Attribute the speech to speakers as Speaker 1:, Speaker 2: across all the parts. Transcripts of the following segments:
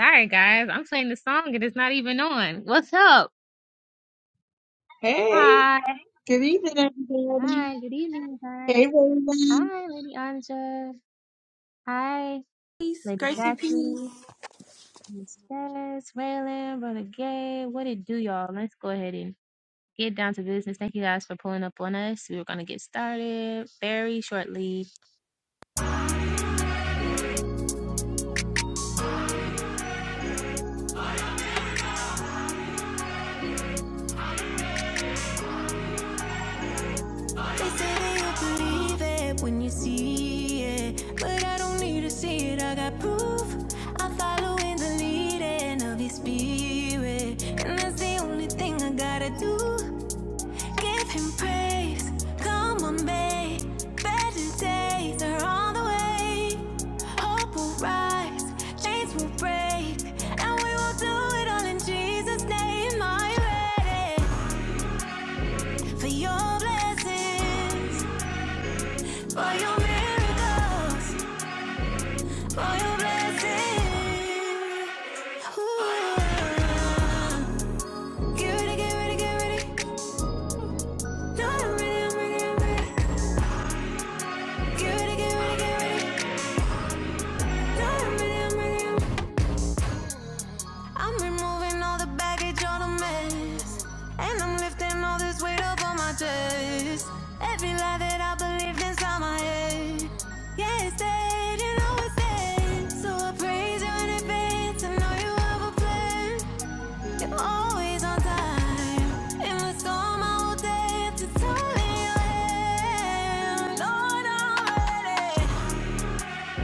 Speaker 1: Sorry, guys. I'm playing the song and it's not even on. What's up?
Speaker 2: Hey,
Speaker 1: Hi.
Speaker 2: good evening, everybody.
Speaker 1: Hi. Good evening,
Speaker 2: Hey,
Speaker 1: guys.
Speaker 2: Raven.
Speaker 1: Hi, Lady Anja. Hi,
Speaker 3: Peace,
Speaker 1: Lady
Speaker 3: grace and peace.
Speaker 1: Jackie. Miss Jess, Raylan, Brother Gay. What it do, y'all? Let's go ahead and get down to business. Thank you guys for pulling up on us. We're going to get started very shortly.
Speaker 4: They say that you'll believe it when you see it. But I don't need to see it, I got proof. I'm following the leading of your spirit. And that's the only thing I gotta do. Give him praise. Come on, babe. Better days are on the way. Hope will rise, chains will break, and we will do it all in Jesus' name. I'm ready for your blessings. For your miracles, for your blessings. Ooh. yeah. Get ready, get ready, get ready. No, I'm ready, I'm ready, I'm ready. Get ready, get ready, get ready. No, I'm ready, I'm ready, I'm ready. I'm removing all the baggage, all the mess. And I'm lifting all this weight up on my chest. Every lie that I believed inside my head. Yeah, it's dead, you know it's dead. So I praise you in advance. I know you have a plan. You're always on time. In the storm, I will dance. It's all in your hand. Lord,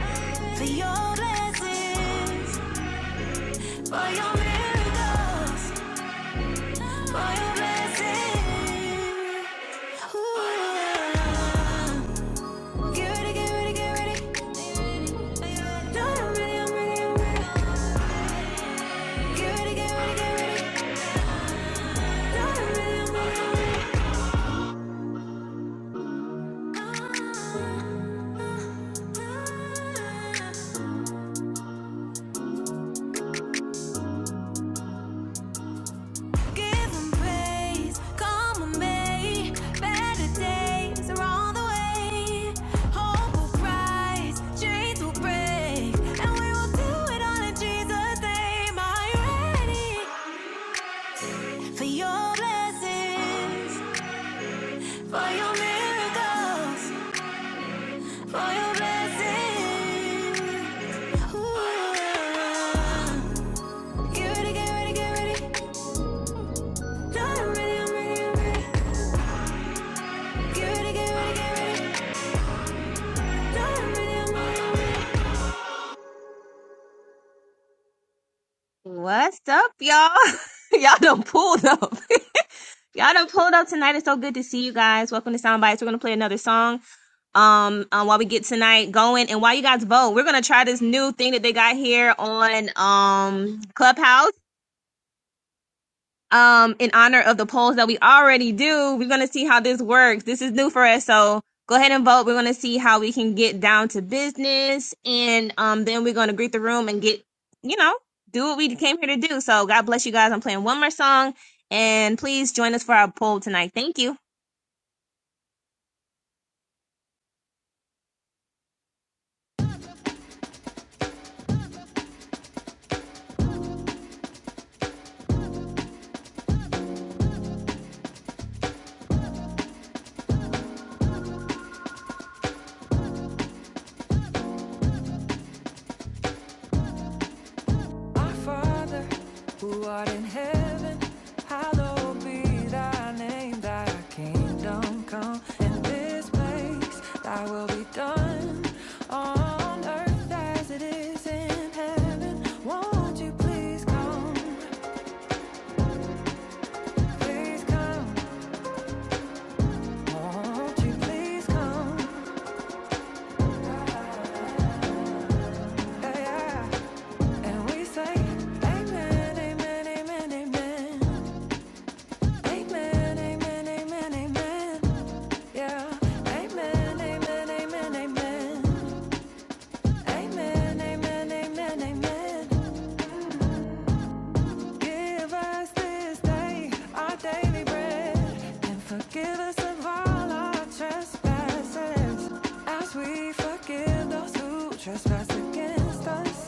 Speaker 4: I'm ready for your blessings, for your miracles. for your Get ready, get ready, get ready. No, I'm ready, I'm ready, I'm ready. Get ready, get ready, get ready. No, I'm ready, I'm ready, I'm ready. Give 'em praise, come on, May. Better days are on the way. Hope will rise, chains will break, and we will do it all in Jesus' name. Are you ready for your blessings, for your miracles, for your blessings? Ooh. Get ready, get ready, get ready. No, I'm ready, I'm ready, I'm ready. Get ready, get ready, get ready.
Speaker 1: What's up, y'all? y'all done pulled up. y'all done pulled up tonight. It's so good to see you guys. Welcome to Soundbites. We're going to play another song. um uh, while we get tonight going and while you guys vote we're gonna try this new thing that they got here on um clubhouse um in honor of the polls that we already do we're gonna see how this works this is new for us so go ahead and vote we're gonna see how we can get down to business and um then we're gonna greet the room and get you know do what we came here to do so god bless you guys i'm playing one more song and please join us for our poll tonight thank you
Speaker 4: Our Father, who art in heaven, hallowed be thy name. Thy kingdom come. In this place, Thy will be done on earth as it is in heaven. Won't you please come? Please come. Won't you please come? Yeah, yeah. And we say, Amen, Amen, Amen, Amen. Amen, amen, amen, amen. Yeah. Amen, amen, amen, amen. Amen, amen, amen, amen. Give us this day our daily bread and forgive us of all our trespasses as we forgive those who trespass against us.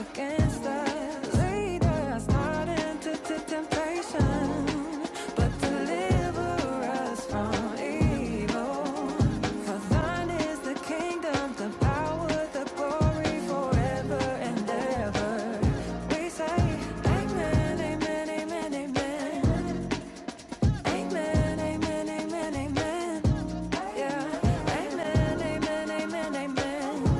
Speaker 4: Against the leader, I start into temptation, but deliver us from evil. For thine is the kingdom, the power, the glory, forever and ever. We say, Amen, Amen, Amen, Amen, Amen, Amen, Amen, Amen. Yeah, Amen, Amen, Amen, Amen.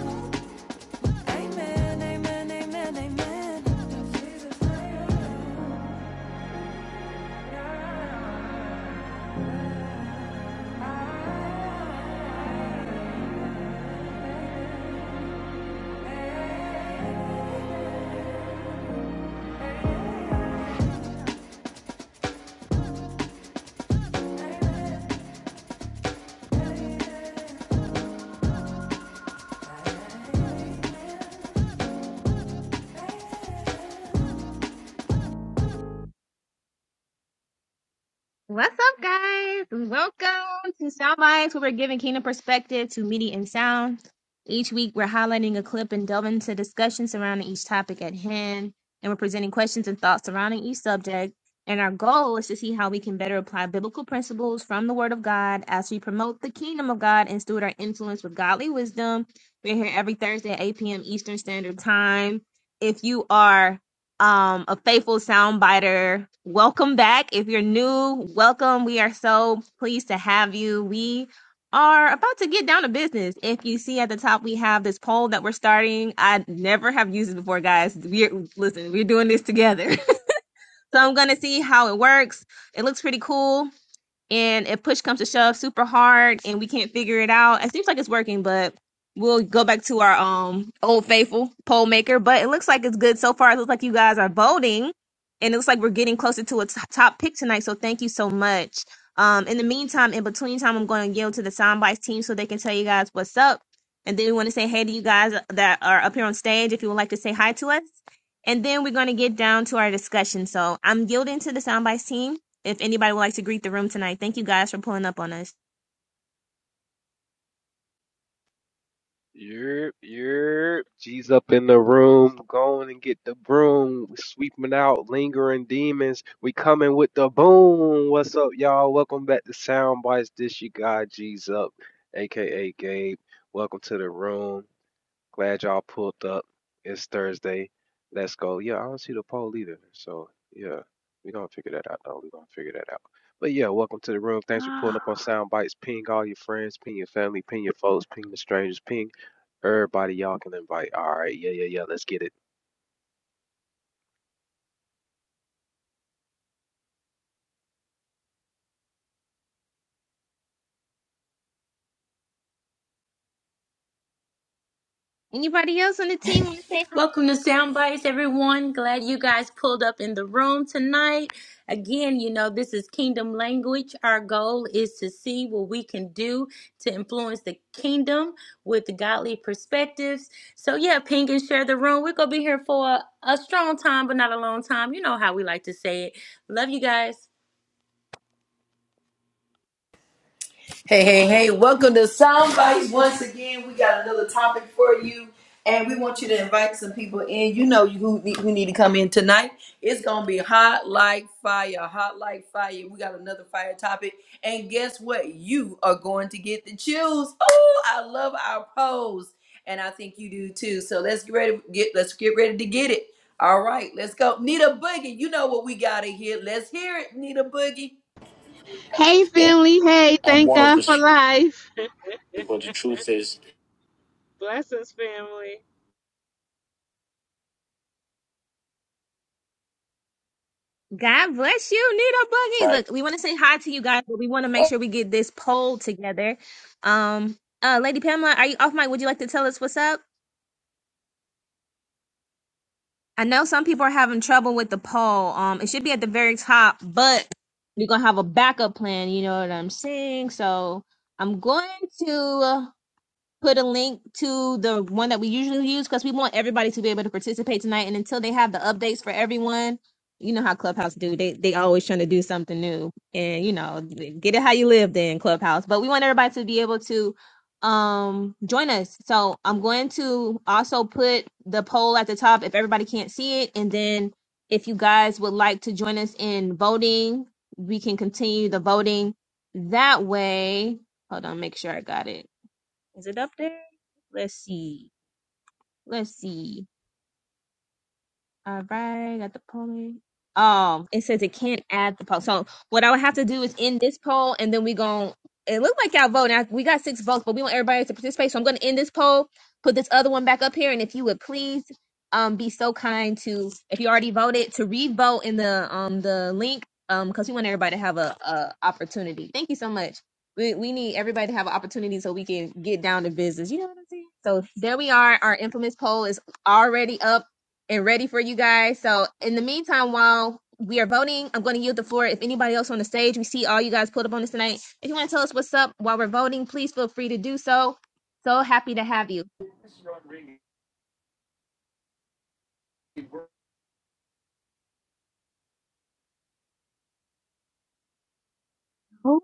Speaker 1: What's up, guys? Welcome to Sound Bites, where we're giving kingdom perspective to media and sound. Each week, we're highlighting a clip and delving into discussions surrounding each topic at hand, and we're presenting questions and thoughts surrounding each subject. And our goal is to see how we can better apply biblical principles from the Word of God as we promote the kingdom of God and steward our influence with godly wisdom. We're here every Thursday at 8 p.m. Eastern Standard Time. If you are um, a faithful soundbiter. Welcome back. If you're new, welcome. We are so pleased to have you. We are about to get down to business. If you see at the top, we have this poll that we're starting. I never have used it before, guys. We're listen, we're doing this together. so I'm gonna see how it works. It looks pretty cool and if push comes to shove super hard and we can't figure it out it seems like it's working but we'll go back to our um old faithful poll maker but it looks like it's good so far it looks like you guys are voting and it looks like we're getting closer to a t- top pick tonight so thank you so much um in the meantime in between time i'm going to yield to the soundbites team so they can tell you guys what's up and then we want to say hey to you guys that are up here on stage if you would like to say hi to us and then we're going to get down to our discussion so i'm yielding to the soundbites team if anybody would like to greet the room tonight, thank you guys for pulling up on us.
Speaker 5: Yerp, yerp. G's up in the room, going and get the broom. We sweeping out lingering demons. We coming with the boom. What's up, y'all? Welcome back to Sound Bites. This you got G's up, aka Gabe. Welcome to the room. Glad y'all pulled up. It's Thursday. Let's go. Yeah, I don't see the poll either. So yeah, we gonna figure that out though. We gonna figure that out. But yeah, welcome to the room. Thanks for pulling up on Sound Bites. Ping all your friends, ping your family, ping your folks, ping the strangers, ping Everybody y'all can invite. All right, yeah, yeah, yeah. Let's get it.
Speaker 1: Anybody else on the team want to say hi?
Speaker 3: Welcome to Sound Bites, everyone. Glad you guys pulled up in the room tonight. Again, you know, this is kingdom language. Our goal is to see what we can do to influence the kingdom with godly perspectives. So, yeah, ping and share the room. We're going to be here for a, a strong time, but not a long time. You know how we like to say it. Love you guys.
Speaker 6: Hey, hey, hey, welcome to Soundbites. Once again, we got another topic for you, and we want you to invite some people in. You know who need, who need to come in tonight. It's going to be hot like fire, hot like fire. We got another fire topic, and guess what? You are going to get the chills. Oh, I love our pose, and I think you do too. So let's get ready, get, let's get ready to get it. All right, let's go. Nita Boogie, you know what we got in here. Let's hear it, Nita Boogie.
Speaker 7: Hey,
Speaker 8: yeah,
Speaker 7: family. Hey,
Speaker 8: I'm
Speaker 7: thank
Speaker 8: one of
Speaker 7: God
Speaker 8: those
Speaker 7: for
Speaker 8: few.
Speaker 7: life.
Speaker 8: But the truth is,
Speaker 7: Blessings, family.
Speaker 1: God bless you, Nita Boogie.
Speaker 8: right?
Speaker 1: Look, we want to say hi to you guys, but we want to make sure we get this poll together. Um, uh, Lady Pamela, are you off mic? Would you like to tell us what's up? I know some people are having trouble with the poll. Um, it should be at the very top, but we're gonna have a backup plan. You know what I'm saying? So I'm going to. put a link to the one that we usually use because we want everybody to be able to participate tonight. And until they have the updates for everyone, you know how Clubhouse do. They they always trying to do something new, and you know, get it how you live then Clubhouse. But we want everybody to be able to um join us. So I'm going to also put the poll at the top if everybody can't see it, and then if you guys would like to join us in voting, we can continue the voting that way. Hold on, make sure I got it is it up there? Let's see. Let's see. All right, got the polling. Um, it says it can't add the poll. So what I would have to do is end this poll, and then we gon' It looked like y'all vote. Now we got six votes, but we want everybody to participate. So I'm gonna end this poll, put this other one back up here, and if you would please, um, be so kind to if you already voted to re-vote in the um the link, um, because we want everybody to have a, a opportunity. Thank you so much. We we need everybody to have an opportunity so we can get down to business. You know what I'm saying? So there we are. Our infamous poll is already up and ready for you guys. So in the meantime, while we are voting, I'm going to yield the floor. If anybody else on the stage, we see all you guys pulled up on this tonight. If you want to tell us what's up while we're voting, please feel free to do so. So happy to have you. Oh,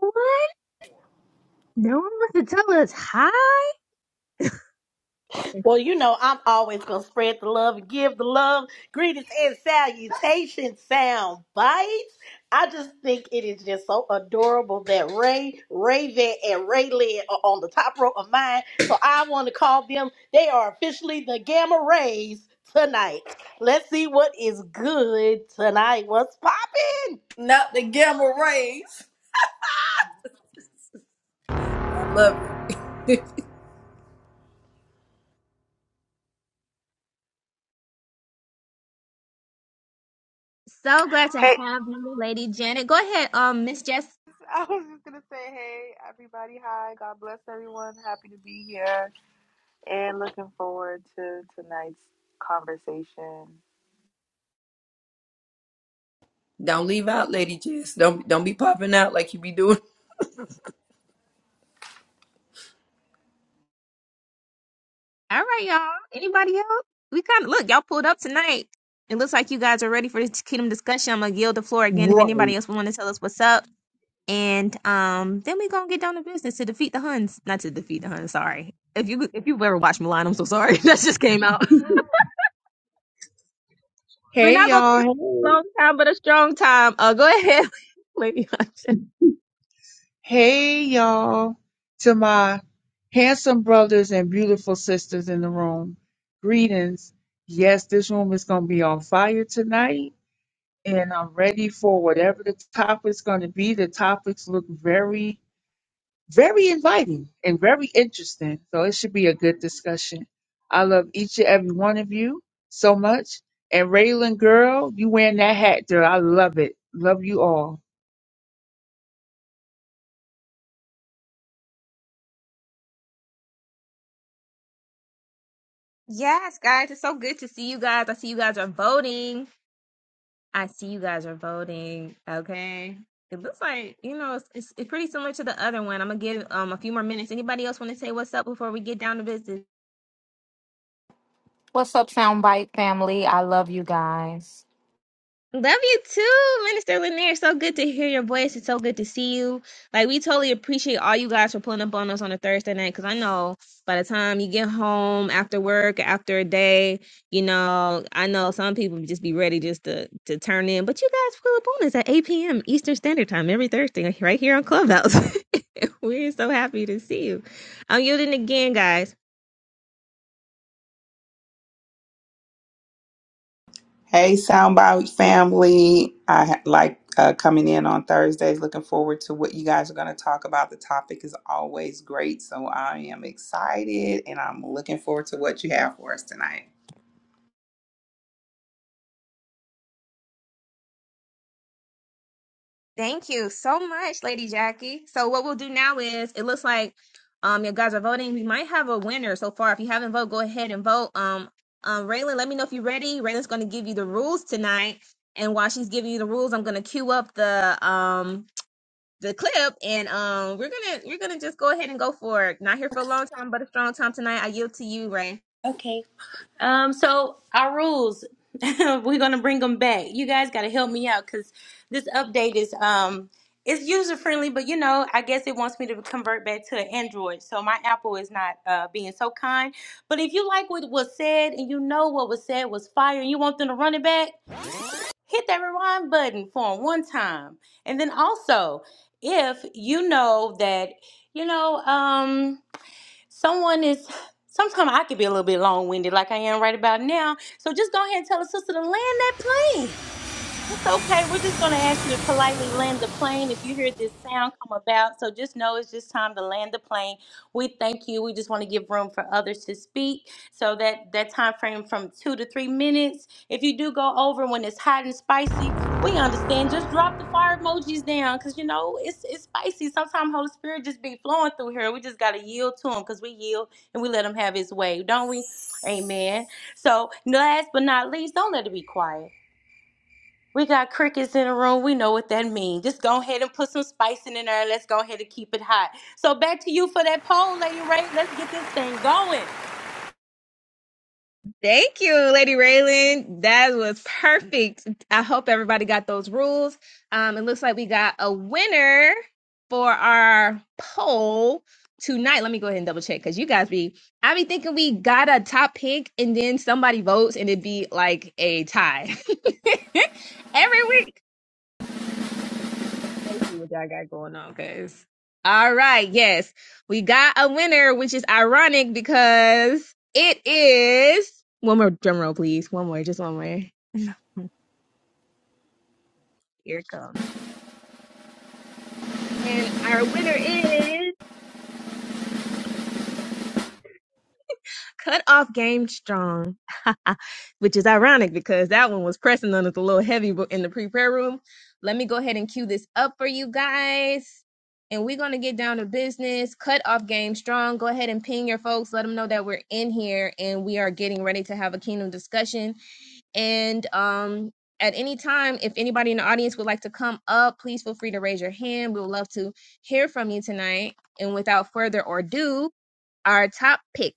Speaker 1: no one wants to tell us hi.
Speaker 9: Well, you know, I'm always going to spread the love and give the love. Greetings and salutations, sound bites. I just think it is just so adorable that Ray, Raven, and Raylan are on the top row of mine. So I want to call them, they are officially the Gamma Rays tonight. Let's see what is good tonight. What's popping?
Speaker 6: Not the gamma rays. I Love it.
Speaker 1: So glad to have
Speaker 10: Hey,
Speaker 1: you, Lady Janet. Go ahead, um, Miss Jess.
Speaker 10: I was just gonna say, hey, everybody, hi, God bless everyone. Happy to be here and looking forward to tonight's conversation.
Speaker 6: Don't leave out, Lady Jess. Don't don't be popping out like you be doing.
Speaker 1: All right, y'all. Anybody else? We kind of look, y'all pulled up tonight. It looks like you guys are ready for this kingdom discussion. I'm gonna yield the floor again if
Speaker 2: Right.
Speaker 1: anybody else would want to tell us what's up. And um, then we gonna get down to business to defeat the Huns. Not to defeat the Huns. Sorry. If you if you've ever watched Milan, I'm so sorry. that just came out. We're
Speaker 2: Hey,
Speaker 1: not gonna be
Speaker 2: y'all.
Speaker 1: here for a
Speaker 2: Hey.
Speaker 1: long time, but a strong time. Uh, go ahead, Lady Hunter.
Speaker 2: Hey, y'all. To my handsome brothers and beautiful sisters in the room, greetings. Yes, this room is going to be on fire tonight, and I'm ready for whatever the topic's going to be. The topics look very very inviting and very interesting. So it should be a good discussion. I love each and every one of you so much. And Raylan, girl, you wearing that hat, girl. I love it. Love you all.
Speaker 1: Yes, guys, it's so good to see you guys. I see you guys are voting. I see you guys are voting. Okay. It looks like you know it's, it's, it's pretty similar to the other one. I'm gonna give um a few more minutes. Anybody else want to say what's up before we get down to business?
Speaker 11: What's up, Soundbite family? I love you guys.
Speaker 1: Love you too, Minister Lanier. So good to hear your voice. It's so good to see you. Like we totally appreciate all you guys for pulling up on us on a Thursday night. Cause I know by the time you get home after work, after a day, you know, I know some people just be ready just to to turn in. But you guys pull up on us at 8 p.m. Eastern Standard Time every Thursday, right here on Clubhouse. We're so happy to see you. I'm yielding again, guys.
Speaker 12: Hey, Soundbite family. I ha- like uh, coming in on Thursdays. Looking forward to what you guys are going to talk about. The topic is always great. So I am excited and I'm looking forward to what you have for us tonight.
Speaker 1: Thank you so much, Lady Jackie. So what we'll do now is it looks like um you guys are voting. We might have a winner so far. If you haven't voted, go ahead and vote. Um um Raylan, let me know if you're ready. Raylan's gonna give you the rules tonight. And while she's giving you the rules, I'm gonna cue up the um the clip and um we're gonna we're gonna just go ahead and go for it. Not here for a long time, but a strong time tonight. I yield to you, Ray.
Speaker 3: Okay. Um, so our rules, we're gonna bring them back. You guys gotta help me out because this update is um it's user friendly, but you know, I guess it wants me to convert back to Android. So my Apple is not uh, being so kind. But if you like what was said and you know what was said was fire and you want them to run it back, hit that rewind button for 'em one time. And then also, if you know that, you know, um, someone is sometimes I could be a little bit long winded like I am right about now. So just go ahead and tell a sister to land that plane. It's okay. We're just going to ask you to politely land the plane if you hear this sound come about. So just know it's just time to land the plane. We thank you. We just want to give room for others to speak. So that that time frame from two to three minutes. If you do go over when it's hot and spicy, we understand. Just drop the fire emojis down because you know it's it's spicy. Sometimes Holy Spirit just be flowing through here. We just gotta yield to him because we yield and we let him have his way, don't we? Amen. So last but not least, don't let it be quiet. We got crickets in the room. We know what that means. Just go ahead and put some spicing in there and let's go ahead and keep it hot. So back to you for that poll, Lady Ray. Let's get this thing going.
Speaker 1: Thank you, Lady Raylan. That was perfect. I hope everybody got those rules. Um, it looks like we got a winner for our poll tonight. Let me go ahead and double check because you guys be I be thinking we got a top pick and then somebody votes and it be like a tie every week. Let's see what y'all got going on, guys. All right, yes, we got a winner, which is ironic because it is one more drum roll, please. One more, just one more. Here it comes. And our winner is cut off Game Strong, which is ironic because that one was pressing on us a little heavy bu- in the pre prayer room. Let me go ahead and cue this up for you guys. And we're going to get down to business. Cut off Game Strong. Go ahead and ping your folks. Let them know that we're in here and we are getting ready to have a kingdom discussion. And, um, at any time, if anybody in the audience would like to come up, please feel free to raise your hand. We would love to hear from you tonight. And without further ado, our top pick.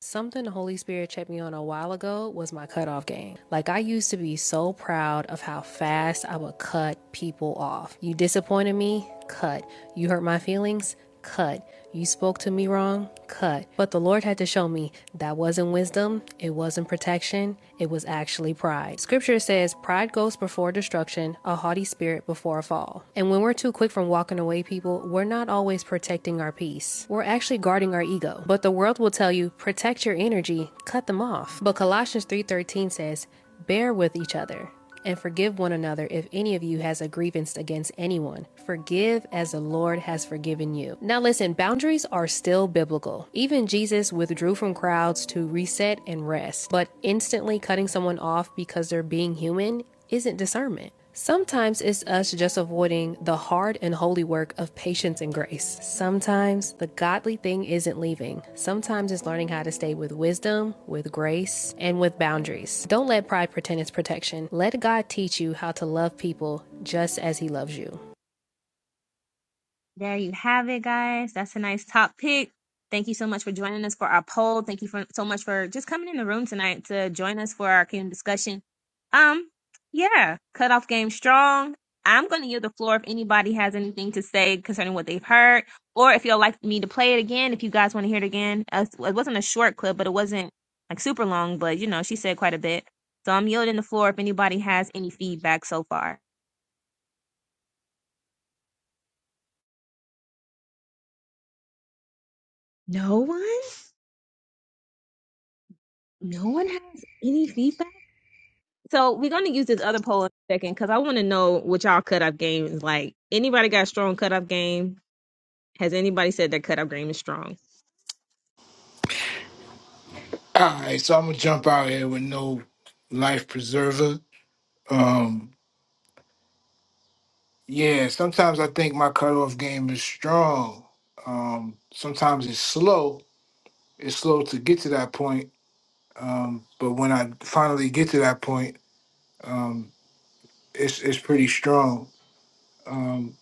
Speaker 4: Something the Holy Spirit checked me on a while ago was my cutoff game. Like, I used to be so proud of how fast I would cut people off. You disappointed me? Cut. You hurt my feelings? Cut. You spoke to me wrong? Cut. But the Lord had to show me that wasn't wisdom, it wasn't protection, it was actually pride. Scripture says, Pride goes before destruction, a haughty spirit before a or fall. And when we're too quick from walking away, people, we're not always protecting our peace. We're actually guarding our ego. But the world will tell you, protect your energy, cut them off. But Colossians 3:13 says, "Bear with each other." and forgive one another if any of you has a grievance against anyone. Forgive as the Lord has forgiven you. Now, listen, boundaries are still biblical. Even Jesus withdrew from crowds to reset and rest, but instantly cutting someone off because they're being human isn't discernment. Sometimes it's us just avoiding the hard and holy work of patience and grace. Sometimes the godly thing isn't leaving. Sometimes it's learning how to stay with wisdom, with grace, and with boundaries. Don't let pride pretend it's protection. Let God teach you how to love people just as He loves you.
Speaker 1: There you have it, guys. That's a nice top pick. Thank you so much for joining us for our poll. Thank you for so much for just coming in the room tonight to join us for our kingdom discussion. Um, yeah, cutoff game strong. I'm going to yield the floor if anybody has anything to say concerning what they've heard, or if you'd like me to play it again, if you guys want to hear it again. Uh, It wasn't a short clip, but it wasn't like super long, but you know, she said quite a bit. So I'm yielding the floor if anybody has any feedback so far. No one? No one has any feedback? So we're gonna use this other poll in a second because I want to know what y'all cutoff game is like. Anybody got a strong cutoff game? Has anybody said their cutoff game is strong?
Speaker 13: All right, so I'm gonna jump out here with no life preserver. Um, yeah, sometimes I think my cutoff game is strong. Um, sometimes it's slow. It's slow to get to that point. Um, but when I finally get to that point, um, it's it's pretty strong. Um,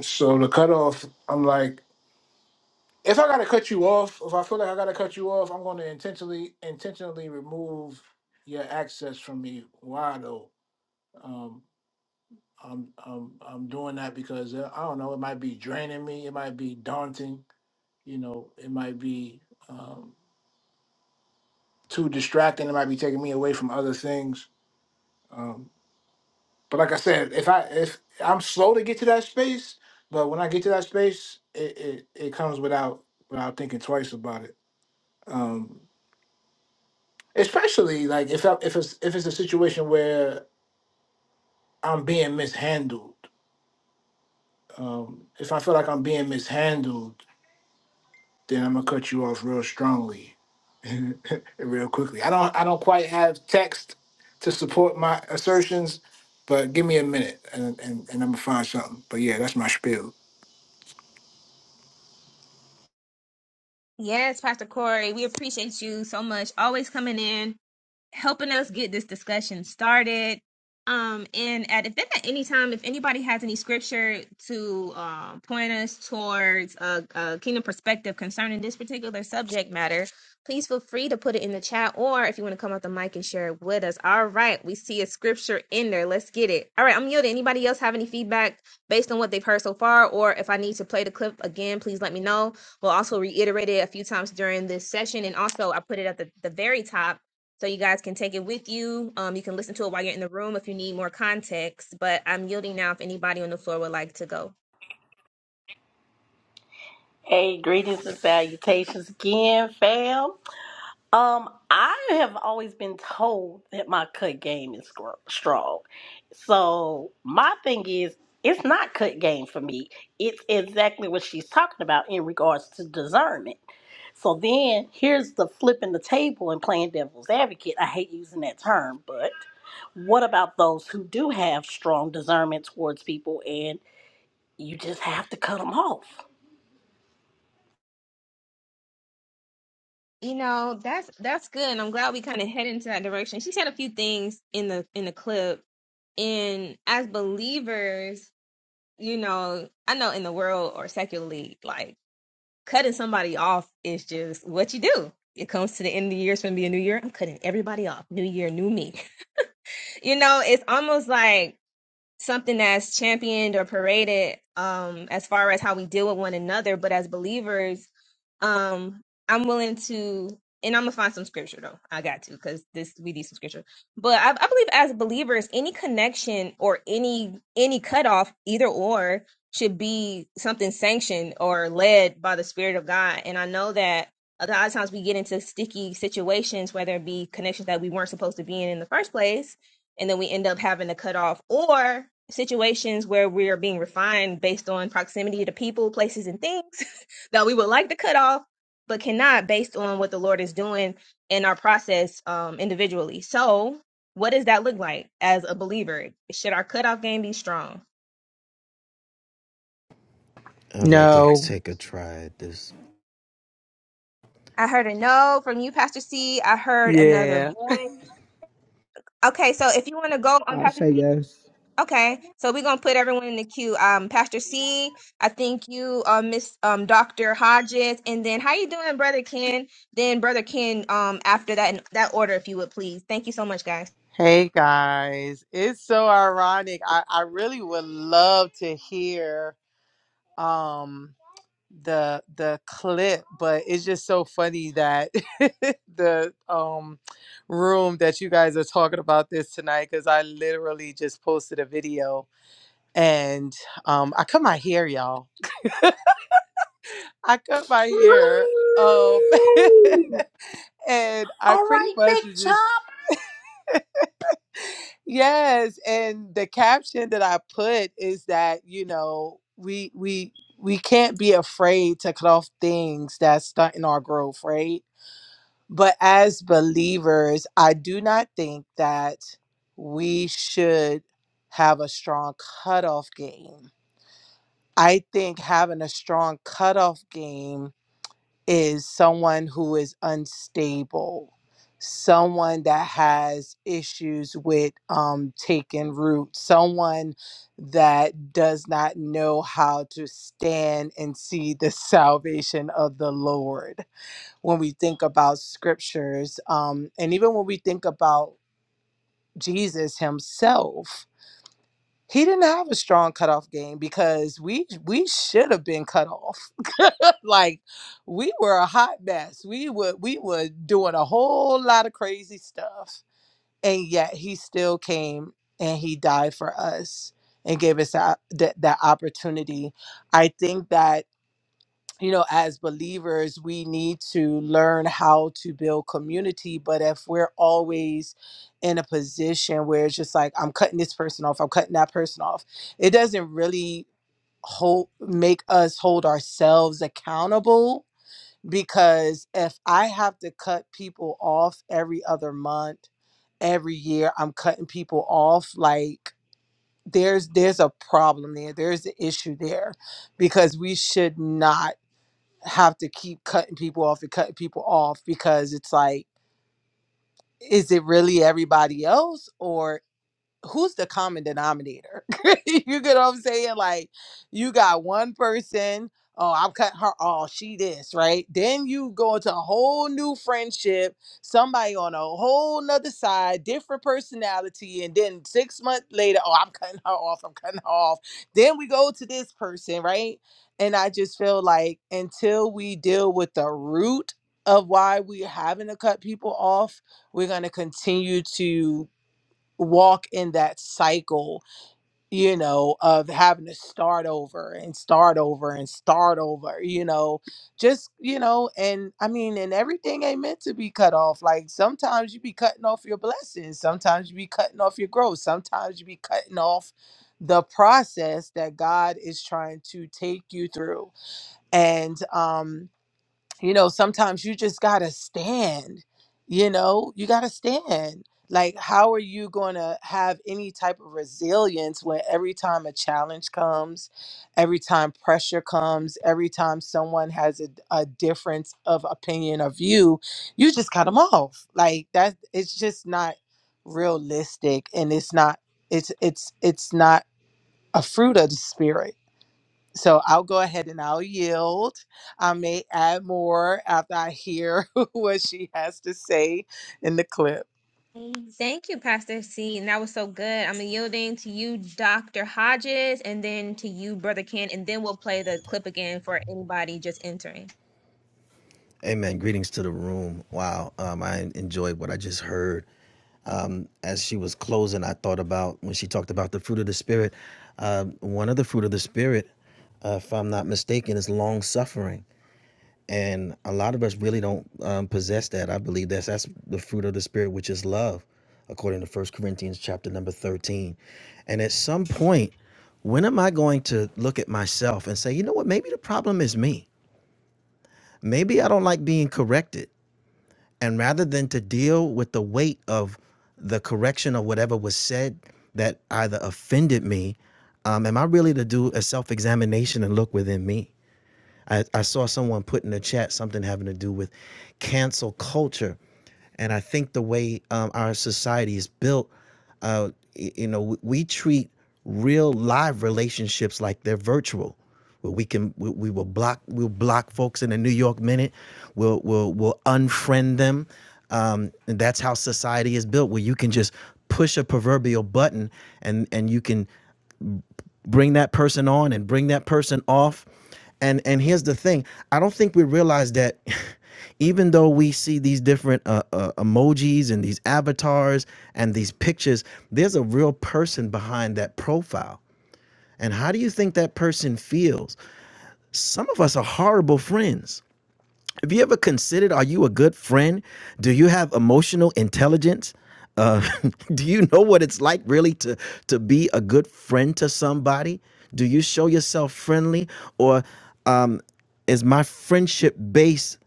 Speaker 13: so the cutoff, I'm like, if I gotta cut you off, if I feel like I gotta cut you off, I'm gonna intentionally intentionally remove your access from me. Why though? Um, I'm I'm I'm doing that because uh, I don't know. It might be draining me. It might be daunting. You know, it might be um, too distracting. It might be taking me away from other things. Um, but like I said, if I if I'm slow to get to that space, but when I get to that space, it it, it comes without without thinking twice about it. Um, especially like if I, if it's if it's a situation where I'm being mishandled. Um, if I feel like I'm being mishandled, then I'm gonna cut you off real strongly real quickly. I don't I don't quite have text to support my assertions, but give me a minute and, and, and I'm gonna find something. But yeah, that's my spiel.
Speaker 1: Yes, Pastor Corey, we appreciate you so much. Always coming in. helping us get this discussion started. Um, and at if then at any time, if anybody has any scripture to um, point us towards a, a kingdom perspective concerning this particular subject matter, please feel free to put it in the chat, or if you want to come up the mic and share it with us. All right, we see a scripture in there. Let's get it. All right, I'm yielding. Anybody else have any feedback based on what they've heard so far, or if I need to play the clip again, please let me know. We'll also reiterate it a few times during this session, and also I put it at the, the very top so you guys can take it with you. Um, you can listen to it while you're in the room if you need more context. But I'm yielding now if anybody on the floor would like to go.
Speaker 9: Hey, greetings and salutations again, fam. Um, I have always been told that my cut game is gr- strong. So my thing is, it's not cut game for me. It's exactly what she's talking about in regards to discernment. So then here's the flipping the table and playing devil's advocate. I hate using that term, but what about those who do have strong discernment towards people and you just have to cut them off?
Speaker 1: You know, that's that's good. And I'm glad we kind of head into that direction. She said a few things in the in the clip. And as believers, you know, I know in the world or secularly, like cutting somebody off is just what you do. It comes to the end of the year, it's gonna be a new year. I'm cutting everybody off. New year, new me. You know, it's almost like something that's championed or paraded um as far as how we deal with one another but as believers um i'm willing to and i'm gonna find some scripture though i got to because this we need some scripture but I, I believe as believers any connection or any any cutoff either or should be something sanctioned or led by the spirit of god and i know that a lot of times we get into sticky situations whether it be connections that we weren't supposed to be in in the first place and then we end up having to cut off or situations where we are being refined based on proximity to people places and things that we would like to cut off, but cannot based on what the Lord is doing in our process um, individually. So, what does that look like as a believer? Should our cutoff game be strong?
Speaker 14: I'd like to
Speaker 15: No.
Speaker 14: take a try at this.
Speaker 1: I heard a no from you, Pastor C. I heard another
Speaker 15: Yeah.
Speaker 1: voice. Okay, so if you want to go on
Speaker 16: I'll
Speaker 1: Pastor
Speaker 16: say
Speaker 1: C,
Speaker 16: yes.
Speaker 1: okay. So we're gonna put everyone in the queue. Um, Pastor C, I think you, uh, Miss um, Doctor Hodges, and then how you doing, Brother Ken? Then Brother Ken, um, after that in that order, if you would please. Thank you so much, guys.
Speaker 15: Hey guys. It's so ironic. I, I really would love to hear um the the clip, but it's just so funny that the um room that you guys are talking about this tonight because I literally just posted a video and um I cut my hair, y'all. I cut my hair. Um
Speaker 2: Ooh,
Speaker 15: and I
Speaker 9: All
Speaker 15: pretty
Speaker 9: right, big
Speaker 15: much was
Speaker 9: chum.
Speaker 15: just Yes, and the caption that I put is that, you know, we we we can't be afraid to cut off things that's stunting our growth, right? But as believers, I do not think that we should have a strong cutoff game. I think having a strong cutoff game is someone who is unstable, someone that has issues with um, taking root, someone that does not know how to stand and see the salvation of the Lord. When we think about scriptures, um, and even when we think about Jesus himself, he didn't have a strong cutoff game because we we should have been cut off. like we were a hot mess. We were we were doing a whole lot of crazy stuff, and yet he still came and he died for us and gave us that that, that opportunity. I think that you know, as believers, we need to learn how to build community. But if we're always in a position where it's just like, I'm cutting this person off, I'm cutting that person off, it doesn't really hold make us hold ourselves accountable because if I have to cut people off every other month, every year, I'm cutting people off like there's there's a problem there. There's an issue there because we should not have to keep cutting people off and cutting people off because it's like, is it really everybody else or who's the common denominator? you get what I'm saying? Like, you got one person. Oh, I'm cutting her off. She this, right? Then you go into a whole new friendship, somebody on a whole nother side, different personality. And then six months later, oh, I'm cutting her off. I'm cutting her off. Then we go to this person, right? And I just feel like until we deal with the root of why we're having to cut people off, we're going to continue to walk in that cycle, you know, of having to start over and start over and start over, you know, just, you know, and I mean, and everything ain't meant to be cut off. Like sometimes you be cutting off your blessings, sometimes you be cutting off your growth, sometimes you be cutting off the process that God is trying to take you through. And, um, you know sometimes you just gotta stand you know you gotta stand like how are you gonna have any type of resilience when every time a challenge comes every time pressure comes every time someone has a, a difference of opinion or view you just cut them off like that it's just not realistic and it's not it's it's it's not a fruit of the spirit so I'll go ahead and I'll yield. I may add more after I hear what she has to say in the clip.
Speaker 1: Thank you, Pastor C. And that was so good. I'm yielding to you, Dr. Hodges, and then to you, Brother Ken, and then we'll play the clip again for anybody just entering.
Speaker 14: Amen. Greetings to the room. Wow. Um, I enjoyed what I just heard. Um, as she was closing, I thought about when she talked about the fruit of the Spirit. Um, one of the fruit of the Spirit, uh, if I'm not mistaken, is long suffering. And a lot of us really don't um, possess that. I believe that's that's the fruit of the Spirit, which is love, according to First Corinthians chapter number 13. And at some point, when am I going to look at myself and say, you know what, maybe the problem is me? maybe I don't like being corrected. And rather than to deal with the weight of the correction or whatever was said that either offended me, um, am I really to do a self examination and look within me? I, I saw someone put in the chat something having to do with cancel culture. And I think the way um, our society is built, uh, you know, we, we treat real live relationships like they're virtual. Where we can, we, we will block, we'll block folks in a New York minute. We'll, we'll, we'll unfriend them. Um, and that's how society is built, where you can just push a proverbial button and and you can bring that person on and bring that person off. And and here's the thing: I don't think we realize that even though we see these different uh, uh, emojis and these avatars and these pictures, there's a real person behind that profile. And how do you think that person feels? Some of us are horrible friends. Have you ever considered are you a good friend? Do you have emotional intelligence? Uh, do you know what it's like really to to be a good friend to somebody? Do you show yourself friendly or um, is my friendship based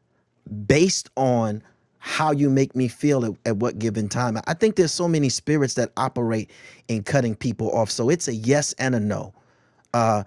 Speaker 14: based on how you make me feel at, at what given time? I think there's so many spirits that operate in cutting people off. So it's a yes and a no uh,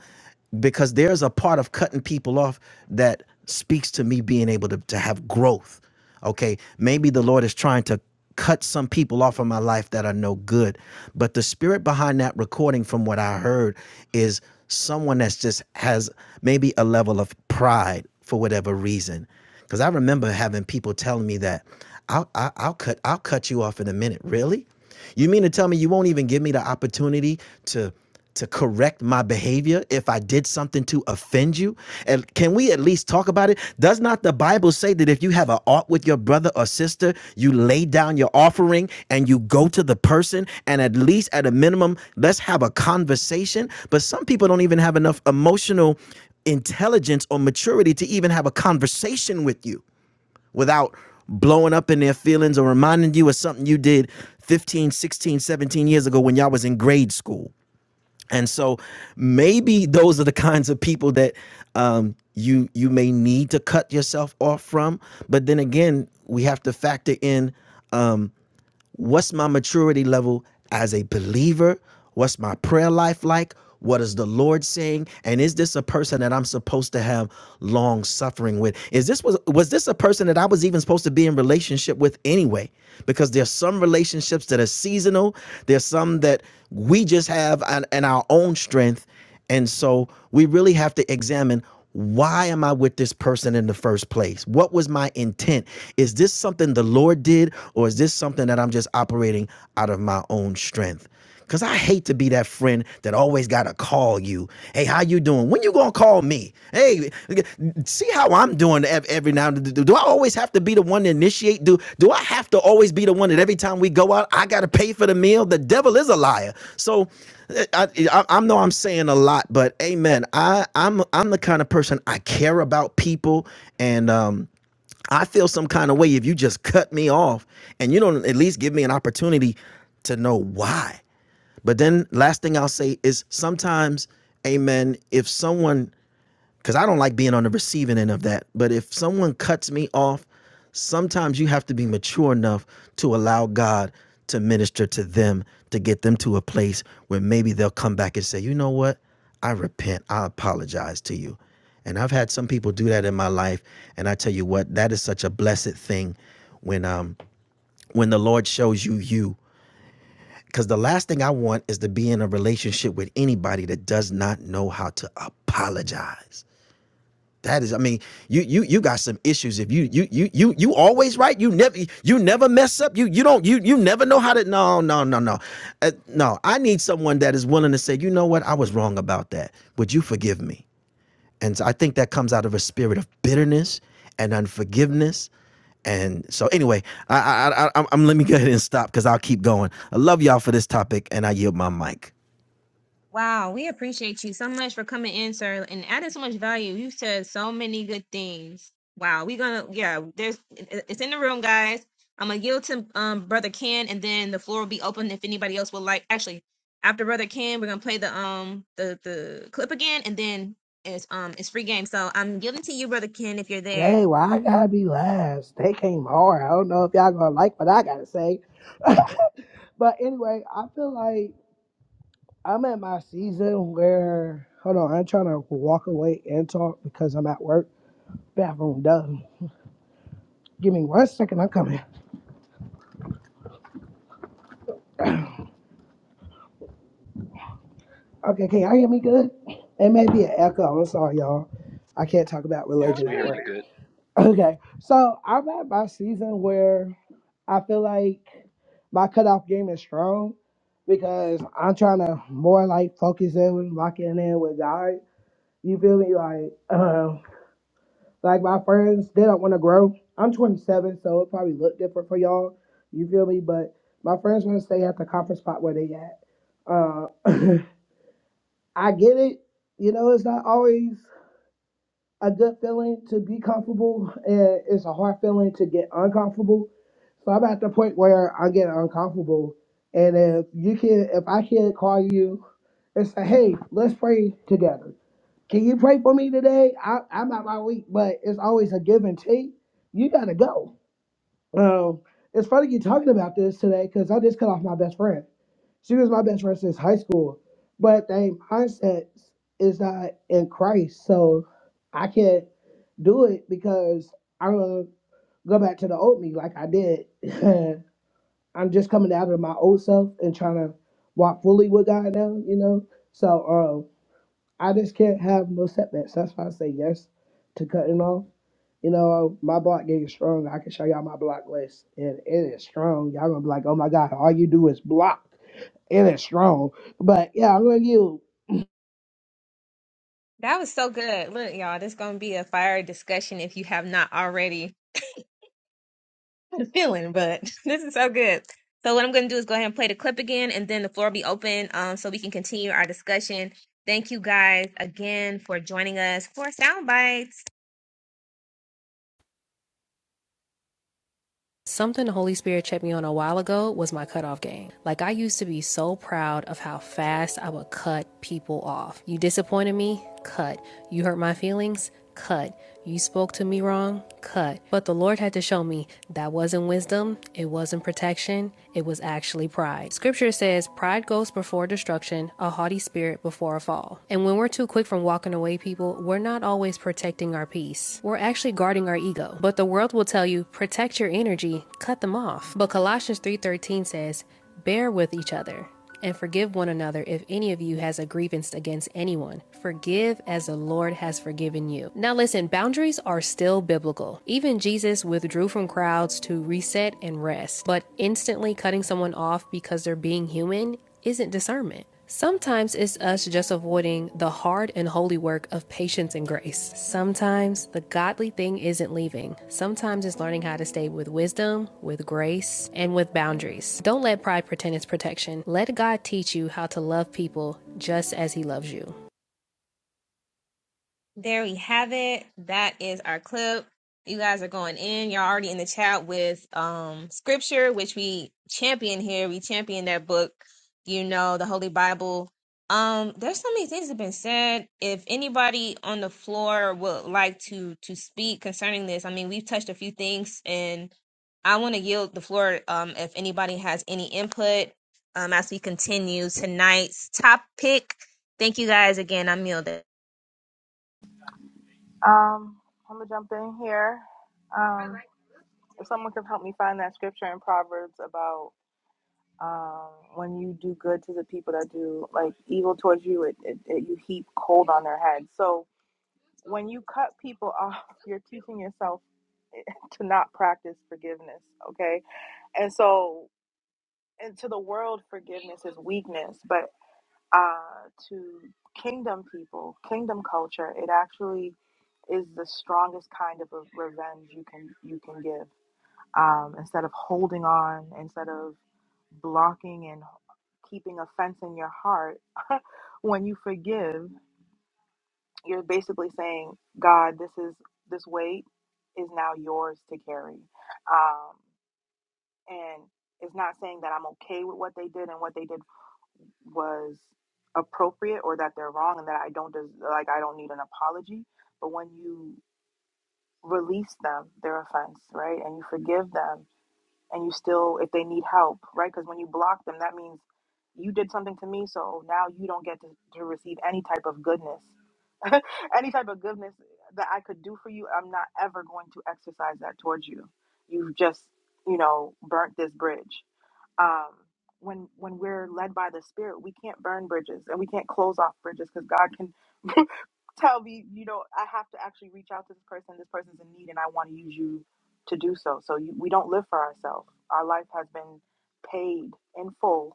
Speaker 14: because there's a part of cutting people off that speaks to me being able to, to have growth. Okay, maybe the Lord is trying to cut some people off of my life that are no good. But the spirit behind that recording, from what I heard, is someone that's just has maybe a level of pride for whatever reason. Because I remember having people telling me that I'll, I- I'll cut I'll cut you off in a minute. Really? You mean to tell me you won't even give me the opportunity to to correct my behavior if I did something to offend you? And can we at least talk about it? Does not the Bible say that if you have an art with your brother or sister, you lay down your offering and you go to the person and at least at a minimum, let's have a conversation? But some people don't even have enough emotional intelligence or maturity to even have a conversation with you without blowing up in their feelings or reminding you of something you did 15, 16, 17 years ago when y'all was in grade school. And so maybe those are the kinds of people that um, you you may need to cut yourself off from. But then again, we have to factor in um, What's my maturity level as a believer? What's my prayer life like? What is the Lord saying? And is this a person that I'm supposed to have long suffering with? Is this was was this a person that I was even supposed to be in relationship with anyway? Because there's some relationships that are seasonal. There's some that we just have on, in our own strength, and so we really have to examine why am I with this person in the first place? What was my intent? Is this something the Lord did, or is this something that I'm just operating out of my own strength? Cause I hate to be that friend that always gotta call you. Hey, how you doing? When you gonna call me? Hey. Hey, see how I'm doing every now and then. Do I always have to be the one to initiate? Do do I have to always be the one that every time we go out, I got to pay for the meal? The devil is a liar. So eh, I, I I know I'm saying a lot, but amen. I I'm I'm the kind of person I care about people and um I feel some kind of way if you just cut me off and you don't at least give me an opportunity to know why. But then last thing I'll say is sometimes amen if someone because I don't like being on the receiving end of that. But if someone cuts me off, sometimes you have to be mature enough to allow God to minister to them to get them to a place where maybe they'll come back and say, you know what? I repent. I apologize to you. And I've had some people do that in my life. And I tell you what, that is such a blessed thing when um when the Lord shows you you. Because the last thing I want is to be in a relationship with anybody that does not know how to apologize that is, I mean, you you you got some issues. If you you you you you always right, you never you never mess up. You you don't you you never know how to. No no no no, uh, no. I need someone that is willing to say, you know what, I was wrong about that. Would you forgive me? And so I think that comes out of a spirit of bitterness and unforgiveness. And so anyway, I I, I I'm, I'm let me go ahead and stop because I'll keep going. I love y'all for this topic, and I yield my mic.
Speaker 1: Wow, we appreciate you so much for coming in, sir, and adding so much value. You said so many good things. Wow, we're gonna yeah, there's it- it's in the room, guys. I'm gonna yield to um brother Ken, and then the floor will be open if anybody else would like. Actually, after brother Ken, we're gonna play the um the the clip again, and then it's um it's free game. So I'm yielding to you, brother Ken, if you're there.
Speaker 16: Dang, why I gotta be last? They came hard. I don't know if y'all gonna like what I gotta say. but anyway, I feel like I'm at my season where hold on, I'm trying to walk away and talk because I'm at work. Bathroom done. Give me one second, I'm coming. Okay, can y'all hear me good? It may be an echo. I'm sorry, y'all. I can't talk about
Speaker 5: Yes,
Speaker 16: religion
Speaker 5: we
Speaker 16: at
Speaker 5: hear
Speaker 16: work.
Speaker 5: you good.
Speaker 16: Okay, so I'm at my season where I feel like my cutoff game is strong because I'm trying to more like focus in with locking in with God. You feel me? Like, um, like my friends, they don't want to grow. I'm 27, so it probably look different for y'all. You feel me? But my friends want to stay at the comfort spot where they at. Uh, I get it. You know, it's not always. a good feeling to be comfortable, and it's a hard feeling to get uncomfortable. So I'm at the point where I get uncomfortable, and if you can, if I can call you and say, "Hey, let's pray together. Can you pray for me today? I, I'm out my week, but it's always a give and take. You gotta go." Um, it's funny you talking about this today because I just cut off my best friend. She was my best friend since high school. But the mindset is not in Christ. So I can't do it because I'm going to go back to the old me like I did. I'm just coming out of my old self and trying to walk fully with God now, you know? So um, I just can't have no setbacks. That's why I say yes to cutting off. You know, my block getting strong. I can show y'all my block list, and it is strong. Y'all gonna be like, "Oh my God, all you do is block." It is strong. But yeah, I'm gonna give
Speaker 1: That was so good. Look, y'all, this gonna be a fire discussion if you have not already. the feeling, but this is so good. So what I'm going to do is go ahead and play the clip again, and then the floor will be open um, so we can continue our discussion. Thank you guys again for joining us for Soundbites.
Speaker 4: Something the Holy Spirit checked me on a while ago was my cutoff game. Like, I used to be so proud of how fast I would cut people off. You disappointed me? Cut. You hurt my feelings? Cut. You spoke to me wrong? Cut. But the Lord had to show me that wasn't wisdom, it wasn't protection, it was actually pride. Scripture says, Pride goes before destruction, a haughty spirit before a fall people. And when we're too quick from walking away, people, we're not always protecting our peace. We're actually guarding our ego. But the world will tell you, protect your energy, cut them off. But Colossians 3:13 says, "Bear with each other." And forgive one another if any of you has a grievance against anyone. Forgive as the Lord has forgiven you. Now, listen, boundaries are still biblical. Even Jesus withdrew from crowds to reset and rest, but instantly cutting someone off because they're being human isn't discernment. Sometimes it's us just avoiding the hard and holy work of patience and grace. Sometimes the godly thing isn't leaving. Sometimes it's learning how to stay with wisdom, with grace, and with boundaries. Don't let pride pretend it's protection. Let God teach you how to love people just as He loves you.
Speaker 1: There we have it. That is our clip. You guys are going in. You're already in the chat with um scripture, which we champion here. We champion that book, you know, the Holy Bible. Um, there's so many things that have been said. If anybody on the floor would like to to speak concerning this, I mean, we've touched a few things, and I want to yield the floor. Um, if anybody has any input, um, as we continue tonight's topic. Thank you guys again. I'm yielding.
Speaker 10: Um, I'm gonna jump in here. Um, if someone can help me find that scripture in Proverbs about um, when you do good to the people that do like evil towards you, it, it, it you heap cold on their head. So when you cut people off, you're teaching yourself to not practice forgiveness. Okay, and so and to the world forgiveness is weakness but uh to kingdom people kingdom culture it actually is the strongest kind of a revenge you can you can give um instead of holding on instead of blocking and keeping offense in your heart when you forgive you're basically saying god this is this weight is now yours to carry um and it's not saying that i'm okay with what they did and what they did was appropriate or that they're wrong and that I don't des- like I don't need an apology. But when you release them their offense, right, and you forgive them, and you still if they need help, right, because when you block them, that means you did something to me, so now you don't get to, to receive any type of goodness, any type of goodness that I could do for you. I'm not ever going to exercise that towards you. You've just you know burnt this bridge um, when when we're led by the spirit we can't burn bridges and we can't close off bridges because god can tell me you know i have to actually reach out to this person this person's in need and i want to use you to do so so you, we don't live for ourselves our life has been paid in full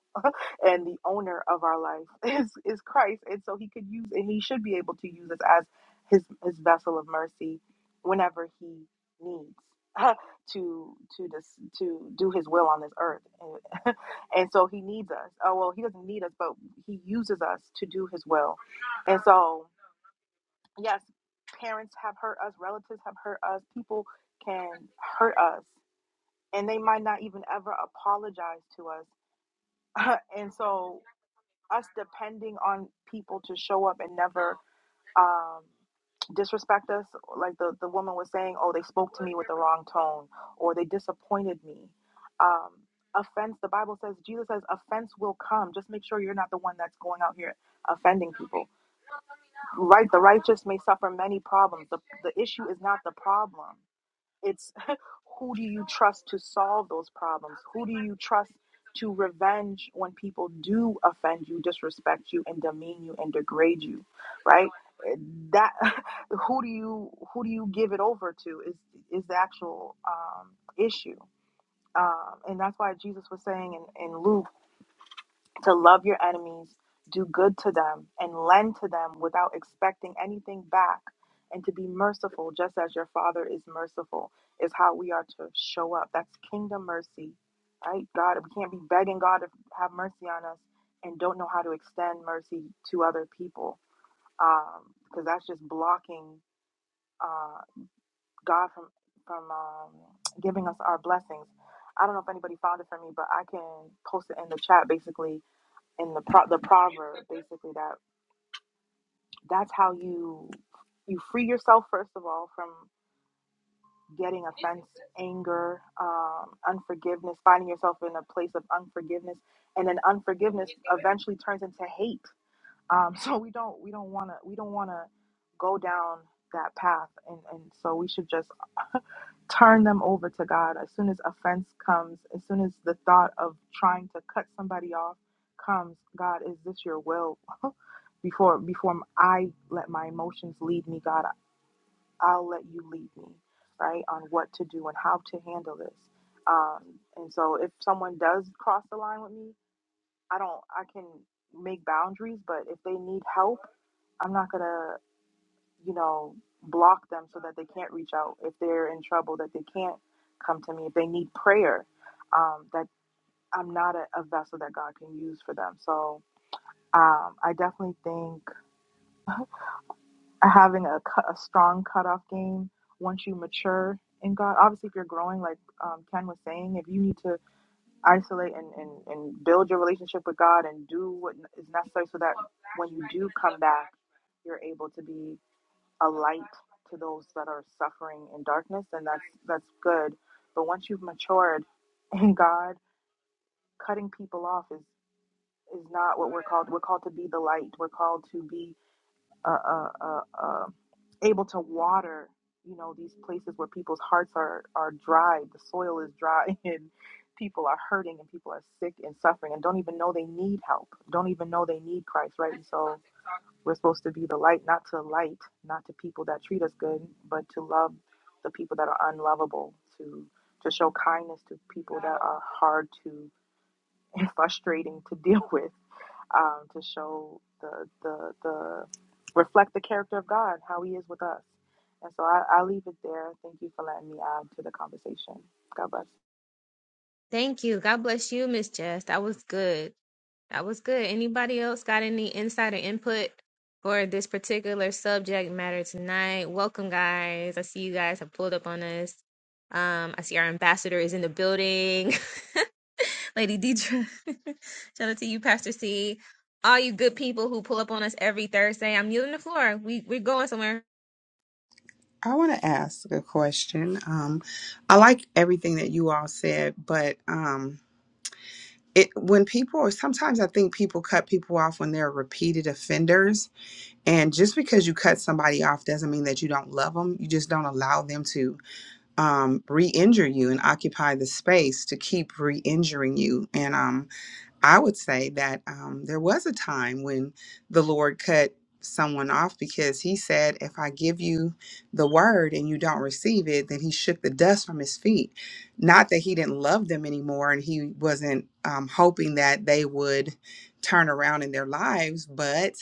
Speaker 10: and the owner of our life is is Christ, and so He could use and He should be able to use us as His His vessel of mercy whenever He needs to to this to do His will on this earth, and, and so He needs us. Oh well, He doesn't need us, but He uses us to do His will, and so yes, parents have hurt us, relatives have hurt us, people can hurt us, and they might not even ever apologize to us, and so us depending on people to show up and never um, disrespect us. Like the, the woman was saying, oh, they spoke to me with the wrong tone or they disappointed me. Um, offense, the Bible says, Jesus says, offense will come. Just make sure you're not the one that's going out here offending people. Right? The righteous may suffer many problems. The, the issue is not the problem. It's who do you trust to solve those problems? Who do you trust to revenge when people do offend you, disrespect you, and demean you and degrade you, right? Eh, That who do you who do you give it over to is is the actual um, issue, um, and that's why Jesus was saying in, in Luke to love your enemies, do good to them, and lend to them without expecting anything back, and to be merciful just as your Father is merciful, is how we are to show up. That's kingdom mercy, right? God, we can't be begging God to have mercy on us and don't know how to extend mercy to other people, because that's just blocking uh, God from from um, giving us our blessings. I don't know if anybody found it for me, but I can post it in the chat basically and the pro- the proverb basically that that's how you you free yourself first of all from getting offense anger um, unforgiveness finding yourself in a place of unforgiveness and then unforgiveness eventually turns into hate um, so we don't we don't want to we don't want to go down that path and, and so we should just turn them over to God as soon as offense comes, as soon as the thought of trying to cut somebody off comes. God, is this your will? before before I let my emotions lead me, God, I'll let you lead me, right, on what to do and how to handle this. Um, and so, if someone does cross the line with me, I don't. I can make boundaries, but if they need help, I'm not gonna you know, block them so that they can't reach out. If they're in trouble, that they can't come to me. If they need prayer, um, that I'm not a, a vessel that God can use for them. So um, I definitely think having a, cu- a strong cutoff game once you mature in God, obviously, if you're growing, like um, Ken was saying, if you need to isolate and, and, and build your relationship with God and do what is necessary so that when you do come back, you're able to be a light to those that are suffering in darkness and that's that's good but once you've matured in god cutting people off is is not what we're called we're called to be the light we're called to be uh, uh, uh, uh, able to water you know these places where people's hearts are are dry the soil is dry and people are hurting and people are sick and suffering and don't even know they need help don't even know they need christ right and so we're supposed to be the light not to light not to people that treat us good but to love the people that are unlovable to to show kindness to people that are hard to and frustrating to deal with um, to show the, the the reflect the character of God, how He is with us. And so I, I'll leave it there. Thank you for letting me add to the conversation. God bless.
Speaker 1: Thank you. God bless you, Miss Jess. That was good. That was good. Anybody else got any insight or input for this particular subject matter tonight? Welcome, guys. I see you guys have pulled up on us. Um, I see our ambassador is in the building, Lady Deidre. Shout out to you, Pastor C. All you good people who pull up on us every Thursday. I'm yielding the floor. We we're going somewhere.
Speaker 12: I want to ask a question. Um, I like everything that you all said, but um, it when people sometimes I think people cut people off when they're repeated offenders, and just because you cut somebody off doesn't mean that you don't love them. You just don't allow them to. um, re-injure you and occupy the space to keep re-injuring you. And um, I would say that um, there was a time when the Lord cut someone off because He said, "If I give you the word and you don't receive it, then He shook the dust from His feet." Not that He didn't love them anymore, and He wasn't um, hoping that they would turn around in their lives, but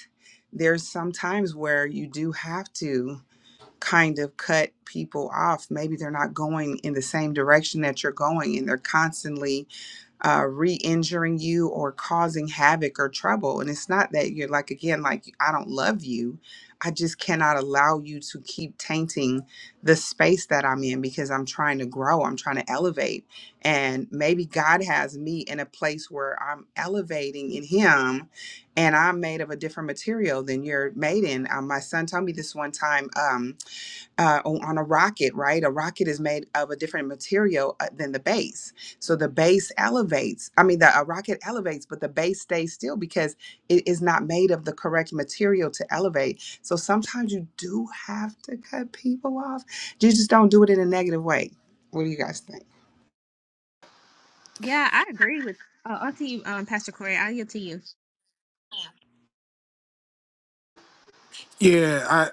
Speaker 12: there's some times where you do have to kind of cut people off. Maybe they're not going in the same direction that you're going, and they're constantly uh, re injuring you or causing havoc or trouble. And it's not that you're like, again, like, I don't love you. I just cannot allow you to keep tainting the space that I'm in because I'm trying to grow, I'm trying to elevate. And maybe God has me in a place where I'm elevating in Him and I'm made of a different material than you're made in. Um, my son told me this one time. Um, uh, on, on a rocket, right? A rocket is made of a different material uh, than the base. So the base elevates. I mean, the a rocket elevates, but the base stays still because it is not made of the correct material to elevate. So sometimes you do have to cut people off. You just don't do it in a negative way. What do you guys think?
Speaker 1: Yeah, I agree with. Uh, I'll to you, um, Pastor Corey. I'll yield to you.
Speaker 13: Yeah, I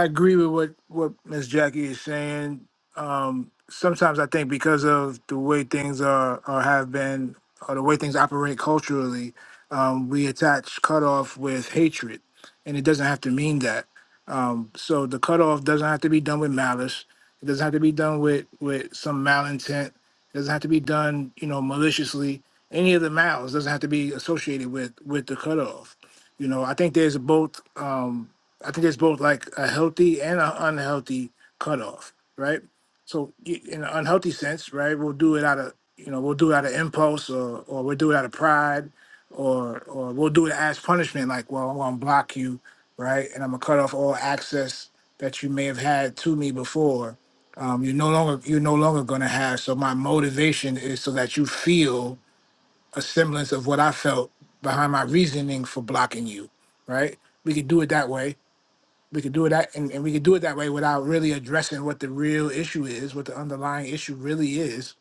Speaker 13: I agree with what what Miss Jackie is saying. Um, sometimes I think because of the way things are or have been, or the way things operate culturally, um, we attach cutoff with hatred, and it doesn't have to mean that. Um, so the cutoff doesn't have to be done with malice. It doesn't have to be done with with some malintent. It doesn't have to be done, you know, maliciously. Any of the malice doesn't have to be associated with with the cutoff. You know, I think there's both. Um, I think it's both like a healthy and an unhealthy cutoff, right? So y- in an unhealthy sense, right, we'll do it out of you know we'll do it out of impulse or or we'll do it out of pride or or we'll do it as punishment, like well I'm gonna block you, right, and I'm gonna cut off all access that you may have had to me before. Um, you're no longer you're no longer gonna have. So my motivation is so that you feel a semblance of what I felt behind my reasoning for blocking you, right? We could do it that way we could do it that and, and we could do it that way without really addressing what the real issue is what the underlying issue really is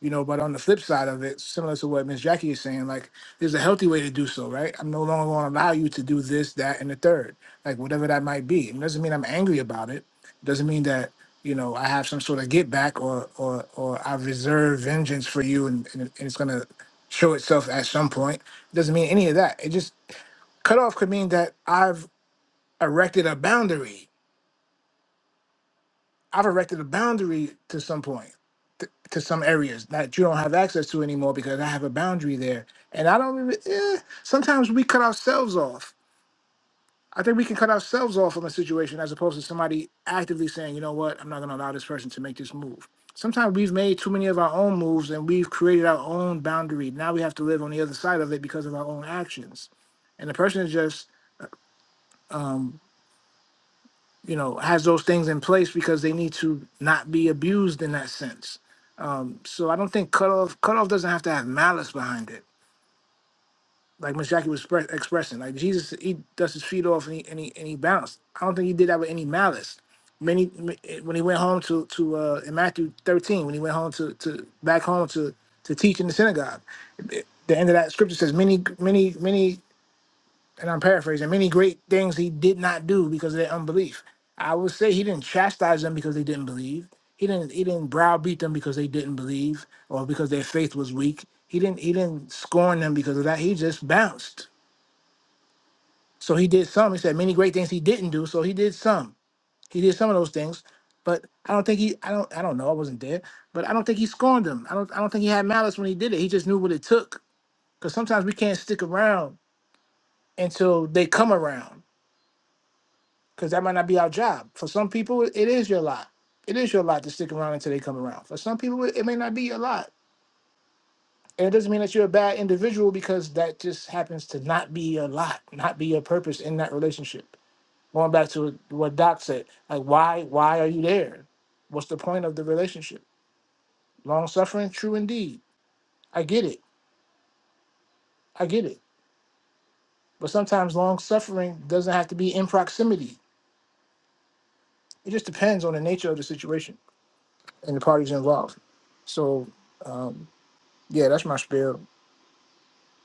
Speaker 13: you know but on the flip side of it similar to what miss jackie is saying like there's a healthy way to do so right i'm no longer going to allow you to do this that and the third like whatever that might be it doesn't mean i'm angry about it doesn't mean that you know i have some sort of get back or or or i reserve vengeance for you and, and it's going to show itself at some point it doesn't mean any of that it just cut off could mean that i've erected a boundary I've erected a boundary to some point, to, to some areas that you don't have access to anymore because I have a boundary there. And I don't really, eh, sometimes we cut ourselves off. I think we can cut ourselves off from a situation as opposed to somebody actively saying, you know what, I'm not going to allow this person to make this move. Sometimes we've made too many of our own moves and we've created our own boundary. Now we have to live on the other side of it because of our own actions. And the person is just, um, you know, has those things in place because they need to not be abused in that sense So I don't think cutoff cutoff doesn't have to have malice behind it. Like Miss Jackie was express, expressing, like Jesus, he dust his feet off and he and he, and he bounced. I don't think he did that with any malice. Many m- eh, when he went home to to uh, in Matthew thirteen, when he went home to to back home to to teach in the synagogue, eh, the end of that scripture says many many many and I'm paraphrasing, many great things he did not do because of their unbelief. I would say he didn't chastise them because they didn't believe. He didn't he didn't browbeat them because they didn't believe or because their faith was weak. He didn't he didn't scorn them because of that. He just bounced. So he did some. He said many great things he didn't do. So he did some. He did some of those things. But I don't think he I don't I don't know. I wasn't there. But I don't think he scorned them. I don't I don't think he had malice when he did it. He just knew what it took. Because sometimes we can't stick around until they come around because that might not be our job. For some people, it is your lot. It is your lot to stick around until they come around. For some people, it may not be your lot. And it doesn't mean that you're a bad individual because that just happens to not be your lot, not be your purpose in that relationship. Going back to what Doc said, like why why are you there? What's the point of the relationship? Long suffering, true indeed. I get it. I get it. But sometimes long suffering doesn't have to be in proximity. It just depends on the nature of the situation and the parties involved. So um, Yeah, that's my spiel.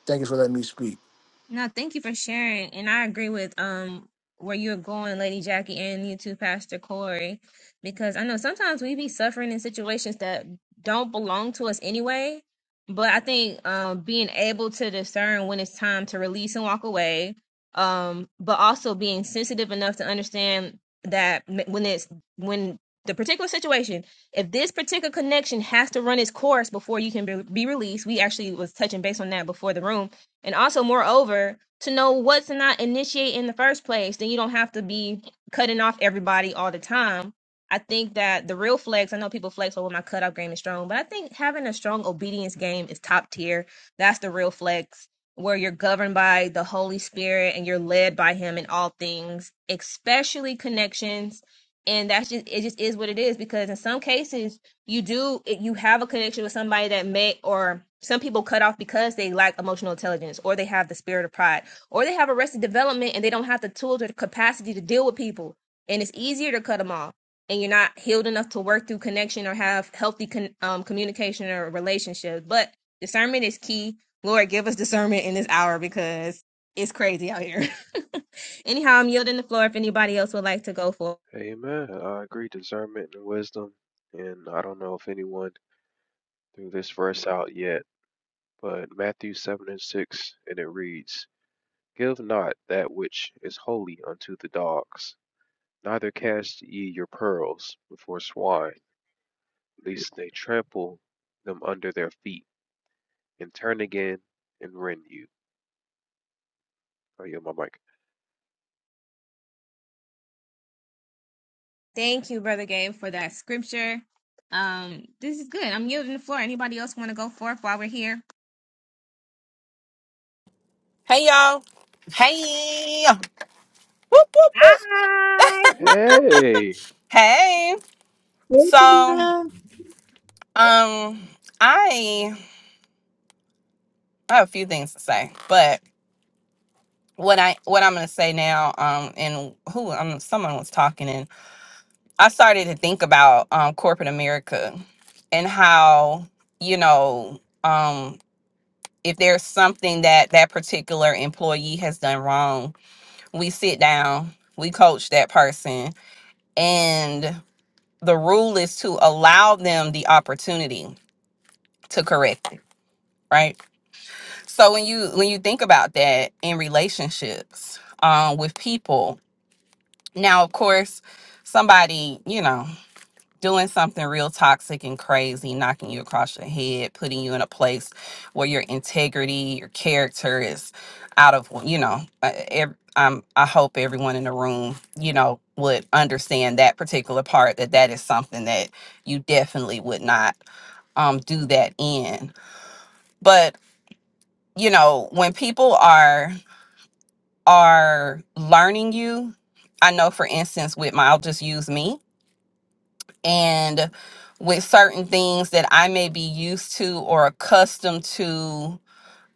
Speaker 13: Thank you for letting me speak.
Speaker 1: No, thank you for sharing. And I agree with um where you're going, Lady Jackie, and you too, Pastor Corey, because I know sometimes we be suffering in situations that don't belong to us anyway. But I think um being able to discern when it's time to release and walk away, um, but also being sensitive enough to understand that m- when it's when the particular situation, if this particular connection has to run its course before you can be, be released, we actually was touching base on that before the room and also, moreover, to know what to not initiate in the first place, then you don't have to be cutting off everybody all the time. I think that the real flex, I know people flex over my cutoff game is strong, but I think having a strong obedience game is top tier. That's the real flex, where you're governed by the Holy Spirit and you're led by Him in all things, especially connections. And that's just, it just is what it is because in some cases, you do you have a connection with somebody that may or some people cut off because they lack emotional intelligence or they have the spirit of pride or they have arrested development and they don't have the tools or the capacity to deal with people and it's easier to cut them off and you're not healed enough to work through connection or have healthy con- um, communication or relationships but discernment is key lord give us discernment in this hour because it's crazy out here anyhow i'm yielding the floor if anybody else would like to go for
Speaker 5: Amen. I agree. Discernment and wisdom. And I don't know if anyone threw this verse out yet, but Matthew 7 and 6, and it reads, Give not that which is holy unto the dogs, neither cast ye your pearls before swine, lest they trample them under their feet, and turn again and rend you. Oh, yeah, my mic.
Speaker 1: Thank you, Brother Gabe, for that scripture. Um, this is good. I'm yielding the floor. Anybody else want to go forth while we're here?
Speaker 17: Hey y'all. Hey. Whoop, whoop, whoop.
Speaker 1: Hi.
Speaker 5: Hey!
Speaker 17: Hey.
Speaker 2: thank
Speaker 17: So,
Speaker 2: you,
Speaker 17: um
Speaker 2: ma'am.
Speaker 17: I I have a few things to say, but what I what I'm going to say now um and who um someone was talking and I started to think about um corporate America and how, you know, um if there's something that that particular employee has done wrong, we sit down, we coach that person and the rule is to allow them the opportunity to correct it right so when you when you think about that in relationships um with people now of course somebody you know doing something real toxic and crazy knocking you across your head putting you in a place where your integrity your character is out of you know uh, ev- um, i hope everyone in the room you know would understand that particular part that that is something that you definitely would not um do that in but you know when people are are learning you i know for instance with my i'll just use me and with certain things that i may be used to or accustomed to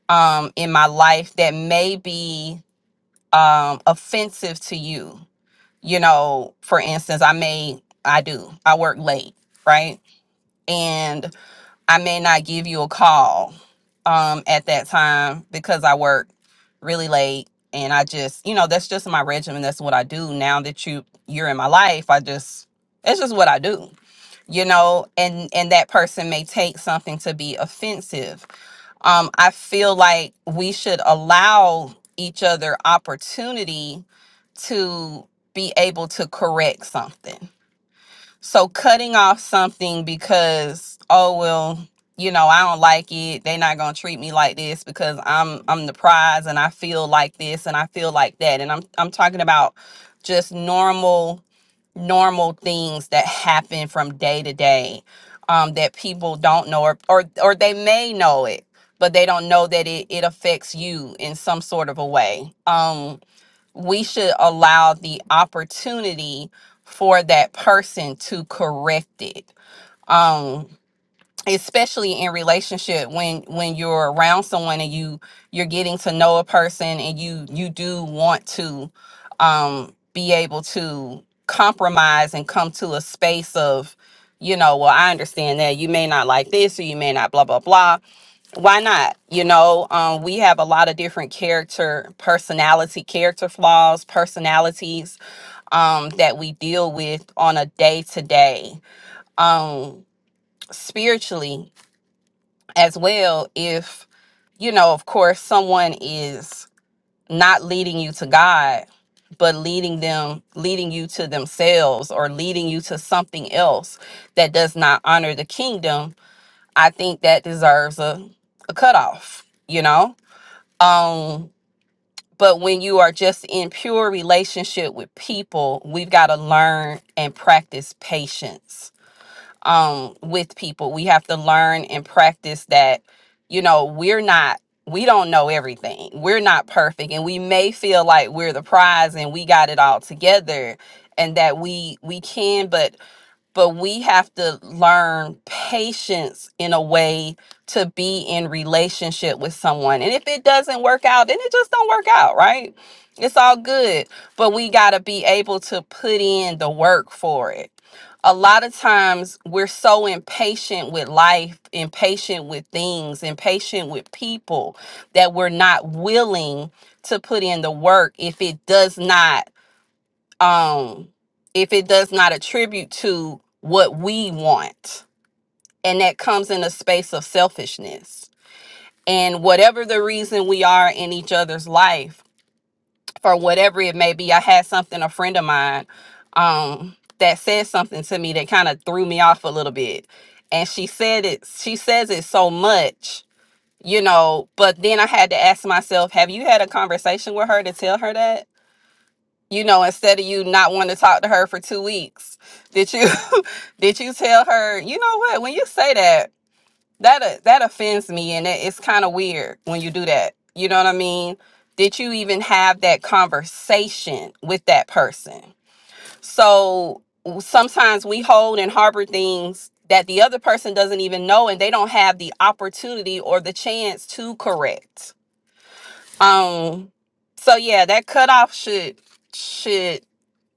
Speaker 17: um in my life that may be um offensive to you you know for instance i may i do i work late right and. I may not give you a call um, at that time because I work really late and I just, you know, that's just my regimen. That's what I do. Now that you you're in my life, I just it's just what I do, you know, and and that person may take something to be offensive. Um, I feel like we should allow each other opportunity to be able to correct something so cutting off something because oh well, you know, I don't like it. They're not going to treat me like this because I'm I'm the prize and I feel like this and I feel like that. And I'm I'm talking about just normal normal things that happen from day to day um that people don't know or or, or they may know it but they don't know that it, it affects you in some sort of a way Um, we should allow the opportunity for that person to correct it um especially in relationship when when you're around someone and you you're getting to know a person and you you do want to um be able to compromise and come to a space of you know well i understand that you may not like this or you may not blah blah blah why not you know um, we have a lot of different character personality character flaws personalities um, that we deal with on a day to day Um spiritually as well if you know of course someone is not leading you to god but leading them leading you to themselves or leading you to something else that does not honor the kingdom i think that deserves a, a cutoff you know Um, but when you are just in pure relationship with people, we've got to learn and practice patience um with people. We have to learn and practice that, you know, we're not we don't know everything. We're not perfect and we may feel like we're the prize and we got it all together and that we we can but but we have to learn patience in a way to be in relationship with someone. And if it doesn't work out, then it just don't work out, right? It's all good, but we got to be able to put in the work for it. A lot of times we're so impatient with life, impatient with things, impatient with people that we're not willing to put in the work if it does not um if it does not attribute to what we want and that comes in a space of selfishness and whatever the reason we are in each other's life for whatever it may be i had something a friend of mine um that said something to me that kind of threw me off a little bit and she said it she says it so much you know but then i had to ask myself have you had a conversation with her to tell her that you know, instead of you not wanting to talk to her for two weeks, did you did you tell her, you know what, when you say that, that uh, that offends me and it, it's kind of weird when you do that. You know what I mean? Did you even have that conversation with that person? So w- sometimes we hold and harbor things that the other person doesn't even know and they don't have the opportunity or the chance to correct. Um so yeah, that cutoff should should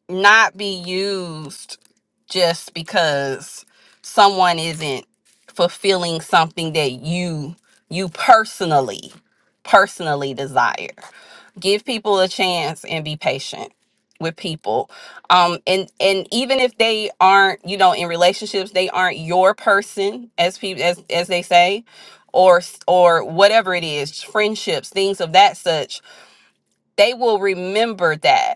Speaker 17: not be used just because someone isn't fulfilling something that you you personally personally desire give people a chance and be patient with people um and and even if they aren't you know in relationships they aren't your person as people as as they say or s- or whatever it is friendships things of that such they will remember that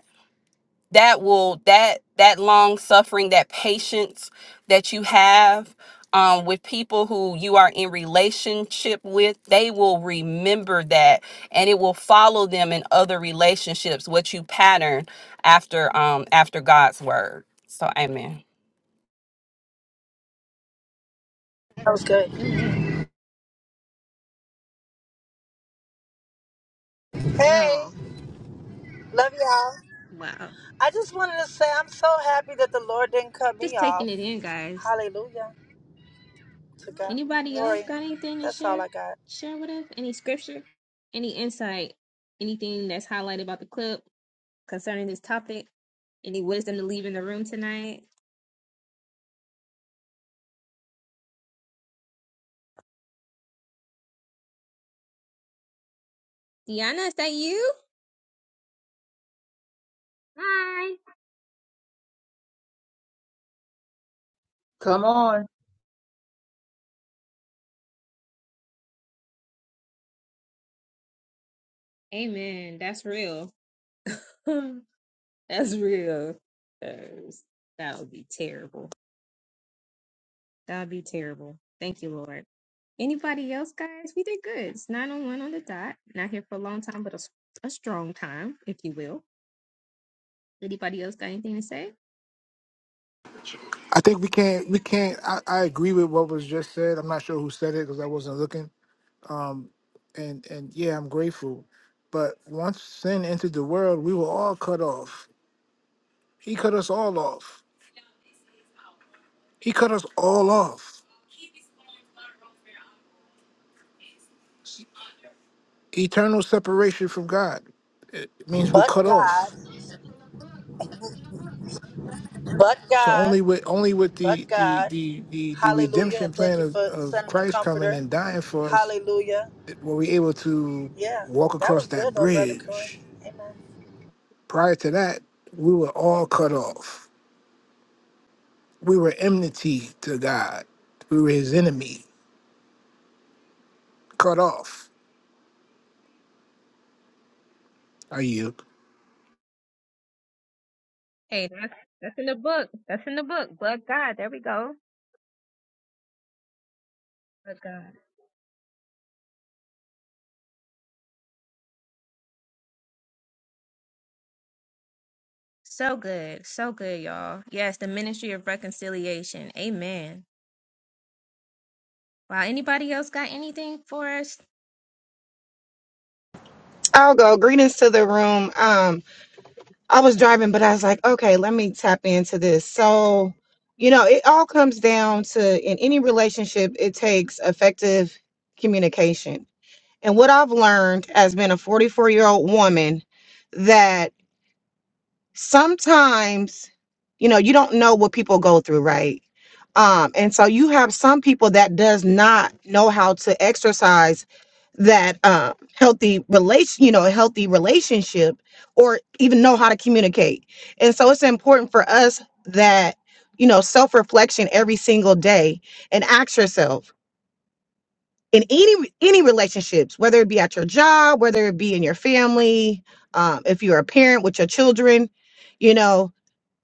Speaker 17: that will that that long suffering that patience that you have um, with people who you are in relationship with they will remember that and it will follow them in other relationships what you pattern after um after god's word so amen
Speaker 18: That was good.
Speaker 1: Amen.
Speaker 18: Hey,
Speaker 1: Y'all.
Speaker 18: love y'all.
Speaker 1: Wow.
Speaker 18: I just wanted to say I'm so happy that the Lord didn't cut me
Speaker 1: Just
Speaker 18: off.
Speaker 1: taking it in, guys.
Speaker 18: Hallelujah. To God. be the
Speaker 1: Anybody else
Speaker 18: Glory.
Speaker 1: got anything to
Speaker 18: That's all
Speaker 1: share?
Speaker 18: I got.
Speaker 1: Share with us? Any scripture? Any insight? Anything that's highlighted about the clip concerning this topic? Any wisdom to leave in the room tonight? Deanna, is that you?
Speaker 2: Come on.
Speaker 1: Amen. That's real. that's real. 'Cause That would be terrible. That would be terrible. Thank you, Lord. Anybody else, guys? We did good. It's nine on one on the dot. Not here for a long time, but a, s- a strong time, if you will. Anybody else got anything to say?
Speaker 13: I think we can't. We can't. I, I agree with what was just said. I'm not sure who said it because I wasn't looking. And and yeah, I'm grateful. But once sin entered the world, we were all cut off. He cut us all off. He cut us all off. Eternal separation from God. It means we
Speaker 18: But
Speaker 13: cut off.
Speaker 18: God, but
Speaker 13: So
Speaker 18: God,
Speaker 13: only with only with
Speaker 18: but
Speaker 13: the the
Speaker 18: God.
Speaker 13: the the, the
Speaker 18: Hallelujah.
Speaker 13: redemption
Speaker 18: And thank
Speaker 13: plan
Speaker 18: you
Speaker 13: of,
Speaker 18: for
Speaker 13: of
Speaker 18: sending a
Speaker 13: Christ coming
Speaker 18: comforter.
Speaker 13: and dying for us
Speaker 18: Hallelujah.
Speaker 13: th- were we able to
Speaker 18: Yeah,
Speaker 13: walk
Speaker 18: that
Speaker 13: across
Speaker 18: was good
Speaker 13: that
Speaker 18: though, Brother Corey.
Speaker 13: bridge
Speaker 18: Amen.
Speaker 13: Prior to that, we were all cut off. We were enmity to God. We were his enemy, cut off. Are you?
Speaker 1: Hey, that's, that's in the book. That's in the book. But God, there we go. But God. So good. So good, y'all. Yes, the ministry of reconciliation. Amen. Wow. Anybody else got anything for us?
Speaker 19: I'll go. Greetings to the room. Um, I was driving, but I was like, okay, let me tap into this. So, you know, it all comes down to in any relationship, it takes effective communication. And what I've learned as being a 44 year old woman that sometimes you know you don't know what people go through right um and so you have some people that does not know how to exercise that um healthy relation you know healthy relationship or even know how to communicate and so it's important for us that you know self-reflection every single day and ask yourself in any any relationships whether it be at your job whether it be in your family um, if you're a parent with your children you know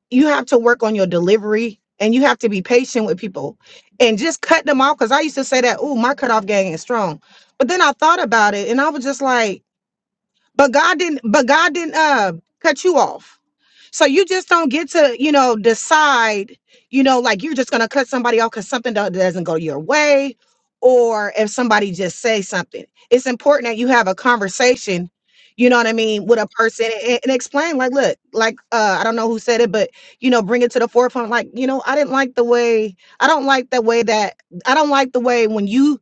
Speaker 19: you have to work on your delivery and you have to be patient with people and just cut them off. Cause I used to say that, oh, my cutoff gang is strong. But then I thought about it and I was just like, but God didn't, but God didn't uh cut you off. So you just don't get to, you know, decide, you know, like you're just going to cut somebody off because something do- doesn't go your way or if somebody just says something. It's important that you have a conversation, you know what I mean, with a person and, and explain, like, look, like, uh, I don't know who said it, but, you know, bring it to the forefront. Like, you know, I didn't like the way, I don't like the way that, I don't like the way when you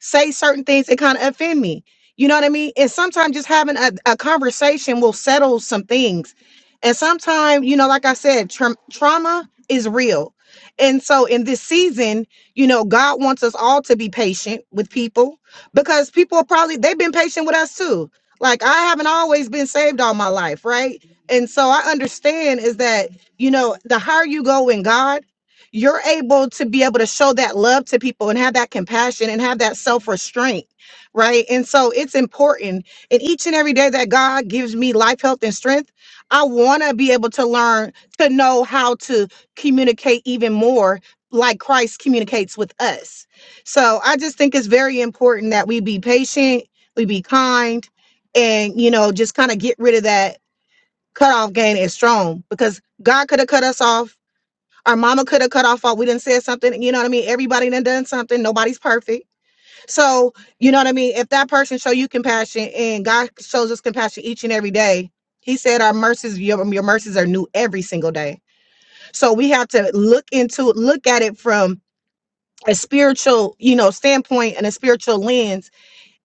Speaker 19: say certain things that kind of offend me. You know what I mean? And sometimes just having a, a conversation will settle some things. And sometimes, you know, like I said, tra- trauma is real. And so in this season, you know, God wants us all to be patient with people because people are probably, they've been patient with us too. Like I haven't always been saved all my life, right? And so I understand is that, you know, the higher you go in God, you're able to be able to show that love to people and have that compassion and have that self restraint, right? And so it's important. And each and every day that God gives me life, health, and strength, I want to be able to learn to know how to communicate even more like Christ communicates with us. So I just think it's very important that we be patient, we be kind, and, you know, just kind of get rid of that cutoff game is strong because God could have cut us off our mama could have cut off all. We didn't say something. You know what I mean? Everybody done done something. Nobody's perfect. So you know what I mean? If that person show you compassion and God shows us compassion each and every day, he said our mercies, your, your mercies are new every single day. So we have to look into look at it from a spiritual, you know, standpoint and a spiritual lens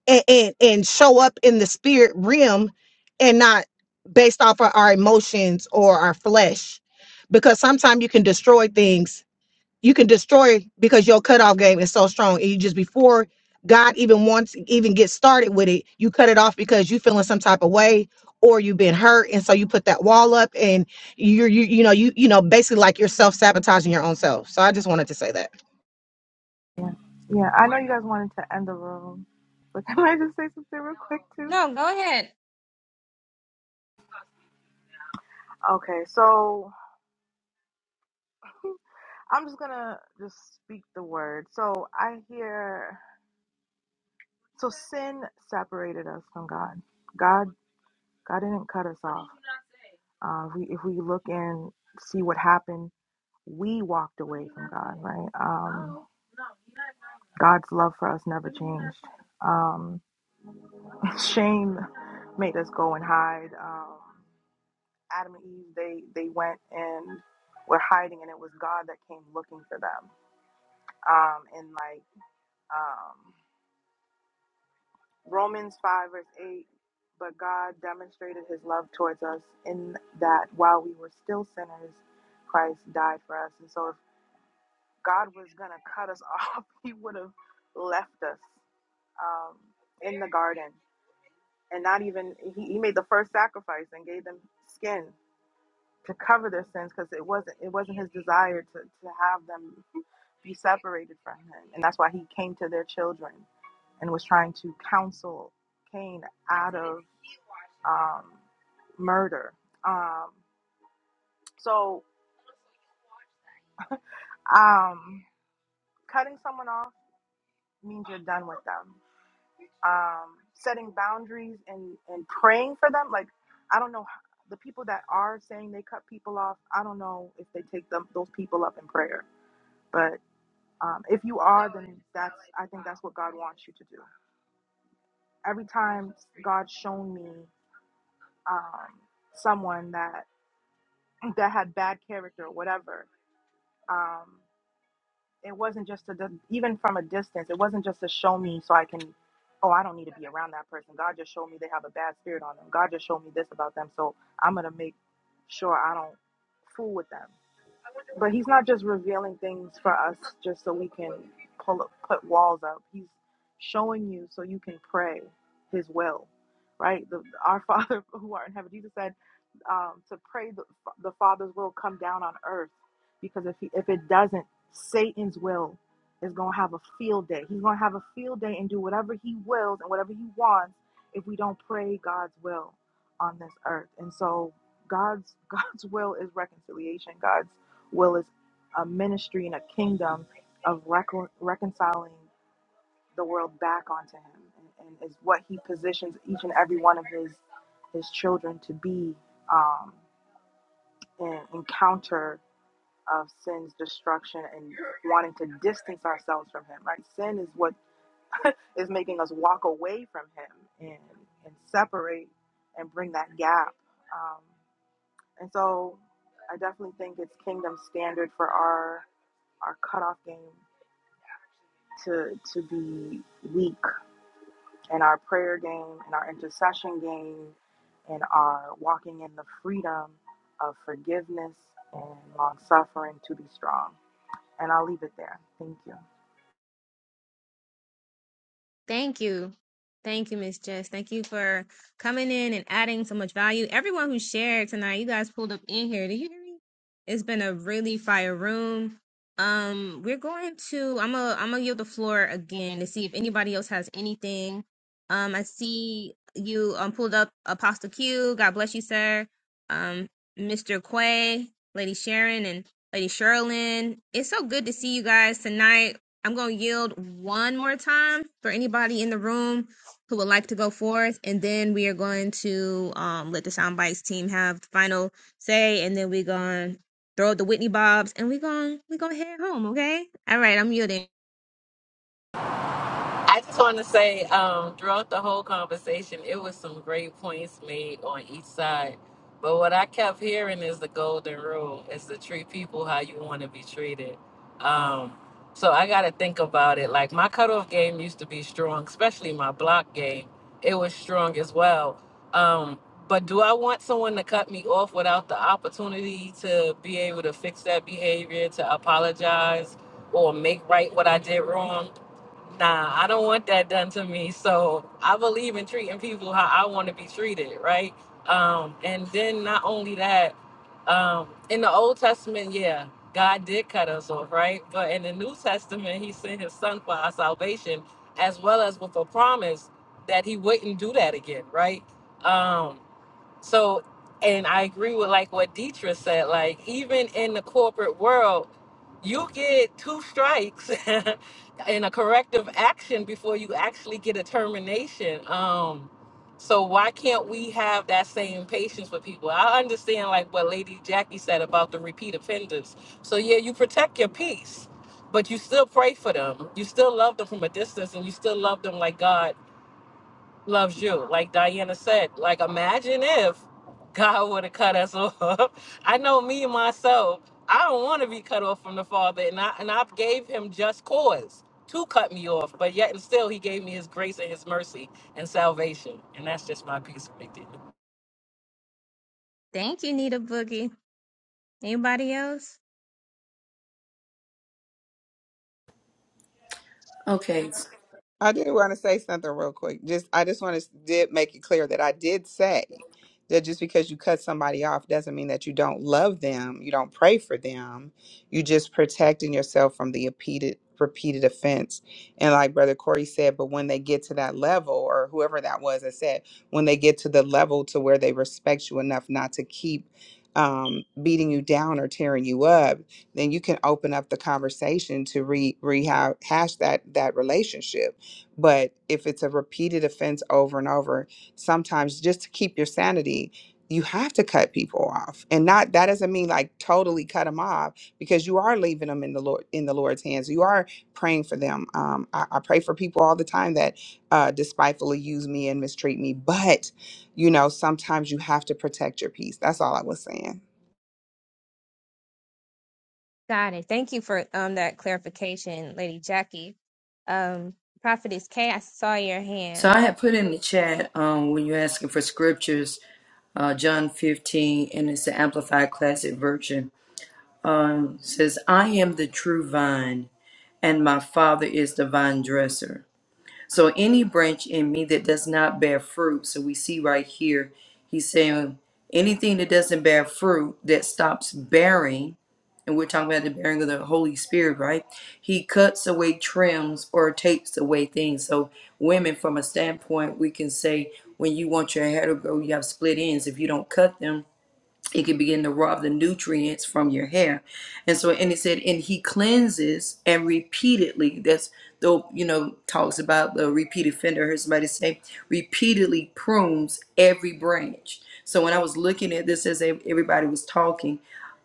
Speaker 19: and, and, and show up in the spirit realm and not based off of our emotions or our flesh because sometimes you can destroy things you can destroy because your cutoff game is so strong. And you just before God even wants even get started with it, you cut it off because you feeling some type of way or you've been hurt. And so you put that wall up and you're you you know, you you know, basically like you're self-sabotaging your own self. So I just wanted to say that.
Speaker 10: Yeah, yeah. I know you guys wanted to end the room, but can I just say something real quick too?
Speaker 1: No, go ahead.
Speaker 10: Okay, so I'm just gonna just speak the word. So I hear so sin separated us from God. God God didn't cut us off. Uh, we, if we look and see what happened we walked away from God, right? Um, God's love for us never changed. Um, shame made us go and hide. Um, Adam and Eve, they they went and were hiding, and it was God that came looking for them. Um, and like um, Romans five verse eight, but God demonstrated His love towards us in that while we were still sinners, Christ died for us. And so, if God was gonna cut us off, He would have left us um, in the garden and not even he, he made the first sacrifice and gave them skin to cover their sins because it wasn't it wasn't his desire to, to have them be separated from him and that's why he came to their children and was trying to counsel cain out of um, murder um, so um, cutting someone off means you're done with them um, setting boundaries and, and praying for them. Like, I don't know the people that are saying they cut people off. I don't know if they take them those people up in prayer. But um, if you are, then that's I think that's what God wants you to do. Every time God's shown me um, someone that that had bad character or whatever, um, it wasn't just a even from a distance it wasn't just to show me so i can oh i don't need to be around that person god just showed me they have a bad spirit on them god just showed me this about them so i'm gonna make sure i don't fool with them but he's not just revealing things for us just so we can pull up, put walls up. He's showing you so you can pray His will, right? The, our Father who art in heaven. Jesus said um, to pray the, the Father's will come down on earth because if he, if it doesn't, Satan's will is gonna have a field day. He's gonna have a field day and do whatever he wills and whatever he wants if we don't pray God's will on this earth. And so God's God's will is reconciliation. God's will is a ministry and a kingdom of recon reconciling the world back onto him and, and is what he positions each and every one of his his children to be um, an encounter of sin's destruction and wanting to distance ourselves from him right sin is what is making us walk away from him and and separate and bring that gap um, and so i definitely think it's kingdom standard for our our cutoff game to to be weak in our prayer game, in our intercession game, in our walking in the freedom of forgiveness and long suffering to be strong. And I'll leave it there. Thank you.
Speaker 1: Thank you. Thank you, Miss Jess. Thank you for coming in and adding so much value. Everyone who shared tonight, you guys pulled up in here. Do you hear me? It's been a really fire room. Um, we're going to I'm gonna I'm gonna yield the floor again to see if anybody else has anything. Um, I see you um pulled up Apostle Q. God bless you, sir. Um, Mr. Quay, Lady Sharon, and Lady Sherilyn. It's so good to see you guys tonight. I'm going to yield one more time for anybody in the room who would like to go forth, and then we are going to um, let the Sound team have the final say, and then we're going to throw the Whitney Bobs, and we're going we gonna head home, okay? All right, I'm yielding. Thank you, Nita Boogie. Anybody else?
Speaker 6: Okay.
Speaker 12: I did want to say something real quick. Just I just want to did make it clear that I did say that just because you cut somebody off doesn't mean that you don't love them, you don't pray for them. You just protecting yourself from the repeated repeated offense. And like brother Corey said, but when they get to that level or whoever that was that said, when they get to the level to where they respect you enough not to keep um, beating you down or tearing you up, then you can open up the conversation to re rehash that that relationship but if it's a repeated offense over and over, sometimes just to keep your sanity, you have to cut people off. And not that doesn't mean like totally cut them off because you are leaving them in the Lord in the Lord's hands. You are praying for them. Um, I, I pray for people all the time that uh, despitefully use me and mistreat me. But you know, sometimes you have to protect your peace. That's all I was saying.
Speaker 1: Got it. Thank you for um that clarification, Lady Jackie. Um, Prophetess K, I saw your hand.
Speaker 6: So I had put in the chat um when you're asking for scriptures, uh John 15, and it's the Amplified Classic Version. It says, I am the true vine, and my father is the vine dresser. So any branch in me that does not bear fruit, so we see right here, he's saying anything that doesn't bear fruit, that stops bearing, and we're talking about the bearing of the Holy Spirit, right? He cuts away, trims, or takes away things. So women, from a standpoint, we can say when you want your hair to grow, you have split ends. If you don't cut them, it can begin to rob the nutrients from your hair. And so, and it said, and he cleanses and repeatedly, that's though, you know, talks about the repeated fender. I heard somebody say, repeatedly prunes every branch. So when I was looking at this as everybody was talking,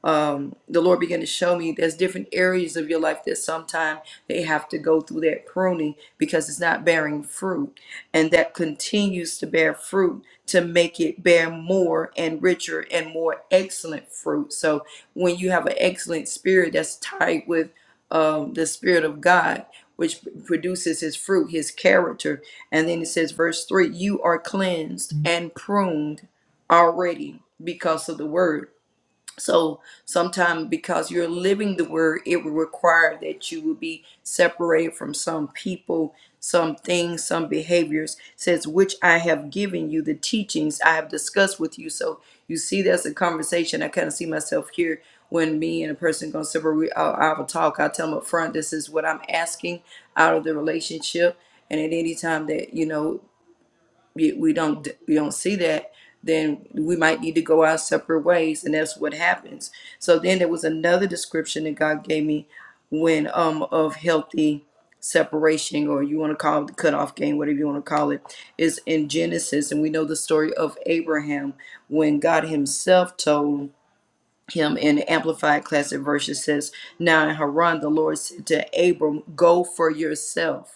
Speaker 6: um, the Lord began to show me there's different areas of your life that sometimes they have to go through that pruning because it's not bearing fruit. And that continues to bear fruit to make it bear more and richer and more excellent fruit. So when you have an excellent spirit that's tied with um, the spirit of God, which produces his fruit, his character. And then it says, verse 3 you are cleansed and pruned already because of the word so sometimes because you're living the word, it will require that you will be separated from some people, some things, some behaviors, says which I have given you the teachings I have discussed with you. So you see that's a conversation. I kind of see myself here when me and a person gonna separate we I, I have talk, I tell them up front, this is what I'm asking out of the relationship. And at any time that, you know, we we don't we don't see that then we might need to go our separate ways and that's what happens so then there was another description that god gave me when um of healthy separation or you want to call it the cutoff game whatever you want to call it is in genesis and we know the story of abraham when god himself told him in the amplified classic version says now in haran the lord said to abram go for yourself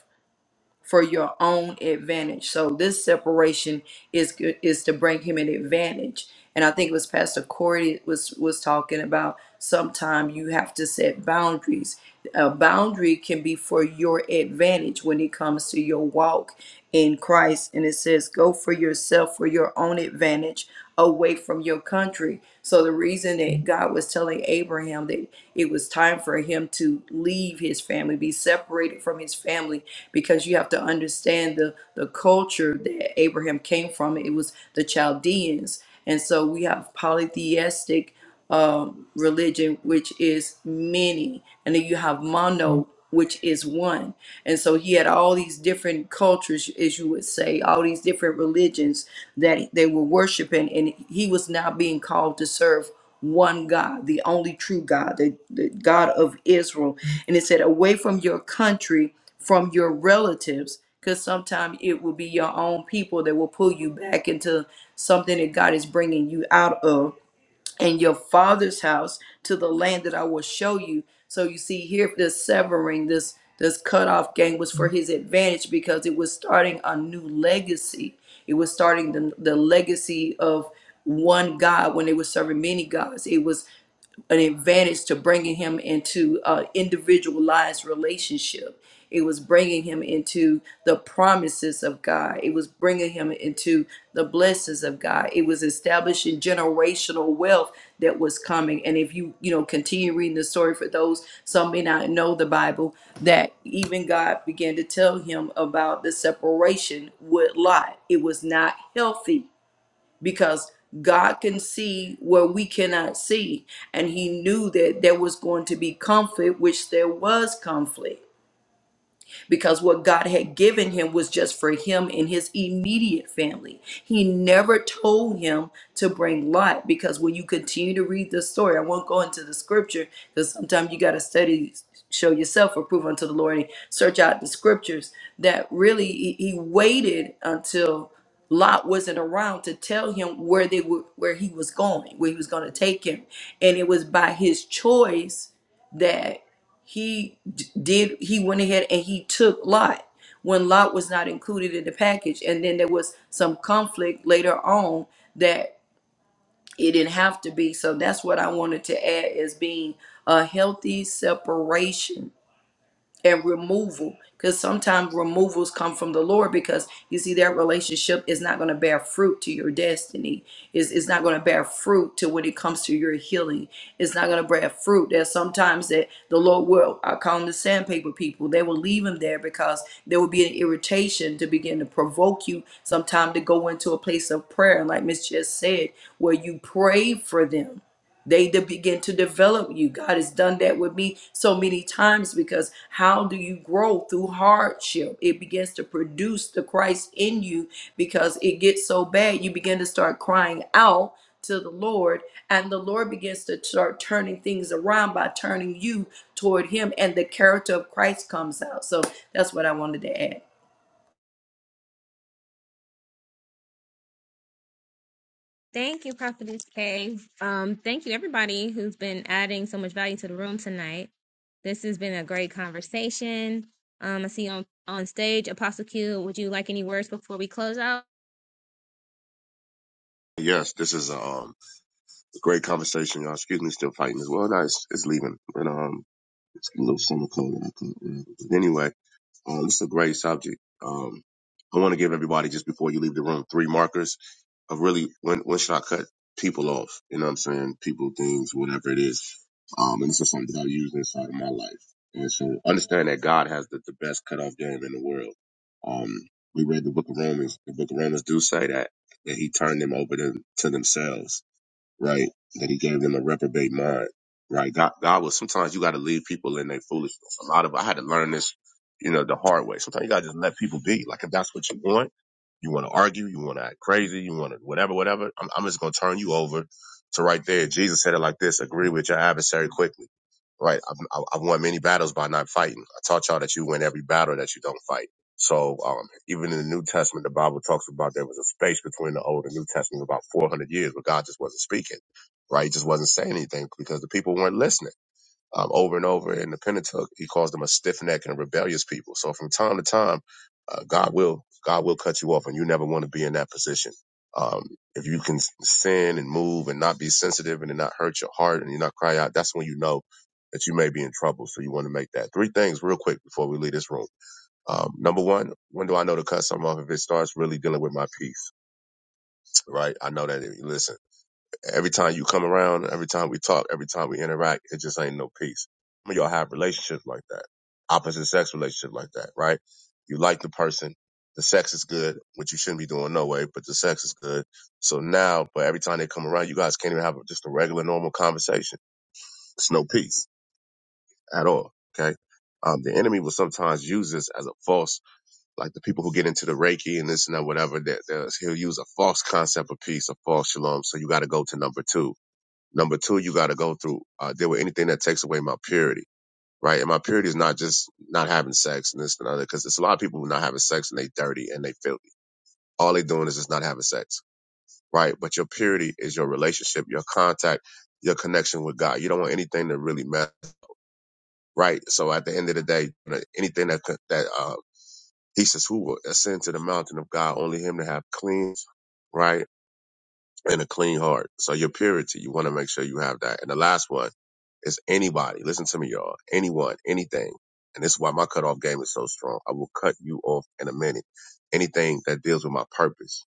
Speaker 6: for your own advantage. So this separation is is to bring him an advantage. And I think it was Pastor Corey that was was talking about sometime you have to set boundaries. A boundary can be for your advantage when it comes to your walk in Christ. And it says, go for yourself for your own advantage away from your country. So the reason that God was telling Abraham that it was time for him to leave his family, be separated from his family because you have to understand the the culture that Abraham came from. It was the Chaldeans, and so we have polytheistic um, religion, which is many, and then you have mono, which is one. And so he had all these different cultures, as you would say, all these different religions that they were worshiping, and he was now being called to serve one God, the only true God, the, the God of Israel. And it said, Away from your country from your relatives because sometimes it will be your own people that will pull you back into something that God is bringing you out of and your father's house to the land that I will show you. So you see here this severing this this cutoff game was for his advantage because it was starting a new legacy. It was starting the, the legacy of one God when they were serving many gods. It was an advantage to bringing him into uh, individualized relationship. It was bringing him into the promises of God. It was bringing him into the blessings of God. It was establishing generational wealth that was coming. And if you, you know, continue reading the story for those, some may not know the Bible, that even God began to tell him about the separation with Lot. It was not healthy because God can see where we cannot see. And he knew that there was going to be conflict, which there was conflict because what God had given him was just for him and his immediate family. He never told him to bring Lot because when you continue to read the story, I won't go into the scripture because sometimes you got to study, show yourself approve unto the Lord, and search out the scriptures. That really, he, he waited until Lot wasn't around to tell him where they were, where he was going, where he was going to take him, and it was by his choice that he d- did he went ahead and he took lot when lot was not included in the package and then there was some conflict later on that it didn't have to be so that's what i wanted to add as being a healthy separation and removal because sometimes removals come from the lord because you see that relationship is not going to bear fruit to your destiny it's, it's not going to bear fruit to when it comes to your healing it's not going to bear fruit there's sometimes that the lord will i call them the sandpaper people they will leave them there because there will be an irritation to begin to provoke you sometime to go into a place of prayer And like miss just said where you pray for them they to begin to develop you. God has done that with me so many times because how do you grow through hardship? It begins to produce the Christ in you because it gets so bad you begin to start crying out to the Lord, and the Lord begins to start turning things around by turning you toward Him, and the character of Christ comes out. So that's what I wanted to add.
Speaker 1: Thank you, Prophetess Kay. Um, thank you, everybody who's been adding so much value to the room tonight. This has been a great conversation. Um, I see you on, on stage, Apostle Q. Would you like any words before we close out?
Speaker 20: Yes, this is a um, great conversation, y'all. Excuse me, still fighting as well. No, it's, it's leaving. And um, it's a little summer cold that I caught. whatever. But anyway, um, this is a great subject. Um, I want to give everybody just before you leave the room three markers of really when when should I cut people off? You know what I'm saying? People, things, whatever it is. Um, and this is something that I use inside of my life. And so understand that God has the, the best cutoff game in the world. Um, we read the book of Romans. The book of Romans do say that that He turned them over to, to themselves right? That he gave them a reprobate mind, right? God, God was sometimes you got to leave people in their foolishness. A lot of I had to learn this, you know, the hard way. Sometimes you got to just let people be. Like if that's what you want, you want to argue, you want to act crazy, you want to whatever, whatever. I'm, I'm just gonna turn you over to right there. Jesus said it like this: Agree with your adversary quickly right? I've, I- have i have won many battles by not fighting. I taught y'all that you win every battle that you don't fight. So um, even in the New Testament, the Bible talks about there was a space between the Old and New Testament about 400 years where God just wasn't speaking, right? He just wasn't saying anything because the people weren't listening um, over and over in the Pentateuch, he calls them a stiff necked and rebellious people. So from time to time, uh, God will God will cut you off, and you never want to be in that position. Um, if you can sin and move and not be sensitive and it not hurt your heart and you not cry out, that's when you know that you may be in trouble. So you want to make that three things real quick before we leave this room. Um, number one, when do I know to cut something off? If it starts really dealing with my peace, right? I know that. Listen. Every time you come around, every time we talk, every time we interact, it just ain't no peace. I mean, y'all have relationships like that, opposite sex relationship like that, right? You like the person, the sex is good, which you shouldn't be doing no way, but the sex is good. So now, but every time they come around, you guys can't even have just a regular, normal conversation. It's no peace at all. Okay. Um, the enemy will sometimes use this as a false like the people who get into the Reiki and this and that, whatever, that that he'll use a false concept of peace, a false shalom. So you got to go to number two Number two, you got to go through uh, deal with anything that takes away my purity, right? And my purity is not just not having sex and this and other, because there's a lot of people who are not having sex and they dirty and they filthy. All they doing is just not having sex, right? But your purity is your relationship, your contact, your connection with God. You don't want anything to really mess, right? So at the end of the day, uh, anything that that uh, he says, who will ascend to the mountain of God? Only him to have clean, right? and a clean heart. So your purity, you want to make sure you have that. And the last one is anybody. Listen to me, y'all. Anyone, anything. And this is why my cutoff game is so strong. I will cut you off in a minute. Anything that deals with my purpose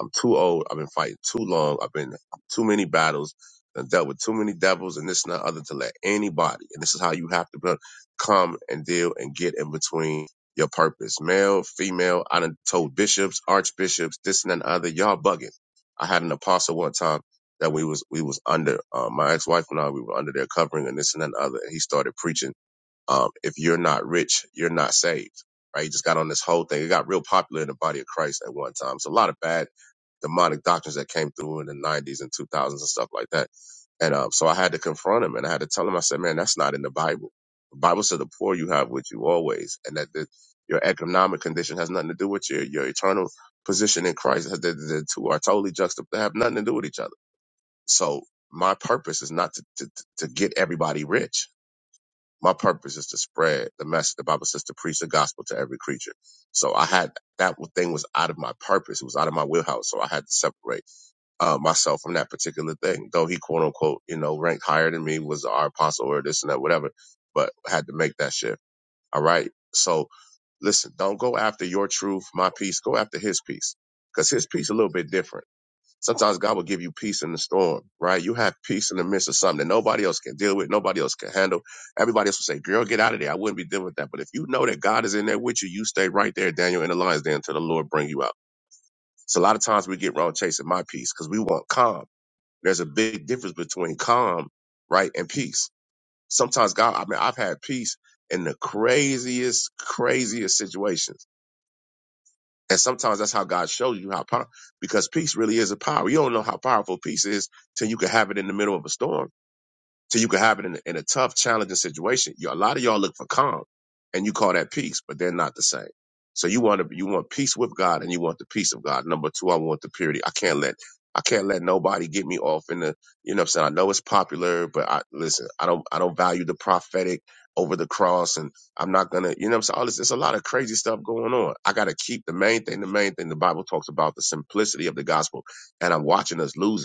Speaker 20: I'm too old. I've been fighting too long. I've been too many battles. I've dealt with too many devils and this and that other to let anybody. And this is how you have to be- come and deal and get in between your purpose. Male, female. I done told bishops, archbishops, this and that and other. Y'all bugging. I had an apostle one time that we was we was under uh, my ex wife and I. We were under their covering and this and that and other. And he started preaching. Um, if you're not rich, you're not saved, right? You just got on this whole thing. It got real popular in the body of Christ at one time. So a lot of bad demonic doctrines that came through in the 90s and 2000s and stuff like that. And um, so I had to confront him and I had to tell him, I said, man, that's not in the Bible. The Bible said the poor you have with you always, and that the, your economic condition has nothing to do with your, your eternal position in Christ. The, the, two are totally juxtaposed, they have nothing to do with each other. So my purpose is not to, to, to get everybody rich my purpose is to spread the message. The Bible says to preach the gospel to every creature. So I had that thing was out of my purpose. It was out of my wheelhouse. So I had to separate uh, myself from that particular thing. Though he quote unquote, you know, ranked higher than me, was our apostle or this and that, whatever, but I had to make that shift. All right. So listen, don't go after your truth, my peace. Go after his peace because his peace is a little bit different Sometimes God will give you peace in the storm, right? You have peace in the midst of something that nobody else can deal with, nobody else can handle. Everybody else will say, Girl, get out of there. I wouldn't be dealing with that. But if you know that God is in there with you, you stay right there, Daniel, in the lion's den until the Lord bring you out. So a lot of times we get wrong chasing my peace because we want calm. There's a big difference between calm, right, and peace. Sometimes God, I mean, I've had peace in the craziest, craziest situations and sometimes that's how God shows you how power, because peace really is a power. You don't know how powerful peace is till you can have it in the middle of a storm. So you can have it in a, in a tough, challenging situation. You, a lot of y'all look for calm and you call that peace, but they're not the same. So you want to, you want peace with God and you want the peace of God. Number two, I want the purity. I can't let, I can't let nobody get me off in the, you know what I'm saying? I know it's popular, but I, listen, I don't, I don't value the prophetic over the cross and I'm not going to, you know what I'm saying? All this, there's a lot of crazy stuff going on. I got to keep the main thing, the main thing the Bible talks about, the simplicity of the gospel. And I'm watching us lose it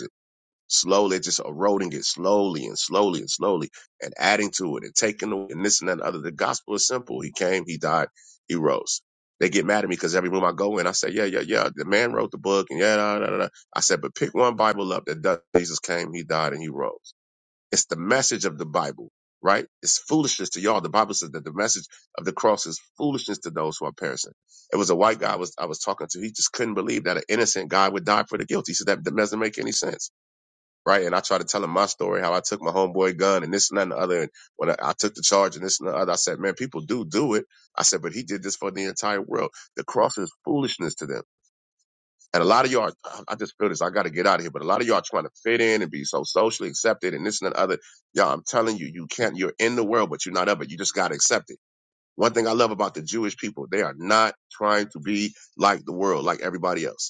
Speaker 20: slowly just eroding it slowly and slowly and slowly and adding to it and taking away and this and that and other. The gospel is simple. He came, he died, he rose. They get mad at me because every room I go in, I say, yeah, yeah, yeah, the man wrote the book and yeah, da, da, da. da. I said, but pick one Bible up that does Jesus came, he died, and he rose. It's the message of the Bible, right? It's foolishness to y'all. The Bible says that the message of the cross is foolishness to those who are perishing. It was a white guy I was, I was talking to. He just couldn't believe that an innocent guy would die for the guilty. He said that doesn't make any sense right? And I try to tell him my story, how I took my homeboy gun and this and that and the other. And when I, I took the charge and this and the other, I said, man, people do do it. I said, but he did this for the entire world. The cross is foolishness to them. And a lot of y'all, I just feel this. I got to get out of here. But a lot of y'all trying to fit in and be so socially accepted and this and that and the other. Y'all, I'm telling you, you can't, you're in the world, but you're not of it. You just got to accept it. One thing I love about the Jewish people, they are not trying to be like the world, like everybody else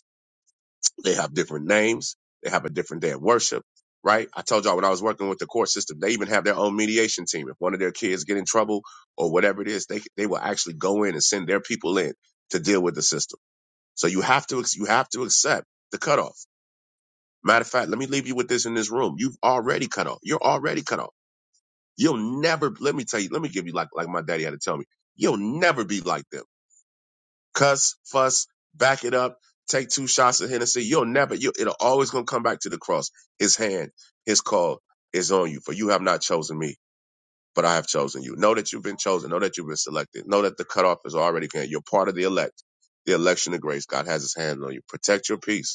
Speaker 20: they have different names. They have a different day of worship, right? I told y'all when I was working with the court system, they even have their own mediation team. If one of their kids get in trouble or whatever it is, they they will actually go in and send their people in to deal with the system. So you have to you have to accept the cutoff. Matter of fact, let me leave you with this in this room. You've already cut off. You're already cut off. You'll never. Let me tell you. Let me give you like like my daddy had to tell me. You'll never be like them cuss, fuss, back it up, take two shots of Hennessy. You'll never, you, it'll always gonna come back to the cross. His hand, his call is on you, for you have not chosen me, but I have chosen you. Know that you've been chosen. Know that you've been selected. Know that the cutoff is already gone. You're part of the elect, the election of grace. God has his hand on you. Protect your peace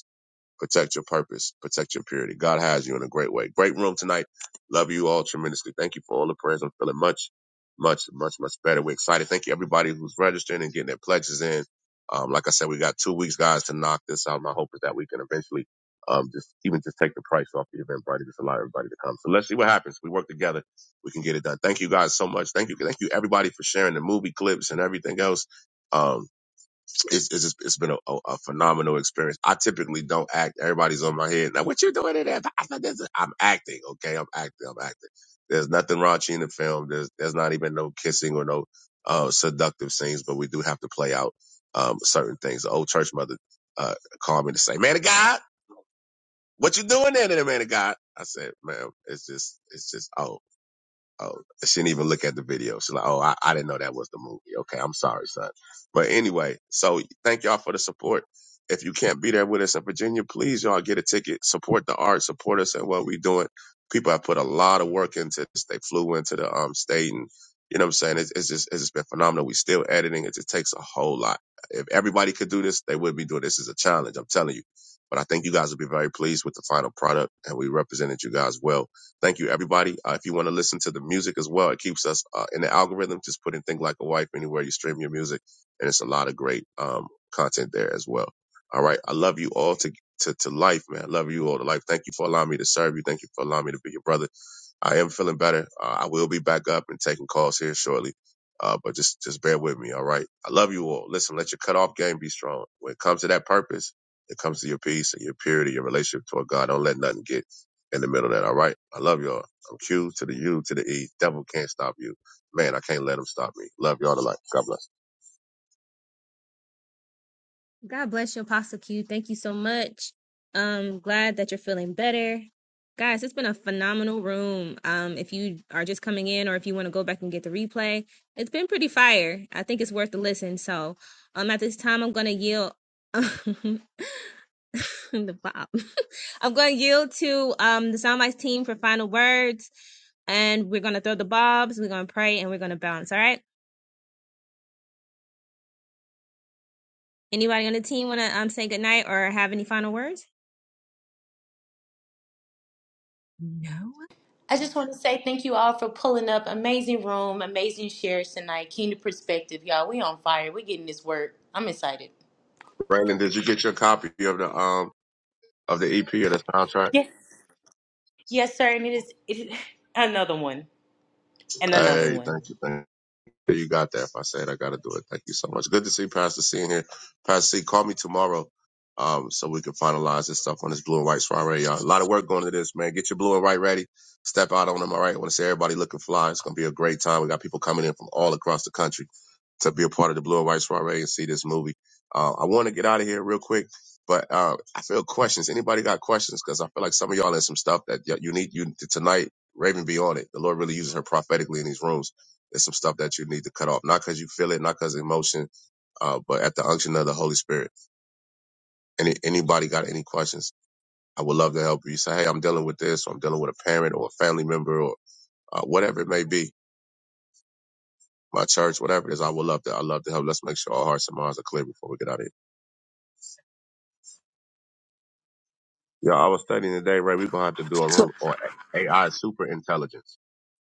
Speaker 20: protect your purpose, protect your purity. God has you in a great way. Great room tonight. Love you all tremendously. Thank you for all the prayers. I'm feeling much, much, much, much better. We're excited. Thank you everybody who's registering and getting their pledges in. Um, like I said, we got two weeks, guys, to knock this out. My hope is that we can eventually, um, just even just take the price off the event, buddy. Just allow everybody to come. So let's see what happens. We work together. We can get it done. Thank you guys so much. Thank you. Thank you everybody for sharing the movie clips and everything else. Um, it's it's, just, it's been a, a, a phenomenal experience. I typically don't act. Everybody's on my head. Now, what you doing in there? I am acting. Okay, I'm acting. I'm acting. There's nothing raunchy in the film. There's there's not even no kissing or no uh, seductive scenes, but we do have to play out um, certain things. The old church mother uh, called me to say, "Man of God, what you doing there, there, man of God?" I said, "Man, it's just it's just oh." Oh, she didn't even look at the video. She's like, oh, I, I didn't know that was the movie. Okay, I'm sorry, son. But anyway, so thank y'all for the support. If you can't be there with us in Virginia, please y'all get a ticket. Support the art. Support us in what we are doing. People have put a lot of work into this. They flew into the um state, and you know what I'm saying. It's, it's just it's just been phenomenal. We still editing. It just takes a whole lot. If everybody could do this, they would be doing this. Is a challenge. I'm telling you. But I think you guys will be very pleased with the final product, and we represented you guys well Thank you, everybody. Uh, if you want to listen to the music as well, it keeps us uh, in the algorithm. Just put in Think Like a Wife anywhere you stream your music, and it's a lot of great um, content there as well. All right. I love you all to, to, to life, man. I love you all to life. Thank you for allowing me to serve you. Thank you for allowing me to be your brother. I am feeling better. Uh, I will be back up and taking calls here shortly. Uh, but just, just bear with me. All right. I love you all. Listen, let your cutoff game be strong. When it comes to that purpose, it comes to your peace and your purity, your relationship toward God. Don't let nothing get in the middle of that. All right. I love y'all. I'm Q to the U to the E. Devil can't stop you. Man, I can't let him stop me. Love y'all to life. God bless.
Speaker 1: God bless you, Apostle Q. Thank you so much. Um, glad that you're feeling better. Guys, it's been a phenomenal room. Um, if you are just coming in or if you want to go back and get the replay, it's been pretty fire. I think it's worth the listen. So um, at this time, I'm going to yield. the Bob. I'm going to yield to um, the Soundbites team for final words, and we're going to throw the bobs. We're going to pray, and we're going to bounce. All right. Anybody on the team want to um, say goodnight or have any final words? No.
Speaker 3: I just want to say thank you all for pulling up. Amazing room, amazing shares tonight. Kingdom perspective, y'all. We on fire. We getting this work. I'm excited.
Speaker 20: Brandon, did you get your copy of the, um, of the EP or the soundtrack?
Speaker 3: Yes, yes, sir. And it is, it is another one and another
Speaker 20: Hey,
Speaker 3: one.
Speaker 20: thank you. Thank you. You got that. If I say it, I got to do it, thank you so much. Good to see Pastor C in here. Pastor C, call me tomorrow um, so we can finalize this stuff on this blue and white soiree, y'all. A lot of work going into this, man. Get your blue and white ready. Step out on them, all right? I want to see everybody looking fly. It's going to be a great time. We got people coming in from all across the country to be a part of the blue and white soiree and see this movie. Uh, I want to get out of here real quick. But uh, I feel questions. Anybody got questions? Because I feel like some of y'all in some stuff that y- you need you tonight. Raven be on it. The Lord really uses her prophetically in these rooms. There's some stuff that you need to cut off, not because you feel it, not because of emotion, uh, but at the unction of the Holy Spirit. Any anybody got any questions? I would love to help you. Say, hey, I'm dealing with this, or I'm dealing with a parent or a family member, or uh, whatever it may be. My church, whatever it is, I would love to. I love to help. Let's make sure our hearts and minds are clear before we get out of here. Yeah, I was studying today, Ray. We're gonna have to do a
Speaker 13: So,
Speaker 20: room on AI super intelligence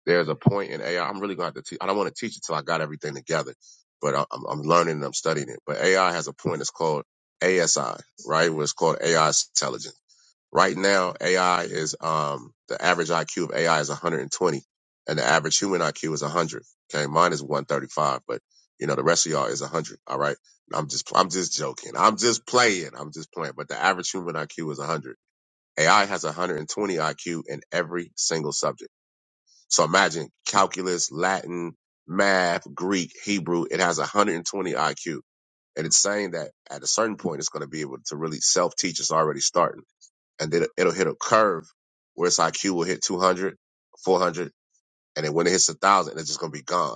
Speaker 20: there's a point in AI. I'm really going to have to teach. I don't want to teach it till I got everything together, but I, I'm, I'm learning and I'm studying it. But AI has a point. It's called ASI, right? Where it's called AI intelligence. Right now, AI is um the average IQ of AI is 120, and the average human IQ is 100. Okay, mine is 135, but you know the rest of y'all is 100. All right, I'm just I'm just joking. I'm just playing. I'm just playing. But the average human IQ is 100. AI has 120 IQ in every single subject. So imagine calculus, Latin, math, Greek, Hebrew. It has 120 IQ. And it's saying that at a certain point, it's going to be able to really self teach. It's already starting. And then it'll hit a curve where its IQ will hit 200, 400, And then when it hits 1,000, it's just going to be gone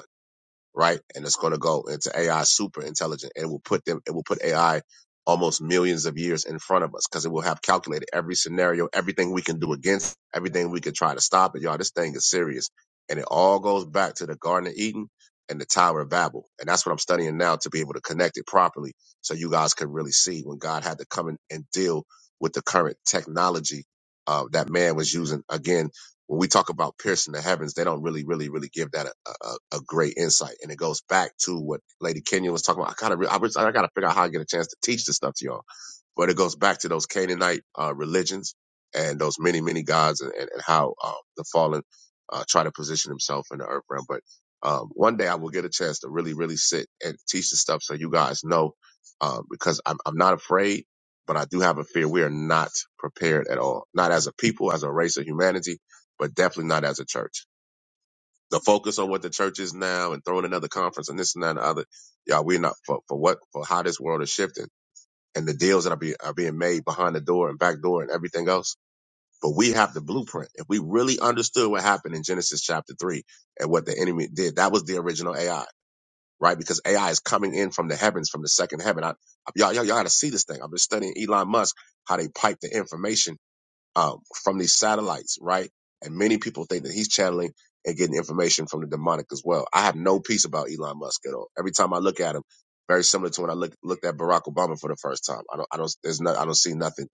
Speaker 20: right? And it's going to go into AI super intelligent. It will put them, it will put AI almost millions of years in front of us because it will have calculated every scenario, everything we can do against, everything we can try to stop it. Y'all, this thing is serious. And it all goes back to the Garden of Eden and the Tower of Babel. And that's what I'm studying now to be able to connect it properly so you guys can really see when God had to come in and deal with the current technology uh, that man was using again when we talk about piercing the heavens, they don't really, really, really give that a, a, a great insight. And it goes back to what Lady Kenya was talking about. I kind of, re- I, wish- I got to figure out how I get a chance to teach this stuff to y'all. But it goes back to those Canaanite uh, religions and those many, many gods and, and, and how um, the fallen uh, try to position himself in the earth realm. But um, one day I will get a chance to really, really sit and teach this stuff so you guys know um, because I'm, I'm not afraid, but I do have a fear. We are not prepared at all, not as a people, as a race of humanity but definitely not as a church. The focus on what the church is now and throwing another conference and this and that and the other, y'all, we're not for, for what for how this world is shifting and the deals that are, be, are being made behind the door and back door and everything else. But we have the blueprint. If we really understood what happened in Genesis chapter three and what the enemy did, that was the original AI, right? Because AI is coming in from the heavens, from the second heaven. I, y'all, y'all, y'all got to see this thing. I've been studying Elon Musk, how they pipe the information um, from these satellites, right? And many people think that he's channeling and getting information from the demonic as well. I have no peace about Elon Musk at all. Every time I look at him, very similar to when I look, looked at Barack Obama for the first time. I don't, I don't, there's no, I don't see nothing,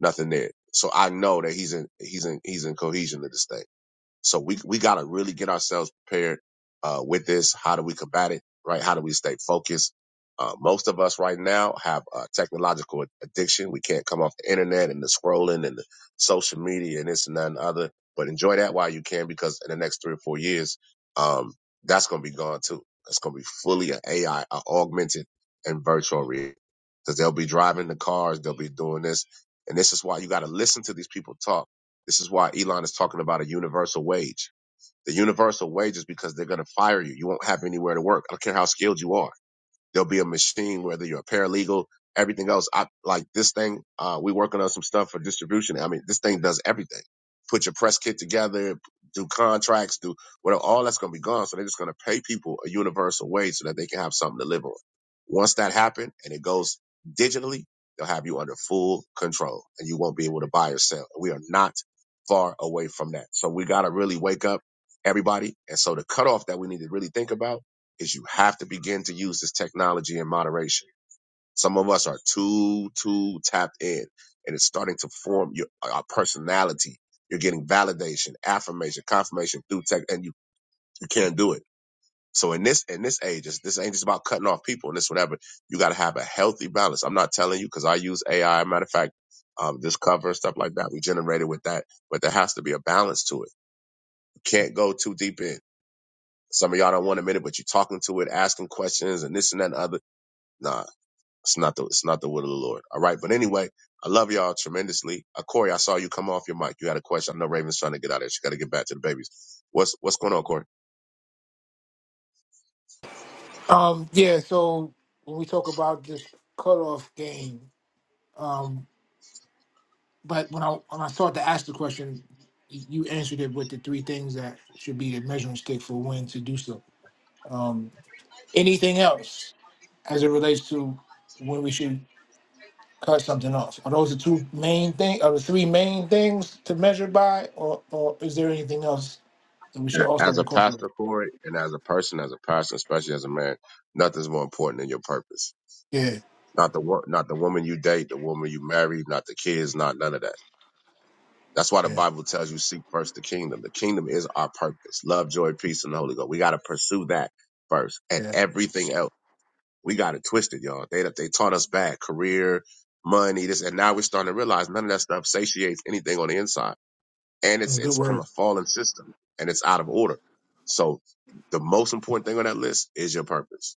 Speaker 20: nothing there. So I know that he's in, he's in, he's in cohesion to this thing. So we we got to really get ourselves prepared uh, with this. How do we combat it? Right? How do we stay focused? Uh, most of us right now have a technological addiction. We can't come off the internet and the scrolling and the social media and this and that and the other. But enjoy that while you can, because in the next three or four years, um, that's going to be gone too. It's going to be fully an AI, a I, an augmented and virtual reality. Because they'll be driving the cars, they'll be doing this, and this is why you got to listen to these people talk this is why Elon is talking about a universal wage. The universal wage is because they're going to fire you. You won't have anywhere to work. I don't care how skilled you are There'll be a machine, whether you're a paralegal, everything else. I like this thing. Uh, we working on some stuff for distribution. I mean, this thing does everything. Put your press kit together, do contracts, do whatever. All that's going to be gone. So they're just going to pay people a universal wage so that they can have something to live on. Once that happens and it goes digitally, they'll have you under full control and you won't be able to buy or sell. We are not far away from that. So we got to really wake up everybody. And so the cutoff that we need to really think about is you have to begin to use this technology in moderation. Some of us are too, too tapped in and it's starting to form your our personality. You're getting validation, affirmation, confirmation through tech and you, you can't do it. So in this, in this age, this this ain't just about cutting off people and this whatever. You got to have a healthy balance. I'm not telling you because I use AI. Matter of fact, um, this cover and stuff like that, we generated with that, but there has to be a balance to it. You can't go too deep in. Some of y'all don't want a minute, but you're talking to it, asking questions and this and that and other Nah, it's not the it's not the will of the Lord. All right, but anyway, I love y'all tremendously. Uh, Corey, I saw you come off your mic. You had a question. I know Raven's trying to get out of there. She got to get back to the babies. What's what's going on, Corey?
Speaker 13: um, yeah, so when we talk about this cutoff game, um, but when I when I started to ask the question, y- you answered it with the three things that should be the measuring stick for when to do so. Um, anything else as it relates to when we should cut something off? Are those the two main thing? Are the three main things to measure by, or or is there anything else that we should
Speaker 20: Uh,
Speaker 13: also
Speaker 20: As a
Speaker 13: incorporate?
Speaker 20: pastor, Corey, and as a person, as a pastor, especially as a man, nothing's more important than your purpose.
Speaker 13: Yeah,
Speaker 20: Not the wo- not the woman you date, the woman you marry, not the kids, not none of that. That's why the
Speaker 13: yeah,
Speaker 20: Bible tells you seek first the kingdom. The kingdom is our purpose. Love, joy, peace, and the Holy Ghost. We got to pursue that first, and
Speaker 13: yeah.
Speaker 20: everything else. We got it twisted, y'all. They they taught us bad career, money, this, and now we're starting to realize none of that stuff satiates anything on the inside, and it's
Speaker 13: Mm, Good
Speaker 20: it's from
Speaker 13: word.
Speaker 20: a fallen system and it's out of order. So the most important thing on that list is your purpose.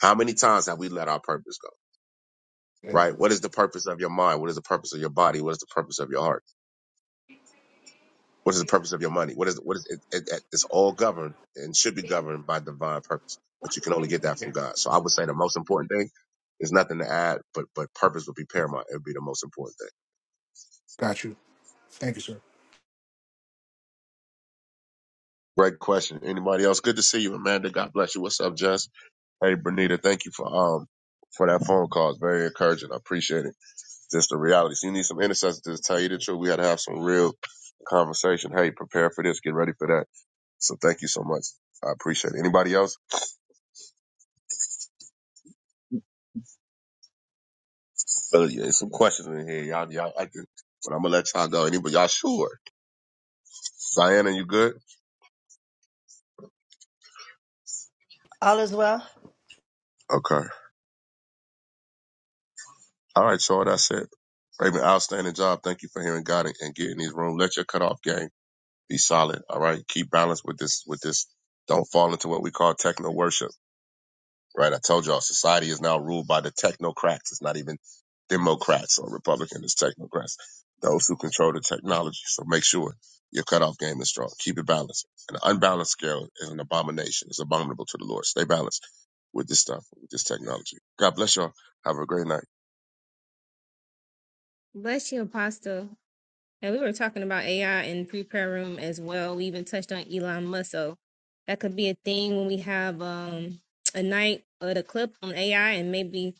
Speaker 20: How many times have we let our purpose go?
Speaker 13: Yeah,
Speaker 20: Right? What is the purpose of your mind? What is the purpose of your body? What is the purpose of your heart? What is the purpose of your money? What is what is it, it, it- it's all governed and should be governed by divine purpose, but you can only get that from God. So I would say the most important thing is nothing to add, but but purpose would be paramount. It would be the most important thing.
Speaker 13: got you. Thank you, sir.
Speaker 20: Great question. Anybody else? Good to see you, Amanda. God bless you. What's up, Jess? Hey, Bernita. Thank you for um for that phone call. It's very encouraging. I appreciate it. Just the reality. So you need some intercessors to tell you the truth. We got to have some real conversation. Hey, prepare for this. Get ready for that. So thank you so much. I appreciate it. Anybody else? telling you, there's some questions in here. Y'all, y'all acting, but I'm gonna let y'all go. Anybody, y'all sure? Diana, you good?
Speaker 18: All is well.
Speaker 20: Okay. All right, y'all. That's it. Raven, outstanding job. Thank you for hearing God and and getting these room. Let your cutoff game be solid. All right. Keep balance with this. With this. Don't fall into what we call techno worship. right? I told y'all society is now ruled by the technocrats. It's not even Democrats or Republicans, it's technocrats, those who control the technology. So make sure your cutoff game is strong. Keep it balanced. An unbalanced scale is an abomination. It's abominable to the Lord. Stay balanced with this stuff, with this technology. God bless y'all. Have a great night.
Speaker 1: Bless you, Apostle. And we were talking about AI in pre-prayer room as well. We even touched on Elon Musk, so that could be a thing when we have um, a night or the clip on AI, and maybe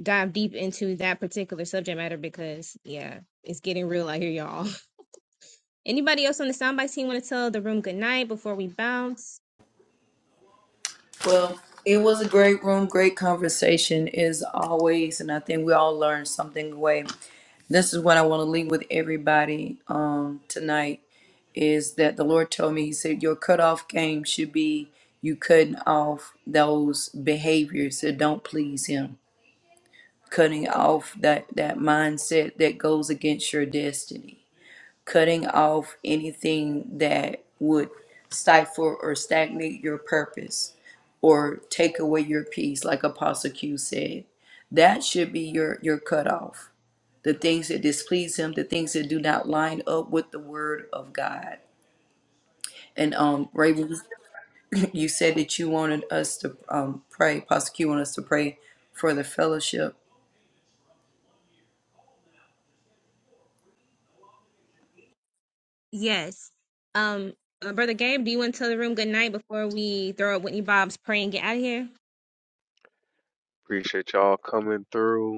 Speaker 1: dive deep into that particular subject matter because yeah, it's getting real out here, y'all. Anybody else on the soundbite team want to tell the room good night before we bounce?
Speaker 6: Well, it was a great room, great conversation as always, and I think we all learned something away. This is what I want to leave with everybody um, tonight is that the Lord told me, He said, Your cutoff game should be you cutting off those behaviors that don't please Him, cutting off that, that mindset that goes against your destiny cutting off anything that would stifle or stagnate your purpose or take away your peace, like Apostle Q said. That should be your, your cutoff. The things that displease him, the things that do not line up with the word of God. And um, Raven, you said that you wanted us to um, pray, Apostle Q wanted us to pray for the fellowship.
Speaker 1: Yes. Um, uh, brother Gabe, do you want to tell the room good night before we throw up Whitney Bob's pray and get out of here?
Speaker 5: Appreciate y'all coming through.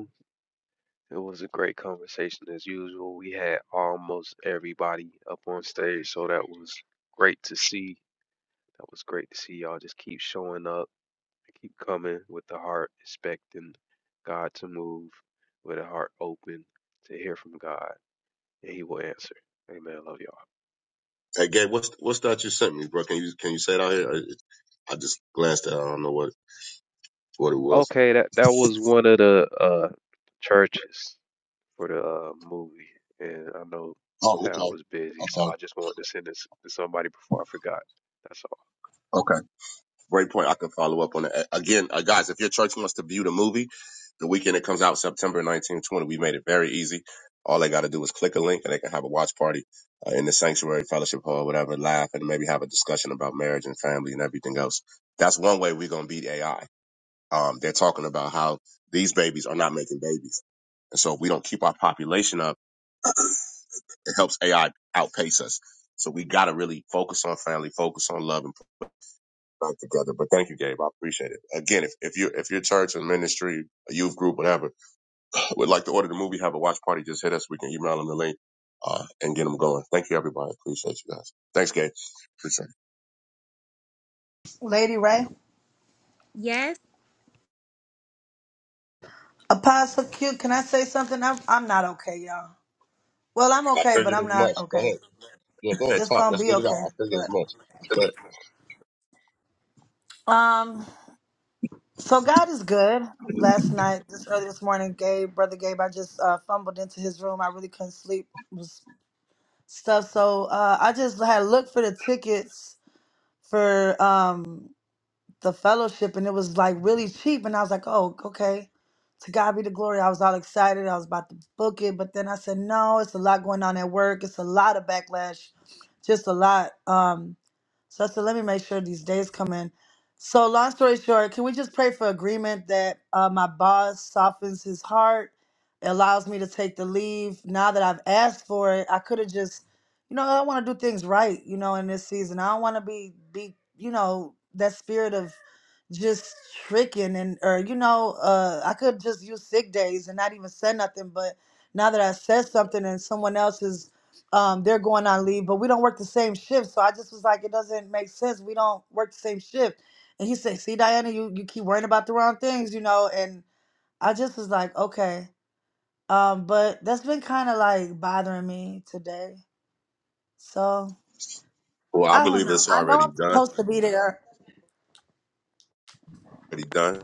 Speaker 5: It was a great conversation as usual. We had almost everybody up on stage, so that was great to see. That was great to see y'all just keep showing up, keep coming with the heart, expecting God to move, with a heart open to hear from God, and He will answer. Amen. Love
Speaker 20: Hey, Gabe, what's what's that you sent me, bro? Can you can you say it out here? I, I just glanced at. it. I don't know what what it
Speaker 5: y'all.
Speaker 20: was.
Speaker 5: Okay, that that was one of the uh churches for the uh, movie, and I know
Speaker 20: Oh,
Speaker 5: Tal
Speaker 20: okay,
Speaker 5: was busy, so
Speaker 20: okay,
Speaker 5: I just wanted to send this to somebody before I forgot. That's all.
Speaker 20: Okay. Great point. I can follow up on that. Again, uh, guys, if your church wants to view the movie, the weekend it comes out, September 19, 20, we made it very easy. All they got to do is click a link and they can have a watch party uh, in the sanctuary, fellowship hall, whatever, laugh and maybe have a discussion about marriage and family and everything else. That's one way we're going to beat AI. Um, they're talking about how these babies are not making babies. And so if we don't keep our population up, it helps AI outpace us. So we got to really focus on family, focus on love, back together. But thank you, Gabe. I appreciate it. Again, if, if you if your church or ministry, a youth group, whatever, would like to order the movie, have a watch party, just hit us. We can email them the link uh, and get them going. Thank you, everybody. Appreciate you guys. Thanks, Gabe. Appreciate
Speaker 18: Lady Ray.
Speaker 1: Yes.
Speaker 18: Apostle Q, can I say something? I'm, I'm not okay, y'all. Well, I'm
Speaker 20: it. I
Speaker 18: okay, but
Speaker 20: figured
Speaker 18: I'm
Speaker 20: as
Speaker 18: not
Speaker 20: much. Go
Speaker 18: okay.
Speaker 20: ahead. Yeah, go ahead.
Speaker 18: It's
Speaker 20: Talk.
Speaker 18: going to
Speaker 20: Let's
Speaker 18: be
Speaker 20: get it out.
Speaker 18: okay.
Speaker 20: I figured as much.
Speaker 18: But.
Speaker 20: But
Speaker 18: Um, So God is good. Last night, this early this morning, Gabe, brother Gabe, I just uh, fumbled into his room. I really couldn't sleep was stuff. So uh, I just had looked for the tickets for um, the fellowship, and it was like really cheap. And I was like, oh, okay. To God be the glory. I was all excited. I was about to book it, but then I said, no, it's a lot going on at work. It's a lot of backlash, just a lot. Um, so I said, let me make sure these days come in. So long story short, can we just pray for agreement that uh, my boss softens his heart, allows me to take the leave now that I've asked for it? I could have just, you know, I want to do things right, you know, in this season. I don't want to be be, you know, that spirit of just tricking and or you know, uh, I could just use sick days and not even say nothing. But now that I said something and someone else is um, they're going on leave, but we don't work the same shift. So I just was like, it doesn't make sense. We don't work the same shift. And he said, see, Diana, you, you keep worrying about the wrong things, you know? And I just was like, okay. Um, but that's been kind of like bothering me today. So
Speaker 20: well, I
Speaker 18: I don't
Speaker 20: believe
Speaker 18: know.
Speaker 20: it's
Speaker 18: I know
Speaker 20: already
Speaker 18: I'm
Speaker 20: done.
Speaker 18: supposed to be there.
Speaker 20: Already done.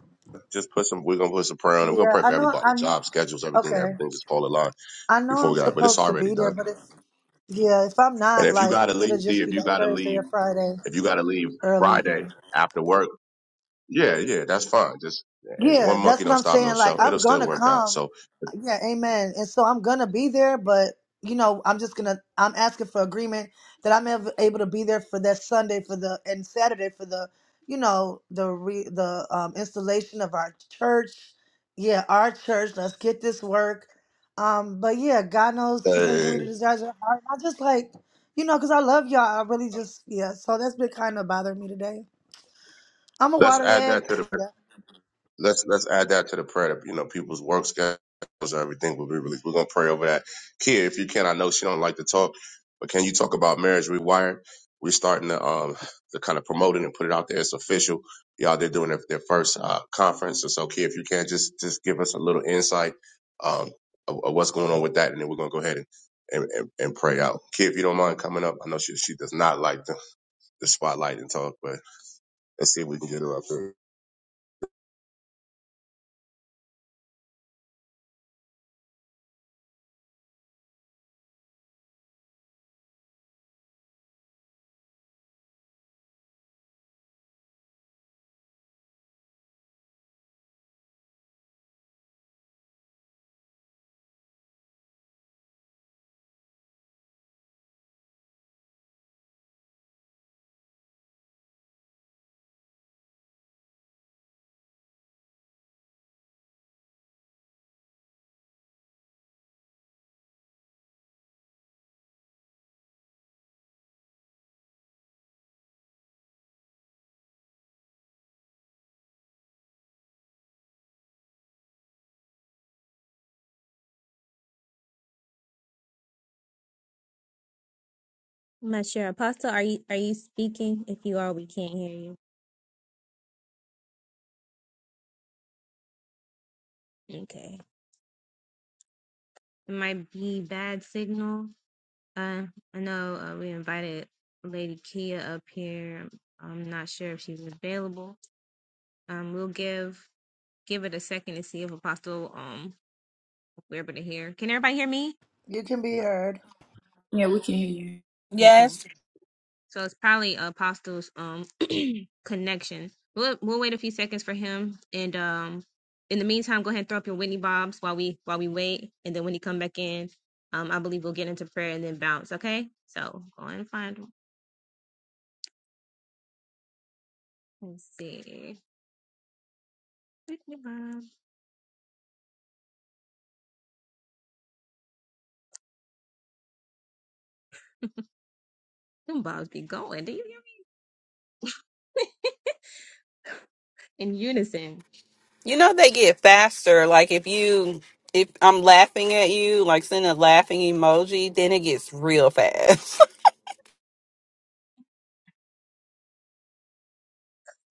Speaker 20: Just put some. We're gonna put some prayer on it. We're gonna
Speaker 18: Yeah,
Speaker 20: pray for
Speaker 18: I know.
Speaker 20: everybody.
Speaker 18: I know.
Speaker 20: Job schedules, everything.
Speaker 18: Okay.
Speaker 20: Everything just fall in line
Speaker 18: I know
Speaker 20: before
Speaker 18: I'm
Speaker 20: we got. But it's
Speaker 18: supposed to
Speaker 20: already
Speaker 18: be there,
Speaker 20: done.
Speaker 18: but it's yeah, if I'm
Speaker 20: And
Speaker 18: not,
Speaker 20: if you
Speaker 18: like,
Speaker 20: gotta
Speaker 18: it'll
Speaker 20: leave, D,
Speaker 18: just
Speaker 20: if
Speaker 18: be
Speaker 20: you
Speaker 18: that
Speaker 20: gotta
Speaker 18: Thursday
Speaker 20: leave.
Speaker 18: or Friday
Speaker 20: If you got to leave
Speaker 18: early.
Speaker 20: Friday
Speaker 18: Yeah.
Speaker 20: after work, yeah, yeah, that's fine. Just and one
Speaker 18: Yeah,
Speaker 20: monkey
Speaker 18: that's what
Speaker 20: don't
Speaker 18: I'm
Speaker 20: stop no
Speaker 18: saying. Like,
Speaker 20: show. It'll
Speaker 18: I'm
Speaker 20: still
Speaker 18: gonna
Speaker 20: work out.
Speaker 18: come.
Speaker 20: So
Speaker 18: Yeah, amen. And so I'm gonna be there, but you know, I'm just gonna I'm asking for agreement that I'm ev- able to be there for that Sunday for the and Saturday for the you know the re, the um, installation of our church. Yeah, our church. Let's get this work. Um, but yeah, God knows He's gonna
Speaker 20: uh,
Speaker 18: give me the desires of my heart. I just like you know, cause I love y'all. I really just yeah. So that's been kind of bothering me today. I'm a
Speaker 20: let's add
Speaker 18: waterhead.
Speaker 20: that to the
Speaker 18: Yeah,
Speaker 20: let's let's add that to the prayer. You know, people's work schedules and everything. We'll be really, we're gonna pray over that. Kia, if you can, I know she don't like to talk, but can you talk about marriage rewired? We're starting to um to kind of promote it and put it out there. It's official. Y'all, they're doing their, their first uh, conference. And so, Kia, if you can, just just give us a little insight um of, of what's going on with that, and then we're gonna go ahead and. And, and, and pray out. Kia, if you don't mind coming up, I know she she does not like the, the spotlight and talk, but let's see if we can get her up there.
Speaker 1: I'm not sure. Apostle, are you are you speaking? If you are, we can't hear you. Okay. It might be bad signal. Uh, I know uh, we invited Lady Kia up here. I'm not sure if she's available. Um, we'll give give it a second to see if Apostle um we're able to hear. Can everybody hear me?
Speaker 18: you can be heard.
Speaker 6: Yeah, we can hear you.
Speaker 1: Okay, Cool.
Speaker 17: yes
Speaker 1: So it's probably Apostle's um connection. We'll we'll wait a few seconds for him, and um in the meantime, go ahead and throw up your Whitney bobs while we while we wait, and then when he come back in, um I believe we'll get into prayer and then bounce. Okay, so go ahead and find. Let's see. Whitney Bob's. Them bobs be going. Do you hear me? in unison.
Speaker 17: you know they get faster like if you if i'm laughing at you like send a laughing emoji then it gets real fast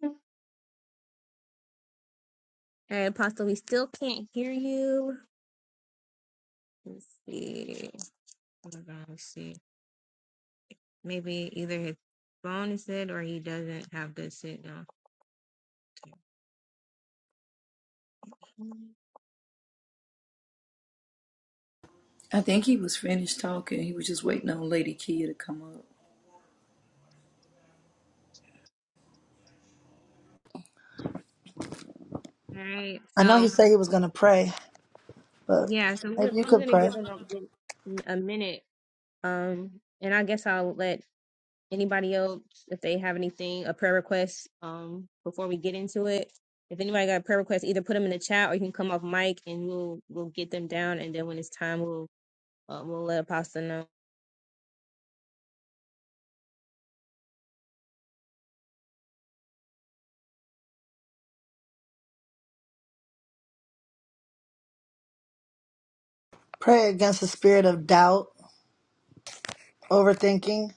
Speaker 1: All right, Apostle, we still can't hear you. Let's see. Hold on, let's see. Maybe either his phone is dead or he doesn't have good signal. All
Speaker 6: I think he was finished talking. He was just waiting on Lady Kia to come up.
Speaker 1: right.
Speaker 18: I know He
Speaker 1: So
Speaker 18: said He was gonna pray, but
Speaker 1: yeah, so we're,
Speaker 18: maybe you
Speaker 1: we're
Speaker 18: could
Speaker 1: gonna
Speaker 18: pray.
Speaker 1: give them a, min- a minute. Um, and I guess I'll let anybody else if they have anything a prayer request. Um, before we get into it, if anybody got a prayer request, either put them in the chat or you can come off mic and we'll we'll get them down. And then when it's time, we'll uh, we'll let Apostle know.
Speaker 18: Pray against the spirit of doubt, overthinking.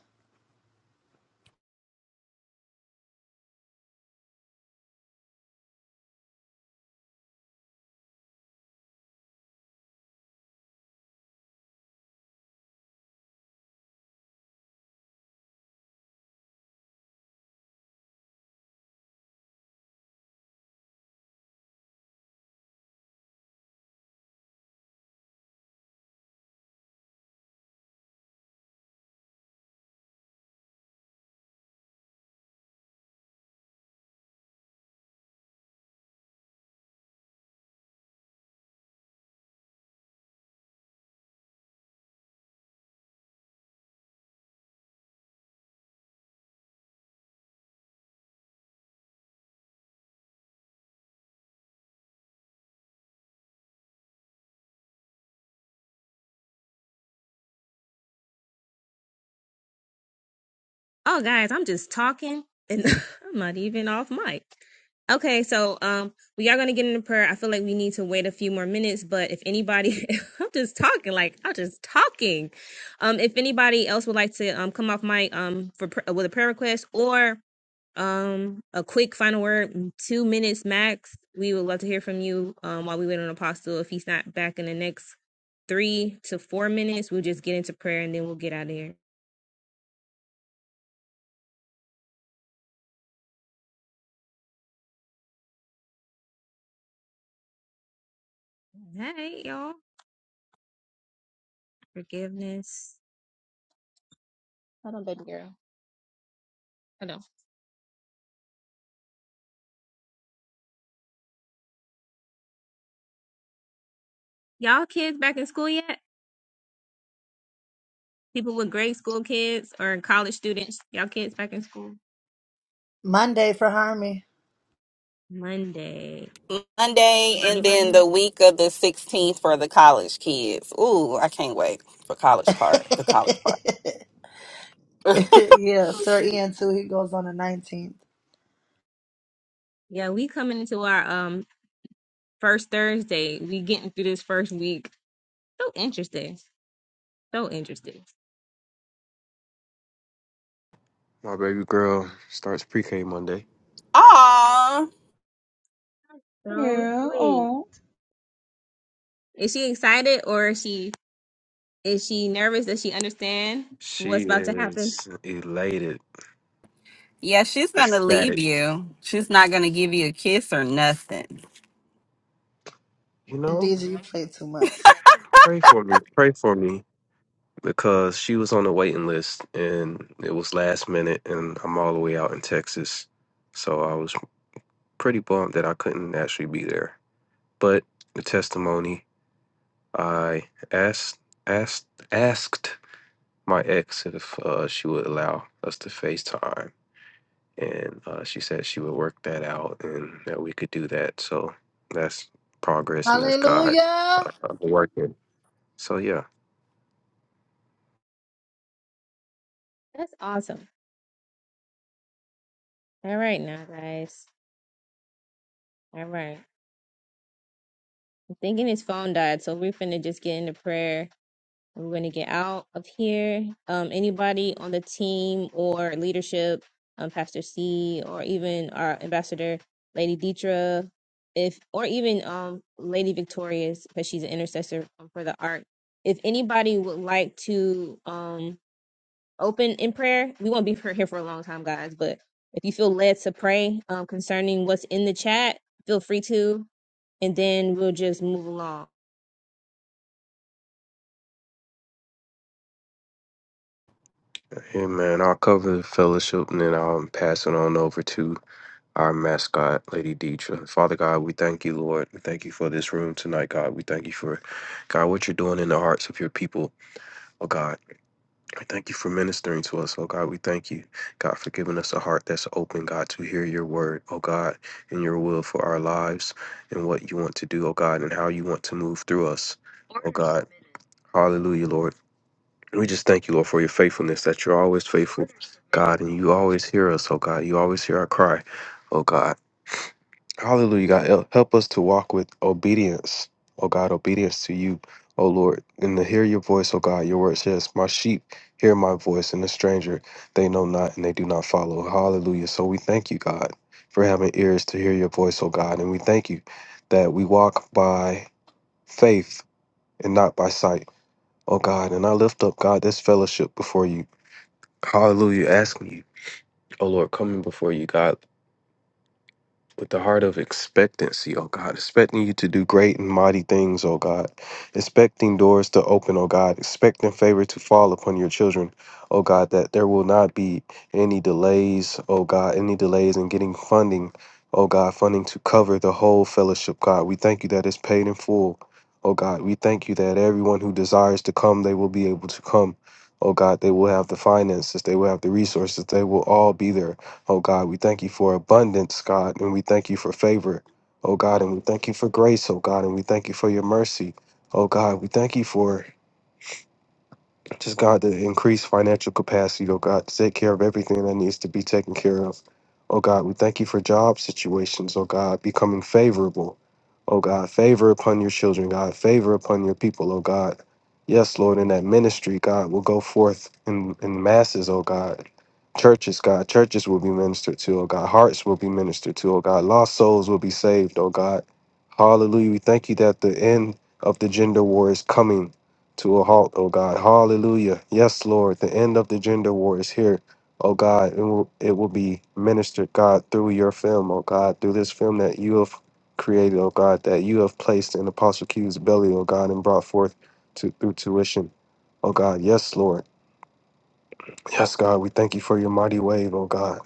Speaker 1: Oh, guys, I'm just talking and I'm not even off mic. Okay, so um, we are gonna get into prayer. I feel like we need to wait a few more minutes, but if anybody, I'm just talking, like I'm just talking. Um, if anybody else would like to um come off mic um for pr- with a prayer request or um a quick final word, mm, two minutes max, we would love to hear from you. Um, while we wait on Apostle, if he's not back in the next three to four minutes, we'll just get into prayer and then we'll get out of here. All right, y'all. forgiveness. Hold on, baby girl. Hold on. Y'all kids back in school yet? People with grade school kids or college students. Y'all kids back in school?
Speaker 18: Monday for Harmony.
Speaker 1: Monday.
Speaker 17: Monday and
Speaker 1: Anybody
Speaker 17: then
Speaker 1: else?
Speaker 17: the week of the 16th for the college kids. Ooh, I can't wait for college part, the college part.
Speaker 18: yeah, Sir Ian too. He goes on the 19th.
Speaker 1: Yeah, we coming into our um first Thursday. We getting through this first week. So interesting. So interesting.
Speaker 5: My baby girl starts pre-K Monday.
Speaker 17: Aw.
Speaker 1: So
Speaker 2: Yeah.
Speaker 1: sweet.
Speaker 2: Oh.
Speaker 1: Is she excited or is she is she nervous? Does she understand
Speaker 5: She
Speaker 1: what's about to happen?
Speaker 5: is elated,
Speaker 17: Yeah, she's going to leave
Speaker 5: ecstatic.
Speaker 17: you. She's not going to give you a kiss or nothing.
Speaker 5: You know,
Speaker 18: DJ, you play too much.
Speaker 5: pray for me, pray for me, because she was on the waiting list and it was last minute, and I'm all the way out in Texas, so I was pretty bummed that I couldn't actually be there. But the testimony, I asked asked asked my ex if uh, she would allow us to FaceTime and uh, she said she would work that out and that we could do that. So that's progress and that's God
Speaker 18: Hallelujah.
Speaker 5: uh, working. So yeah,
Speaker 1: That's awesome. All right now, guys. All right. I'm thinking his phone died, so we're finna just get into prayer We're going to get out of here. Um, anybody on the team or leadership, um, Pastor C, or even our ambassador, Lady Dietra, if or even um, Lady Victorious, because she's an intercessor um, for the art. If anybody would like to um, open in prayer, we won't be for- here for a long time, guys. But if you feel led to pray um, concerning what's in the chat, feel free to, and then we'll just move along.
Speaker 5: hey man, I'll cover the fellowship and then I'll pass it on over to our mascot, Lady Deidre. Father God, we thank you, Lord. We thank you for this room tonight, God. We thank you for God what you're doing in the hearts of your people, oh God. I Thank you for ministering to us, oh God. We thank you, God, for giving us a heart that's open, God, to hear your word, oh God, and your will for our lives and what you want to do, oh God, and how you want to move through us, oh God. Hallelujah, Lord. We just thank you, Lord, for your faithfulness, that you're always faithful, God, and you always hear us, oh God. You always hear our cry, oh God. Hallelujah, God. Hel- Help us to walk with obedience, oh God, obedience to you, oh Lord, and to hear your voice, oh God. Your word says, My sheep hear my voice, and the stranger they know not and they do not follow. Hallelujah. So we thank you, God, for having ears to hear your voice, oh God. And we thank you that we walk by faith and not by sight, oh God. And I lift up, God, this fellowship before you. Hallelujah. Asking you, oh Lord, coming before you, God. with the heart of expectancy, oh God, expecting you to do great and mighty things, oh God, expecting doors to open, oh God, expecting favor to fall upon your children, oh God, that there will not be any delays, oh God, any delays in getting funding, oh God, funding to cover the whole fellowship, God. We thank you that it's paid in full, oh God. We thank you that everyone who desires to come, they will be able to come. Oh God, they will have the finances, they will have the resources, they will all be there Oh God, we thank you for abundance, God, and we thank you for favor. Oh God, and we thank you for grace, oh God, and we thank you for your mercy. Oh God, we thank you for just God the increased financial capacity, oh God, to take care of everything that needs to be taken care of. Oh God, we thank you for job situations, oh God, becoming favorable. Oh God, favor upon your children, God, favor upon your people, oh God. Yes, Lord, in that ministry, God, will go forth in, in masses, oh God. Churches, God, churches will be ministered to, oh God. Hearts will be ministered to, oh God. Lost souls will be saved, oh God. Hallelujah. We thank you that the end of the gender war is coming to a halt, oh God. Hallelujah. Yes, Lord, the end of the gender war is here. Oh God, it will it will be ministered, God, through your film, oh God, through this film that you have created, oh God, that you have placed in Apostle Q's belly, oh God, and brought forth to through tuition. Oh God, yes, Lord. Yes, God, we thank you for your mighty wave, oh God.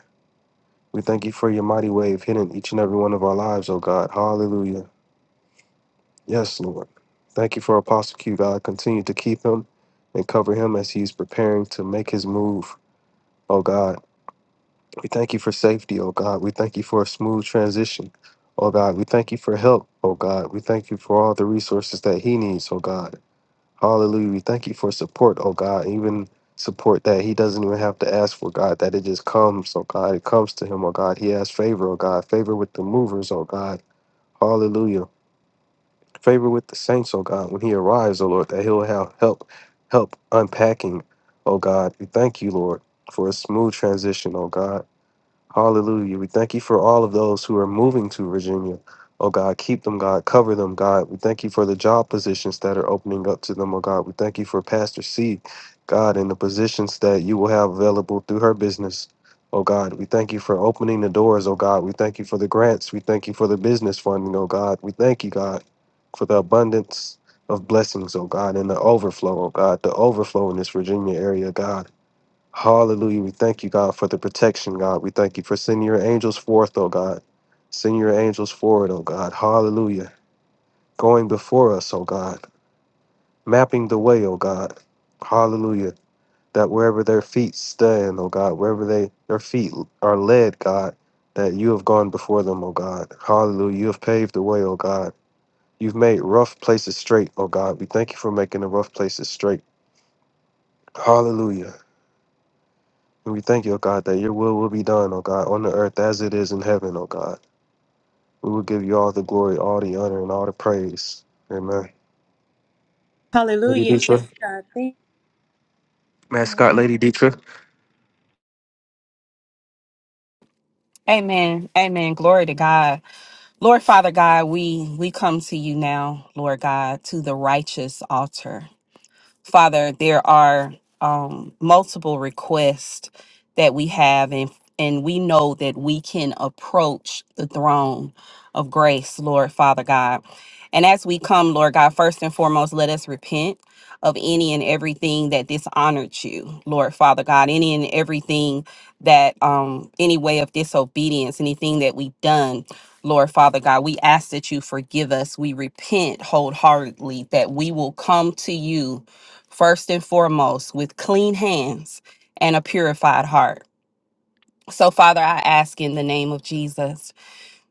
Speaker 5: We thank you for your mighty wave hidden each and every one of our lives, oh God. Hallelujah. Yes, Lord. Thank you for Apostle Q, God. Continue to keep him and cover him as he's preparing to make his move, oh God. We thank you for safety, oh God. We thank you for a smooth transition, oh God. We thank you for help, oh God. We thank you for all the resources that he needs, oh God. Hallelujah. We thank you for support, oh God. Even support that he doesn't even have to ask for, God, that it just comes, oh God. It comes to him, oh God. He has favor, oh God. Favor with the movers, oh God. Hallelujah. Favor with the saints, oh God. When he arrives, oh Lord, that he'll have help, help unpacking, oh God. We thank you, Lord, for a smooth transition, oh God. Hallelujah. We thank you for all of those who are moving to Virginia. Oh God, keep them, God. Cover them, God. We thank you for the job positions that are opening up to them, oh God. We thank you for Pastor C, God, and the positions that you will have available through her business. Oh God, we thank you for opening the doors, oh God. We thank you for the grants. We thank you for the business funding, oh God. We thank you, God, for the abundance of blessings, oh God, and the overflow, oh God, the overflow in this Virginia area, God. Hallelujah. We thank you, God, for the protection, God. We thank you for sending your angels forth, oh God. Send your angels forward, oh God. Hallelujah. Going before us, oh God. Mapping the way, oh God. Hallelujah. That wherever their feet stand, oh God, wherever they their feet are led, God, that you have gone before them, oh God. Hallelujah. You have paved the way, oh God. You've made rough places straight, oh God. We thank you for making the rough places straight. Hallelujah. We thank you, O God, that your will will be done, O God, on the earth as it is in heaven, O God. We will give you all the glory, all the honor, and all the praise. Amen. Lady
Speaker 3: Hallelujah. Yes,
Speaker 5: Dietra.
Speaker 3: God. Thank-
Speaker 5: Mascot Lady Dietra.
Speaker 17: Amen. Amen. Glory to God. Lord Father God, we we come to you now, Lord God, to the righteous altar. Father, there are um, multiple requests that we have, and, and we know that we can approach the throne of grace, Lord Father God. And as we come, Lord God, first and foremost, let us repent of any and everything that dishonored you, Lord Father God, any and everything that, um, any way of disobedience, anything that we've done. Lord Father God, we ask that you forgive us. We repent wholeheartedly that we will come to you first and foremost with clean hands and a purified heart. So, Father, I ask in the name of Jesus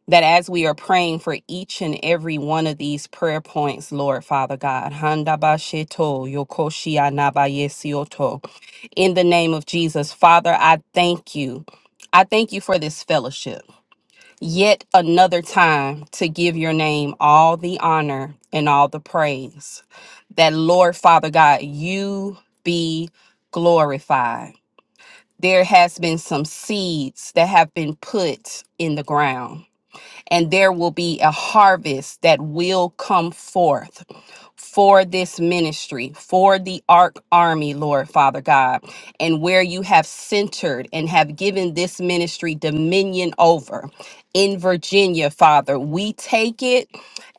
Speaker 17: that as we are praying for each and every one of these prayer points, Lord Father God, Handa ba she to, yoko shi ana ba si in the name of Jesus, Father, I thank you. I thank you for this fellowship yet another time to give your name all the honor and all the praise. That Lord Father God, you be glorified. There has been some seeds that have been put in the ground and there will be a harvest that will come forth for this ministry, for the Ark Army, Lord Father God, and where you have centered and have given this ministry dominion over in Virginia, Father. We take it